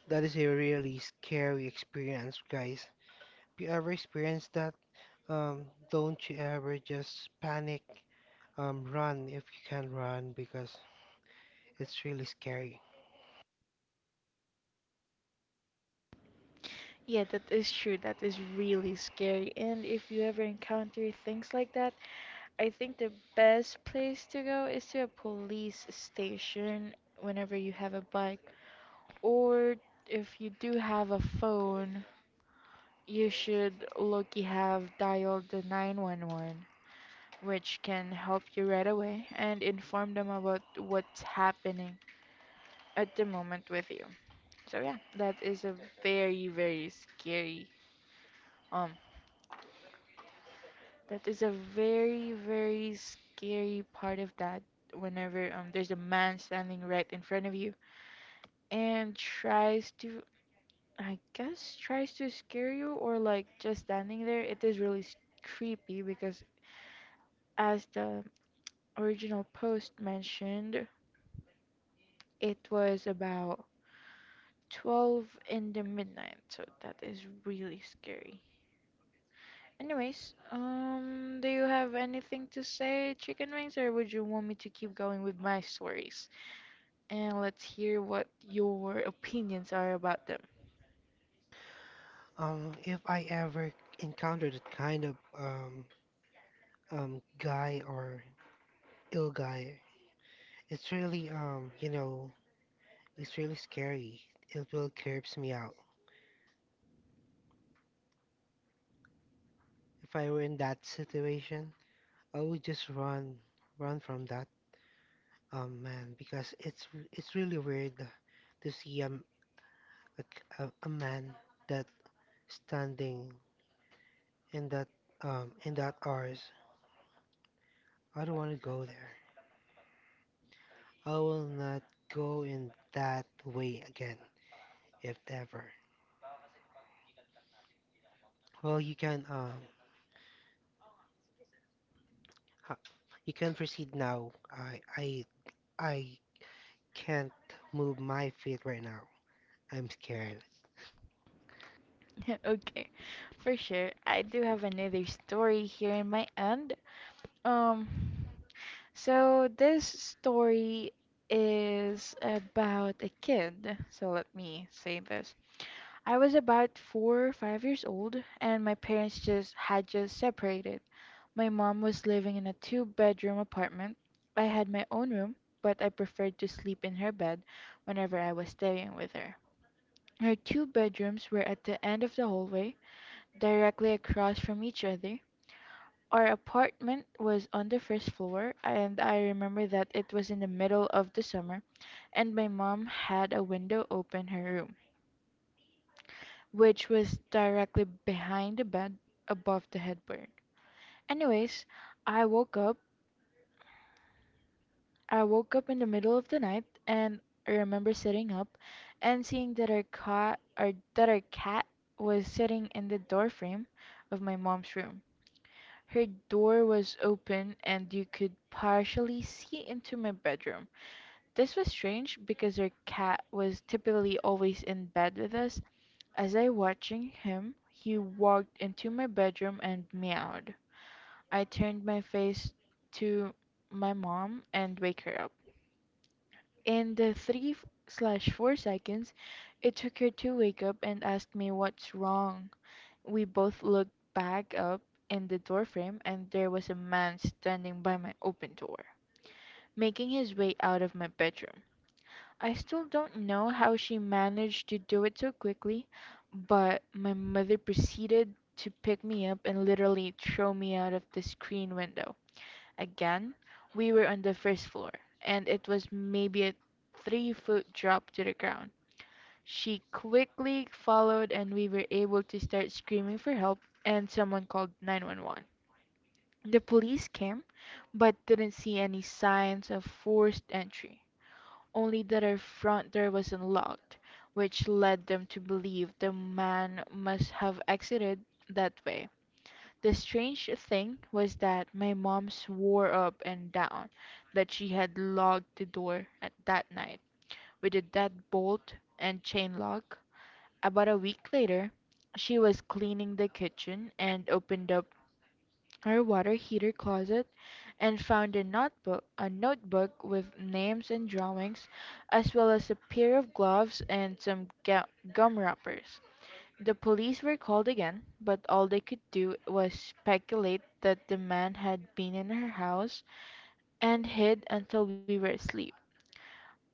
[SPEAKER 2] That is a really scary experience, guys. If you ever experience that, um, don't you ever just panic. Run if you can run, because it's really scary.
[SPEAKER 1] Yeah, that is true. That is really scary. And if you ever encounter things like that, I think the best place to go is to a police station whenever you have a bike. Or if you do have a phone, you should lucky have dialed the 911, which can help you right away and inform them about what's happening at the moment with you. So yeah, that is a very, very scary um That is a very, very scary part of that whenever there's a man standing right in front of you and tries to I guess tries to scare you or like just standing there. It is really creepy because as the original post mentioned, it was about 12 in the midnight. So that is really scary. Anyways, do you have anything to say, chicken wings, or would you want me to keep going with my stories? And let's hear what your opinions are about them.
[SPEAKER 2] If I ever encounter that kind of um guy or ill guy, it's really you know, it's really scary. It will creeps me out. If I were in that situation, I would just run, run from that man, because it's really weird to see a a man that standing in that in that ours. I don't want to go there. I will not go in that way again, if ever. Well, you can ha- you can proceed now. I can't move my feet right now. I'm scared.
[SPEAKER 1] <laughs> Okay, for sure. I do have another story here in my end. Um, so this story is about a kid. So let me say this. I was about 4 or 5 years old, and my parents just had just separated. My mom was living in a two-bedroom apartment. I had my own room, but I preferred to sleep in her bed whenever I was staying with her. Her two bedrooms were at the end of the hallway, directly across from each other. Our apartment was on the first floor, and I remember that it was in the middle of the summer, and my mom had a window open her room, which was directly behind the bed above the headboard. Anyways, I woke up. I woke up in the middle of the night and I remember sitting up and seeing that our cat was sitting in the doorframe of my mom's room. Her door was open and you could partially see into my bedroom. This was strange because our cat was typically always in bed with us. As I watching him, he walked into my bedroom and meowed. I turned my face to my mom and wake her up. In the 3 slash 4 seconds it took her to wake up and ask me what's wrong, we both looked back up in the doorframe, and there was a man standing by my open door, making his way out of my bedroom. I still don't know how she managed to do it so quickly, but my mother proceeded to pick me up and literally throw me out of the screen window. Again, we were on the first floor, and it was maybe a 3 foot drop to the ground. She quickly followed, and we were able to start screaming for help, and someone called 911. The police came, but didn't see any signs of forced entry, only that our front door was unlocked, which led them to believe the man must have exited that way. The strange thing was that my mom swore up and down that she had locked the door at that night with a deadbolt and chain lock about a week later, she was cleaning the kitchen and opened up her water heater closet and found a notebook with names and drawings, as well as a pair of gloves and some gum wrappers. The police were called again, but all they could do was speculate that the man had been in her house and hid until we were asleep.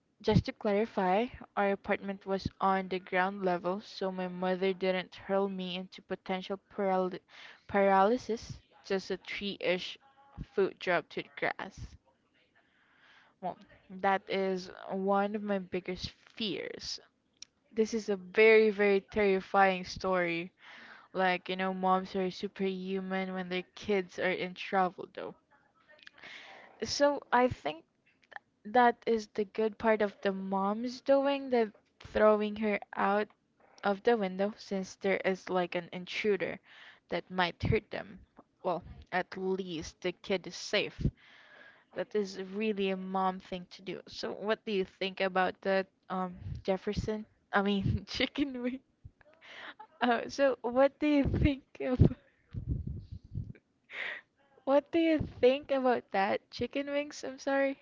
[SPEAKER 1] Just to clarify, our apartment was on the ground level, so my mother didn't hurl me into potential paralysis, just a tree ish foot drop to the grass. Well, that is one of my biggest fears. This is a very, very terrifying story. Like, you know, moms are superhuman when their kids are in trouble, though. So I think that is the good part of the mom's doing, the throwing her out of the window since there is like an intruder that might hurt them. Well, at least the kid is safe. That is really a mom thing to do. So what do you think about that, Jefferson? I mean, <laughs> chicken wing. So what do you think of <laughs> what do you think about that? Chicken wings, I'm sorry.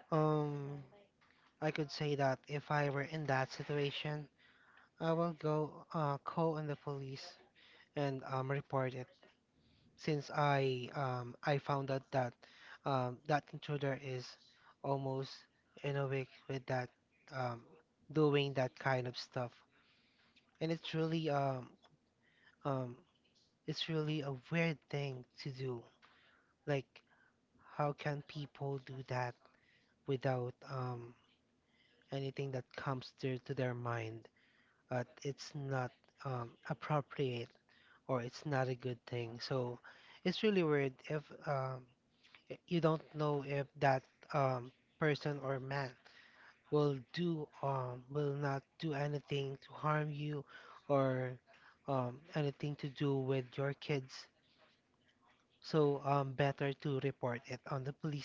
[SPEAKER 2] Um, I could say that if I were in that situation, I will go call on the police, and report it, since I found out that that intruder is almost in a week with that um doing that kind of stuff. And it's really um it's really a weird thing to do. Like, how can people do that without anything that comes to their mind? But it's not appropriate, or it's not a good thing. So it's really weird if you don't know if that um, person or man will do will not do anything to harm you, or anything to do with your kids. So better to report it on the police.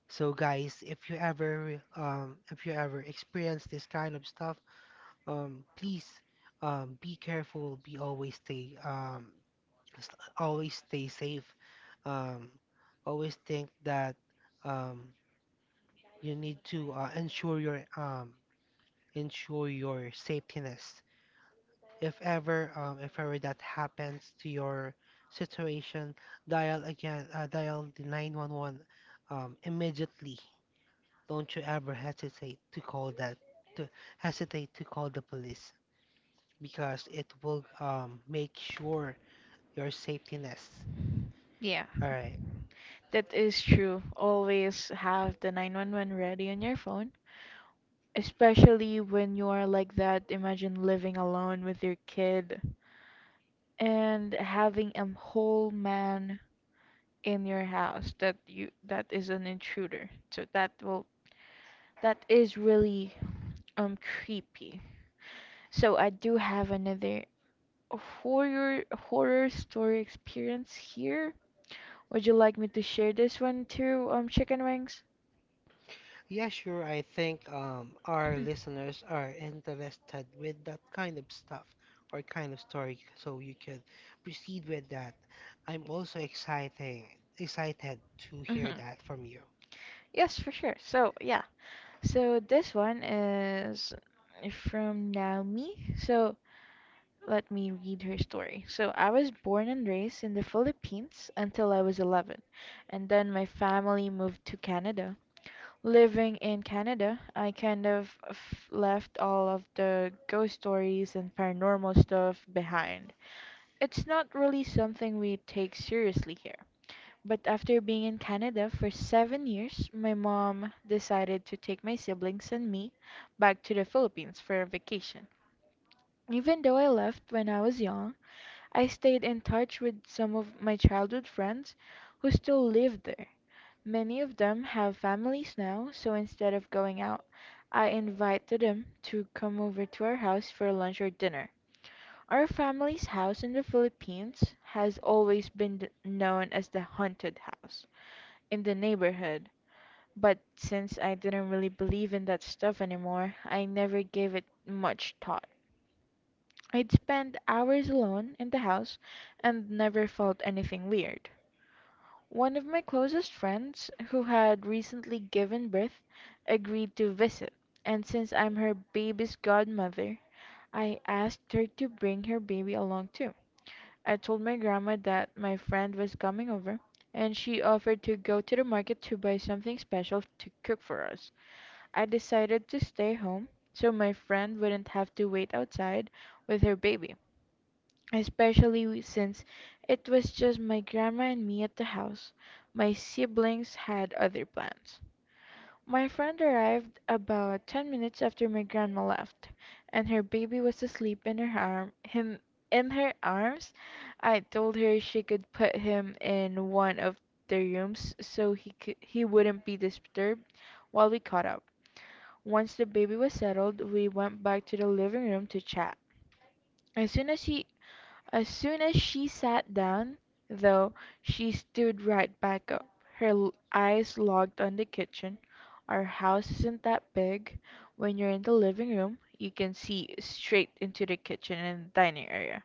[SPEAKER 2] So guys, if you ever experience this kind of stuff, please be careful, be always stay s- always stay safe. Um Always think that um you need to ensure your safetyness. If ever that happens to your situation, dial again, dial the 911, immediately. Don't you ever hesitate to call that, to hesitate to call the police, because it will, make sure your safety nest.
[SPEAKER 1] Yeah,
[SPEAKER 2] All right.
[SPEAKER 1] that is true. Always have the 911 ready on your phone, especially when you are like that. Imagine living alone with your kid and having a whole man in your house that is an intruder. So that is really creepy. So I do have another horror story experience here. Would you like me to share this one too, chicken wings?
[SPEAKER 2] Yeah, sure. I think our listeners are interested with that kind of stuff, or kind of story, so you can proceed with that. I'm also excited to hear
[SPEAKER 1] Hmm.
[SPEAKER 2] that from you.
[SPEAKER 1] Yes, for sure. So, yeah. So this one is from Naomi. So let me read her story. So, I was born and raised in the Philippines until I was 11, and then my family moved to Canada. Living in Canada, I kind of left all of the ghost stories and paranormal stuff behind. It's not really something we take seriously here. But after being in Canada for 7 years, my mom decided to take my siblings and me back to the Philippines for a vacation. Even though I left when I was young, I stayed in touch with some of my childhood friends who still live there. Many of them have families now, so instead of going out, I invited them to come over to our house for lunch or dinner. Our family's house in the Philippines has always been known as the haunted house in the neighborhood. But since I didn't really believe in that stuff anymore, I never gave it much thought. I'd spend hours alone in the house and never felt anything weird. One of my closest friends, who had recently given birth, agreed to visit, and since I'm her baby's godmother, I asked her to bring her baby along too. I told my grandma that my friend was coming over, and she offered to go to the market to buy something special to cook for us. I decided to stay home so my friend wouldn't have to wait outside with her baby, especially since it was just my grandma and me at the house. My siblings had other plans. My friend arrived about 10 minutes after my grandma left, and her baby was asleep in her arm him in her arms. I told her she could put him in one of the rooms so he wouldn't be disturbed while we caught up. Once the baby was settled, we went back to the living room to chat. As soon as he as soon as she sat down, though, she stood right back up, her eyes locked on the kitchen. Our house isn't that big. When you're in the living room, you can see straight into the kitchen and dining area.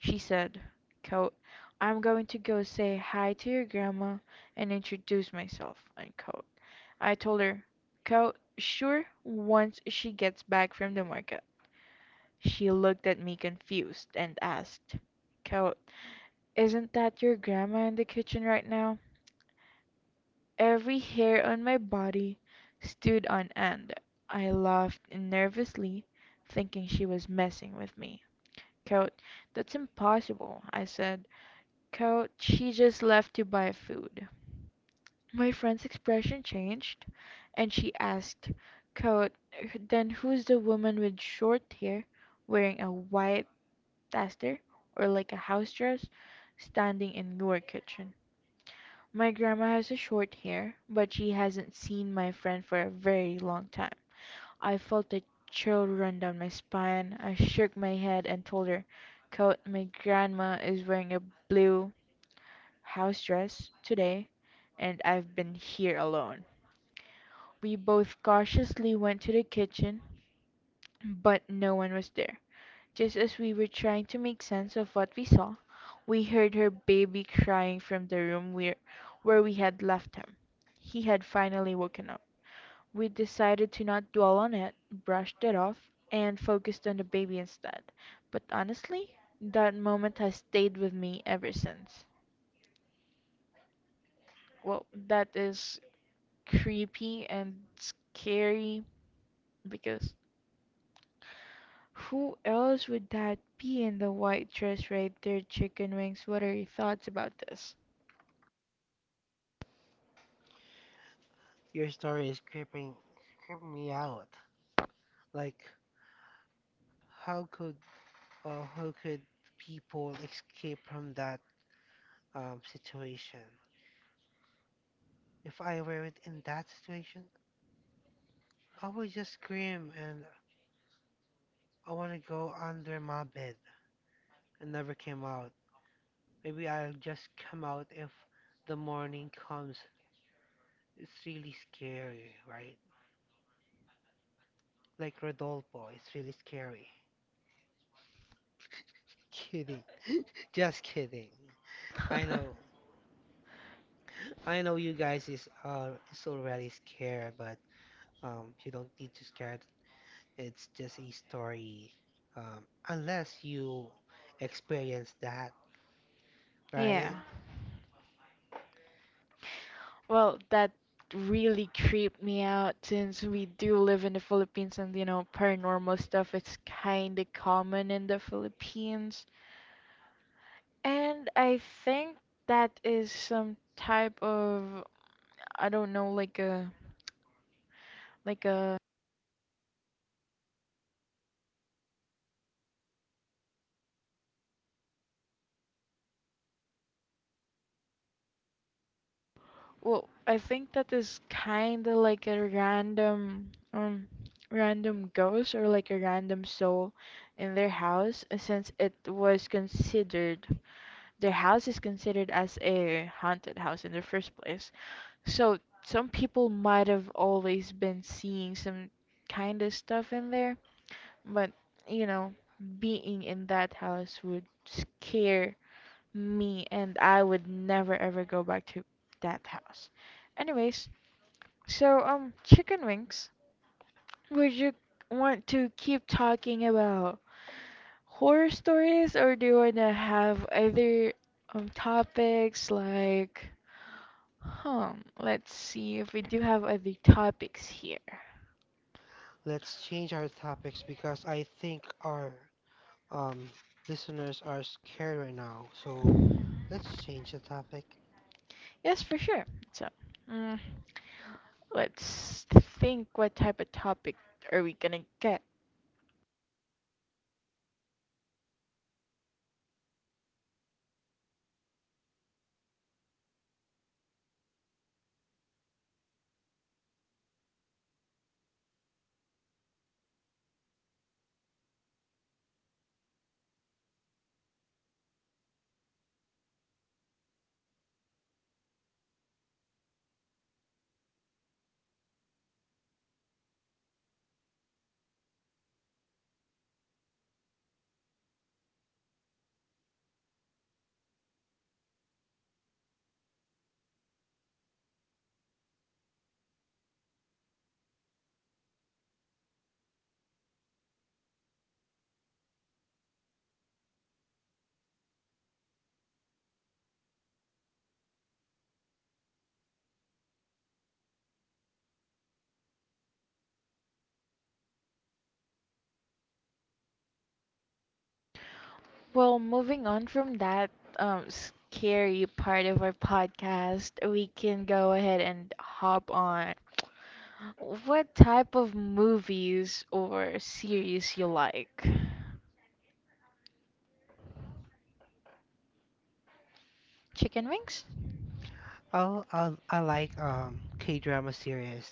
[SPEAKER 1] She said, quote, I'm going to go say hi to your grandma and introduce myself, unquote. I told her, quote, sure, once she gets back from the market. She looked at me confused and asked, quote, isn't that your grandma in the kitchen right now? Every hair on my body stood on end. I laughed nervously, thinking she was messing with me. "Coat, that's impossible," I said. "Coat, she just left to buy food." My friend's expression changed, and she asked, "Coat, then who's the woman with short hair, wearing a white duster, or like a house dress, standing in your kitchen?" My grandma has a short hair, but she hasn't seen my friend for a very long time. I felt a chill run down my spine. I shook my head and told her, "Coat, my grandma is wearing a blue house dress today, and I've been here alone." We both cautiously went to the kitchen, but no one was there. Just as we were trying to make sense of what we saw, we heard her baby crying from the room where we had left him. He had finally woken up. We decided to not dwell on it, brushed it off, and focused on the baby instead. But honestly, that moment has stayed with me ever since. Well, that is creepy and scary because who else would that be in the white dress right there, chicken wings? What are your thoughts about this? <laughs>
[SPEAKER 2] Your story is creeping me out. Like, how could how could people escape from that situation? If I were in that situation, I would just scream and I want to go under my bed and never came out. Maybe I'll just come out if the morning comes. It's really scary, right? Like Rodolfo, it's really scary. <laughs> Kidding. <laughs> Just kidding. I know. I know you guys is already scared, but you don't need to scared. It's just a story. Um Unless you experience that,
[SPEAKER 1] Yeah.
[SPEAKER 2] right?
[SPEAKER 1] Well, that really creeped me out since we do live in the Philippines, and you know, paranormal stuff is kind of common in the Philippines. And I think that is some type of, I don't know, like a well, I think that is kind of like a random, random ghost or like a random soul in their house, since it was considered, their house is considered as a haunted house in the first place. So some people might have always been seeing some kind of stuff in there, but you know, being in that house would scare me, and I would never ever go back to that house. Anyways, so chicken wings, would you want to keep talking about horror stories, or do you want to have other topics like huh, let's see if we do have other topics here.
[SPEAKER 2] Let's change our topics, because I think our, Um, listeners are scared right now, so let's change the topic.
[SPEAKER 1] Yes, for sure. So, mm, let's think, what type of topic are we gonna get? Well, moving on from that scary part of our podcast, we can go ahead and hop on. What type of movies or series you like? Chicken wings?
[SPEAKER 2] I like K-drama series,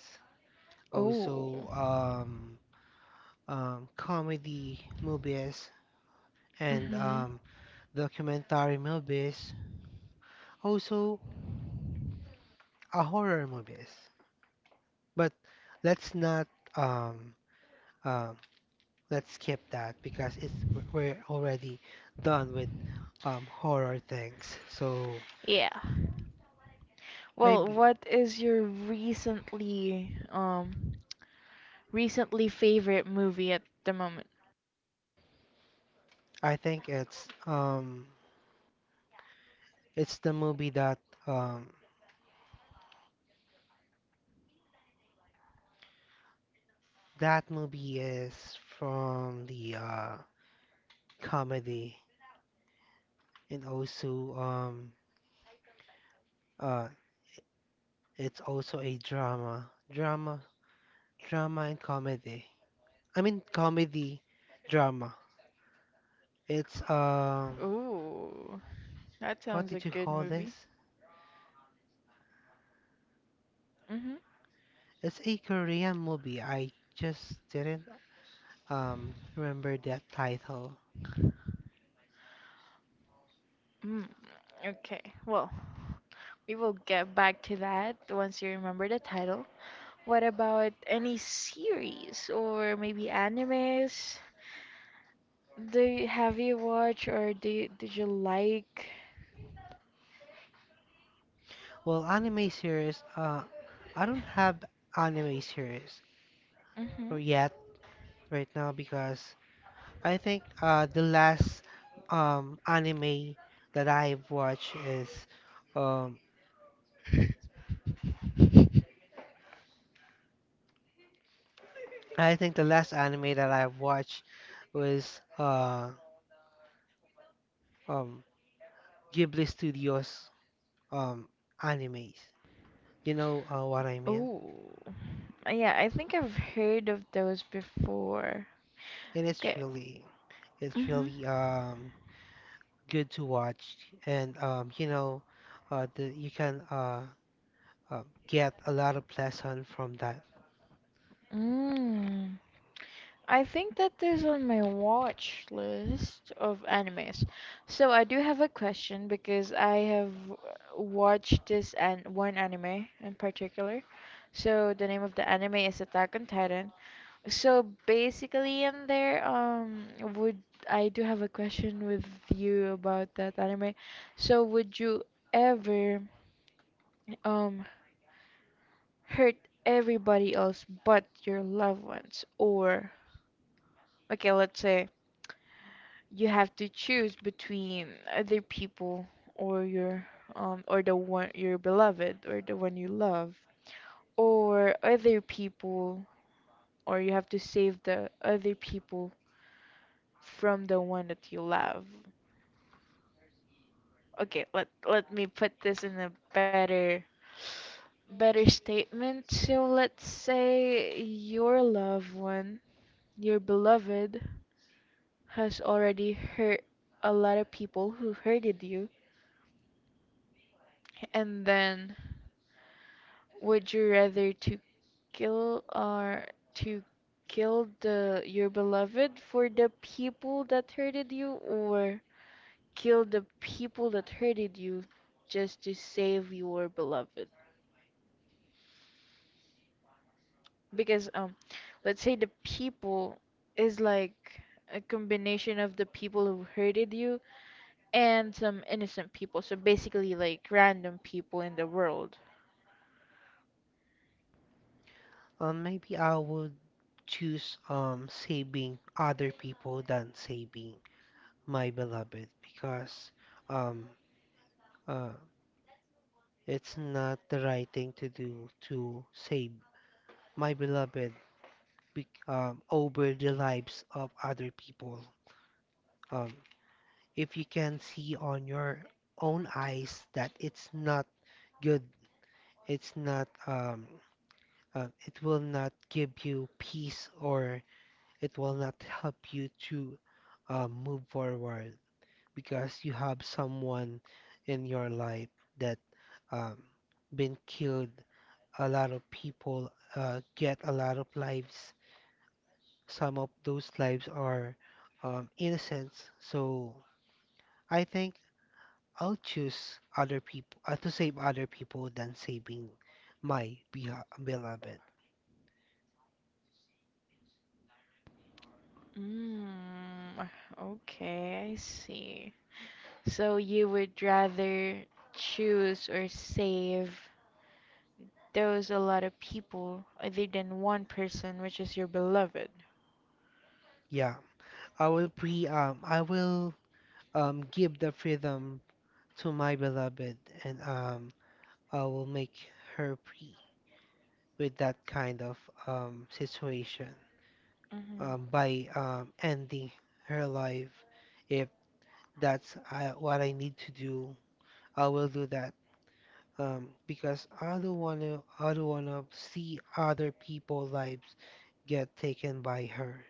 [SPEAKER 1] Oh.
[SPEAKER 2] also comedy movies, and
[SPEAKER 1] Mm-hmm.
[SPEAKER 2] documentary movies, also a horror movies. But let's not um um let's skip that, because it's, we're already done with horror things. So
[SPEAKER 1] Yeah. Well,
[SPEAKER 2] maybe.
[SPEAKER 1] what is your recently favorite movie at the moment?
[SPEAKER 2] I think it's the movie that um that movie is from the comedy, and also uh it's also a drama and comedy, I mean comedy drama. It's
[SPEAKER 1] Ooh, that
[SPEAKER 2] what
[SPEAKER 1] sounds a
[SPEAKER 2] did you
[SPEAKER 1] good
[SPEAKER 2] call
[SPEAKER 1] movie.
[SPEAKER 2] this?
[SPEAKER 1] Mm-hmm.
[SPEAKER 2] It's a Korean movie. I just didn't remember that title.
[SPEAKER 1] Mm. Okay. Well, we will get back to that once you remember the title. What about any series or maybe animes? Have you watched or did you like?
[SPEAKER 2] Well, anime series, I don't have anime series
[SPEAKER 1] hmm
[SPEAKER 2] or yet right now, because I think the last anime that I've watched is um I think the last anime that I've watched was um Ghibli Studios um animes. You know what I mean?
[SPEAKER 1] Oh, yeah, I think I've heard of those before.
[SPEAKER 2] And it's
[SPEAKER 1] Okay.
[SPEAKER 2] really, it's
[SPEAKER 1] Mm-hmm.
[SPEAKER 2] really good to watch, and you know the you can uh, get a lot of lesson from that.
[SPEAKER 1] Mm. I think that is on my watch list of animes. So I do have a question because I have watched this and one anime in particular. So the name of the anime is Attack on Titan. So basically in there, would I, do have a question with you about that anime. So would you ever um hurt everybody else but your loved ones, or okay, let's say you have to choose between other people or your or the one your beloved, or the one you love, or other people, or you have to save the other people from the one that you love. Okay, let me put this in a better statement. So let's say your loved one, your beloved has already hurt a lot of people who hurted you, and then would you rather kill or to kill the your beloved for the people that hurted you, or kill the people that hurted you just to save your beloved? Because let's say the people is like a combination of the people who hurted you and some innocent people. So basically like random people in the world.
[SPEAKER 2] Maybe I would choose saving other people than saving my beloved, because um uh it's not the right thing to do to save my beloved be over the lives of other people. Um, if you can see on your own eyes that it's not good, it's not it will not give you peace, or it will not help you to move forward, because you have someone in your life that um, been killed. A lot of people get a lot of lives. Some of those lives are innocent. So I think I'll choose other people to save other people than saving my beloved.
[SPEAKER 1] Mm, okay, I see. So you would rather choose or save those a lot of people other than one person, which is your beloved.
[SPEAKER 2] Yeah, I will pre I will give the freedom to my beloved, and I will make her free with that kind of situation
[SPEAKER 1] Mhm.
[SPEAKER 2] by ending her life. If that's I, what I need to do, I will do that because I don't want to. I don't want to see other people's lives get taken by her.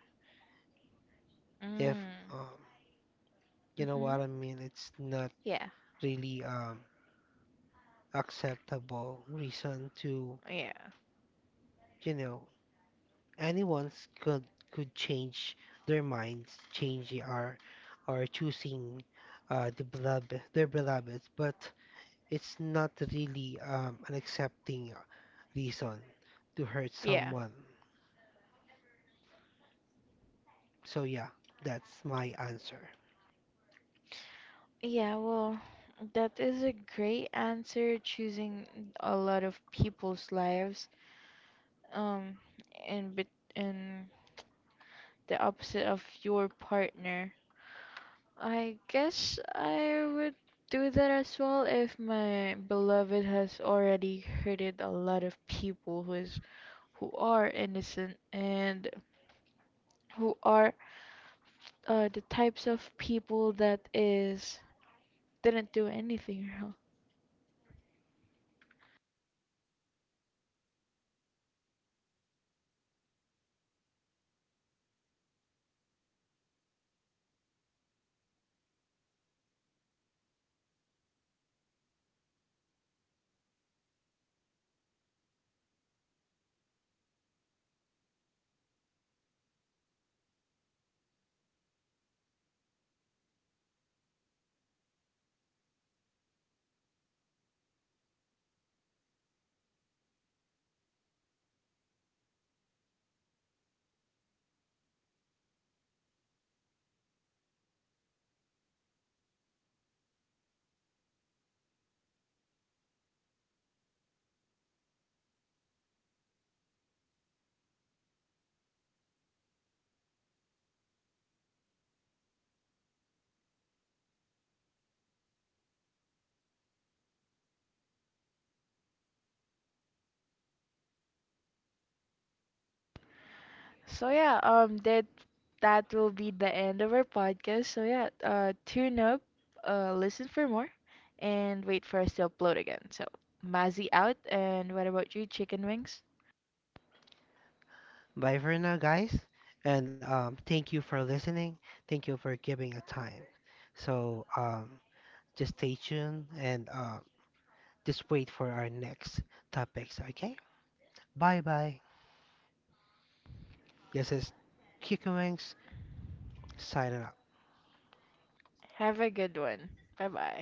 [SPEAKER 2] If
[SPEAKER 1] Mm.
[SPEAKER 2] um, you know
[SPEAKER 1] Mhm.
[SPEAKER 2] what I mean, it's not
[SPEAKER 1] Yeah.
[SPEAKER 2] really acceptable reason to,
[SPEAKER 1] Yeah.
[SPEAKER 2] you know, anyone's could, change their minds, change or choosing the beloved, their beloveds, but it's not really an accepting reason to hurt
[SPEAKER 1] Yeah.
[SPEAKER 2] someone. So yeah, that's my answer.
[SPEAKER 1] Yeah, well, that is a great answer, choosing a lot of people's lives um and bet and the opposite of your partner. I guess I would do that as well if my beloved has already hurted a lot of people who are innocent and who are the types of people that is didn't do anything wrong. So yeah, that will be the end of our podcast. So yeah, tune up, listen for more and wait for us to upload again. So Mazzy out, and what about you, chicken wings?
[SPEAKER 2] Bye for now, guys, and thank you for listening. Thank you for giving a time. So just stay tuned and just wait for our next topics. Okay, bye bye. This is Chicken Wings signing out.
[SPEAKER 1] Have a good one. Bye bye.